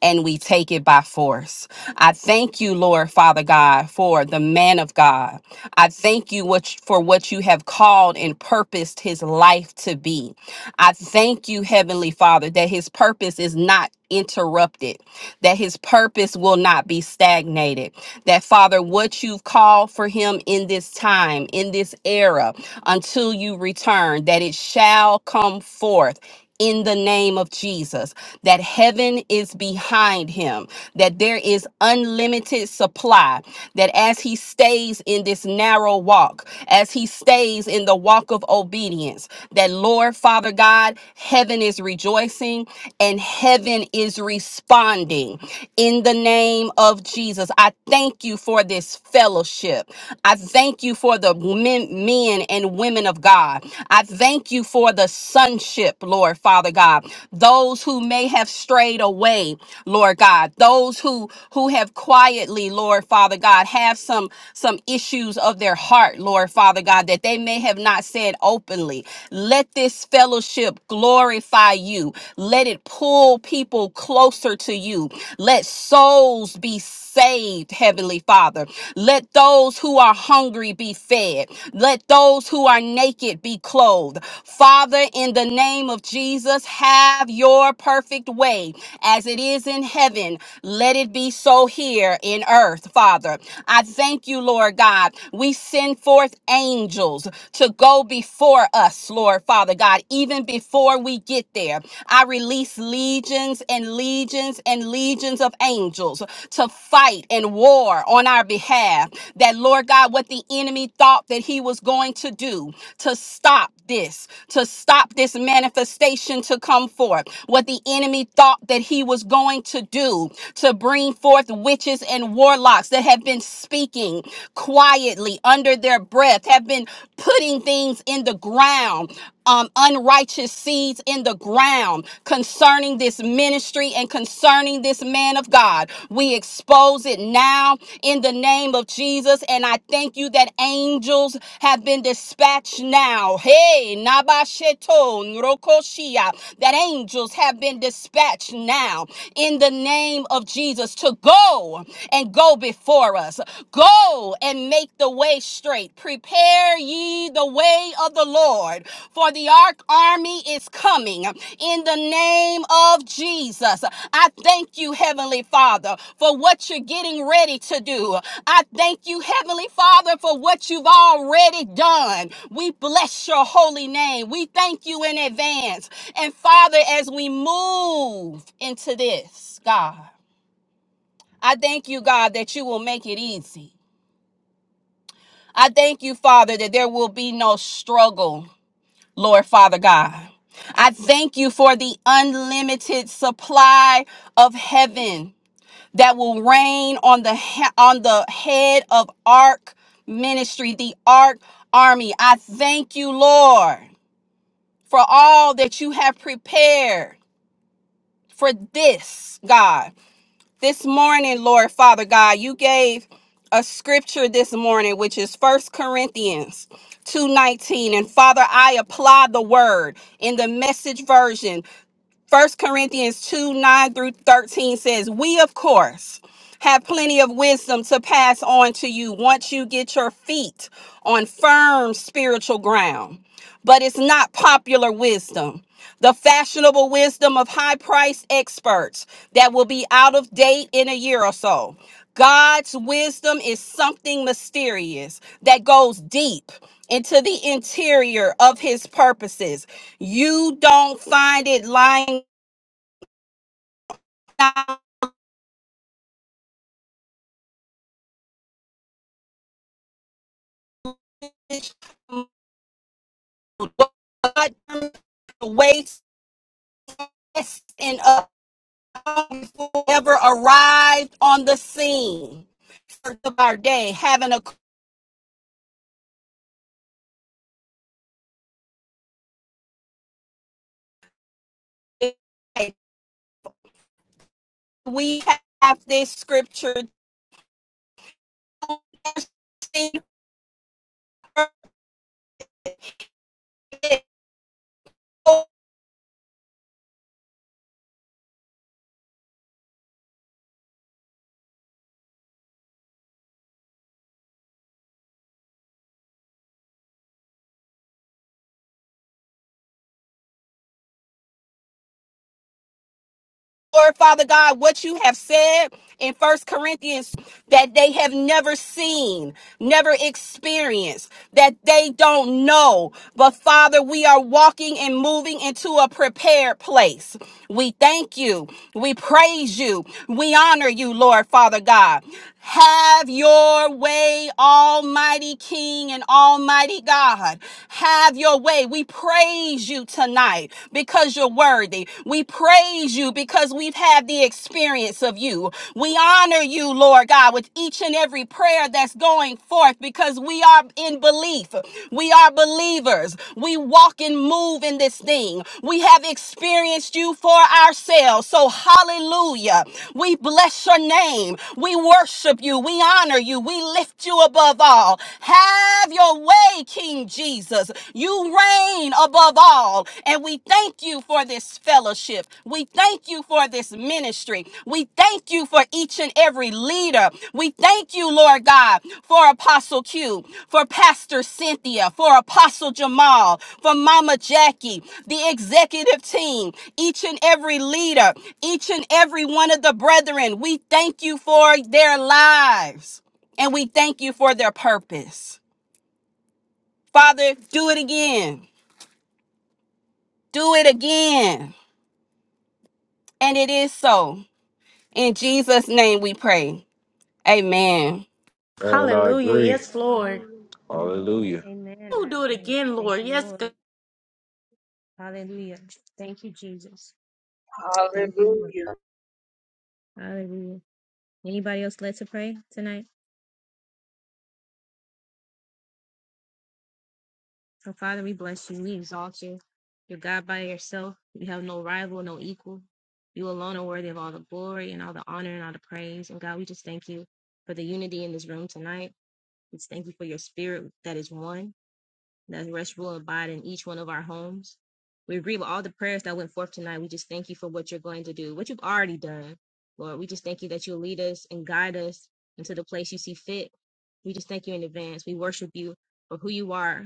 Speaker 17: and we take it by force. I thank you, Lord Father God, for the man of God. I thank you what, for what you have called and purposed his life to be. I thank you, Heavenly Father, that his purpose is not interrupted that his purpose will not be stagnated. That, Father, what you've called for him in this time, in this era, until you return, that it shall come forth. In the name of Jesus, that heaven is behind him, that there is unlimited supply, that as he stays in this narrow walk, as he stays in the walk of obedience, that Lord, Father God, heaven is rejoicing, and heaven is responding in the name of Jesus. I thank you for this fellowship. I thank you for the men, men and women of God. I thank you for the sonship, Lord Father God. Those who may have strayed away, Lord God. Those who who have quietly, Lord Father God, have some some issues of their heart, Lord Father God, that they may have not said openly. Let this fellowship fellowship glorify you. Let it pull people closer to you. Let souls be saved, Heavenly Father. Let those who are hungry be fed. Let those who are naked be clothed. Father, in the name of Jesus, have your perfect way as it is in heaven. Let it be so here in earth, Father. I thank you, Lord God. We send forth angels to go before us, Lord Father God, even before we get there. I release legions and legions and legions of angels to fight and war on our behalf. That, Lord God, what the enemy thought that he was going to do to stop this, to stop this manifestation to come forth, what the enemy thought that he was going to do to bring forth witches and warlocks that have been speaking quietly repeatedly under their breath, have been putting things in the ground, um, unrighteous seeds in the ground concerning this ministry and concerning this man of God. We expose it now in the name of Jesus. And I thank you that angels have been dispatched now. Hey, Nabasheto, Nrokoshia, that angels have been dispatched now in the name of Jesus to go and go before us. Go and make the way straight. Prepare ye the way of the Lord, for the ark army is coming in the name of Jesus. I thank you, Heavenly Father, for what you're getting ready to do. I thank you, Heavenly Father, for what you've already done. We bless your holy name. We thank you in advance. And Father, as we move into this, God. I thank you, God, that you will make it easy. I thank you, Father, that there will be no struggle, Lord Father God. I thank you for the unlimited supply of heaven that will rain on the he- on the head of Ark Ministry, the Ark Army. I thank you, Lord, for all that you have prepared for this, God. This morning, Lord Father God, you gave a scripture this morning, which is First Corinthians 2.19. And Father, I apply the word in the message version First Corinthians 2 9 through 13 says, We, of course, have plenty of wisdom to pass on to you once you get your feet on firm spiritual ground. But it's not popular wisdom. The fashionable wisdom of high priced experts that will be out of date in a year or so. God's wisdom is something mysterious that goes deep into the interior of his purposes. You don't find it lying Waste and up ever arrived on the scene of our day, having a good day. we have this scripture. Lord Father God, what you have said in First Corinthians that they have never seen, never experienced, that they don't know. But Father, we are walking and moving into a prepared place. We thank you. We praise you. We honor you, Lord Father God. Have your way, Almighty King and Almighty God. Have your way. We praise you tonight because you're worthy. We praise you because we've had the experience of you. We honor you, Lord God, with each and every prayer that's going forth because we are in belief. We are believers believers. We walk and move in this thing. We have experienced you for ourselves. So, hallelujah. We bless your name. We worship you. We honor you. We lift you above all. Have your way, King Jesus. You reign above all. And we thank you for this fellowship. We thank thank you for this ministry. We thank you for each and every leader. We thank you, Lord God, for Apostle Q, for Pastor Cynthia, for Apostle Jamal, for Mama Jackie, the executive team, each and every leader, each and every one of the brethren. We thank you for their lives and we thank you for their purpose. Father, do it again. Do it again. And it is so. In Jesus' name we pray. Amen.
Speaker 5: Man, I
Speaker 3: Hallelujah.
Speaker 5: agree.
Speaker 3: Yes, Lord.
Speaker 1: Hallelujah. Amen.
Speaker 5: Hallelujah.
Speaker 1: Amen.
Speaker 3: Oh,
Speaker 1: I
Speaker 3: do it
Speaker 1: agree.
Speaker 3: again,
Speaker 1: Thank
Speaker 3: Lord.
Speaker 1: you,
Speaker 3: Yes,
Speaker 1: Lord.
Speaker 3: God.
Speaker 1: Hallelujah. Thank you, Jesus. Thank you, Lord.
Speaker 2: Hallelujah.
Speaker 1: Hallelujah. Anybody else led to pray tonight? So, Father, we bless you. We exalt you. You're God by yourself. You have no rival, no equal. You alone are worthy of all the glory and all the honor and all the praise. And God, we just thank you for the unity in this room tonight. We just thank you for your spirit that is one. that rest, rule, and abide in each one of our homes. We agree with all the prayers that went forth tonight. We just thank you for what you're going to do, what you've already done. Lord, we just thank you that you'll lead us and guide us into the place you see fit. We just thank you in advance. We worship you for who you are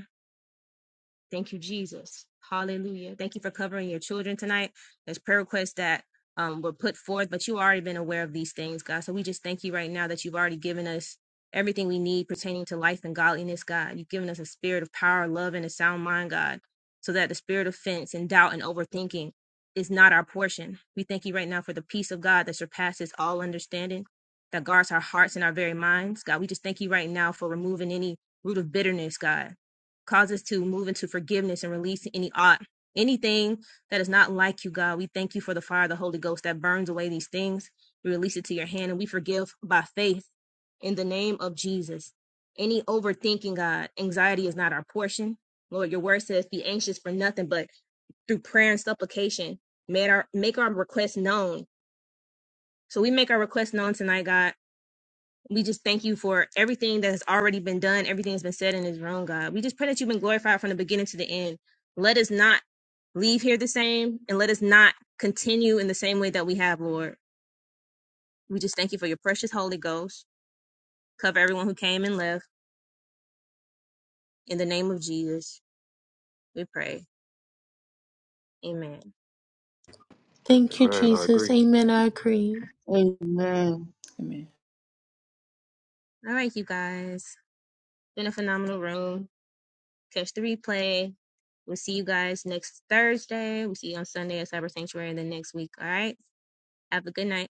Speaker 1: Thank you, Jesus. Hallelujah. Thank you for covering your children tonight. There's prayer requests that um, were put forth, but you've already been aware of these things, God. So we just thank you right now that you've already given us everything we need pertaining to life and godliness, God. You've given us a spirit of power, love, and a sound mind, God, so that the spirit of offense and doubt and overthinking is not our portion. We thank you right now for the peace of God that surpasses all understanding, that guards our hearts and our very minds, God. We just thank you right now for removing any root of bitterness, God Cause us to move into forgiveness and release any ought, anything that is not like you, God. We thank you for the fire of the Holy Ghost that burns away these things. We release it to your hand and we forgive by faith in the name of Jesus. Any overthinking, God, anxiety is not our portion. Lord, your word says, be anxious for nothing, but through prayer and supplication, make our, make our requests known. So we make our requests known tonight, God we just thank you for everything that has already been done, everything that's been said in this room, God. We just pray that you've been glorified from the beginning to the end. Let us not leave here the same and let us not continue in the same way that we have, Lord. We just thank you for your precious Holy Ghost. Cover everyone who came and left. In the name of Jesus, we pray. Amen.
Speaker 5: Amen. I agree.
Speaker 2: Amen.
Speaker 6: Amen.
Speaker 1: All right, you guys. Been a phenomenal room. Catch the replay. We'll see you guys next Thursday. We'll see you on Sunday at Cyber Sanctuary and then next week. All right. Have a good night.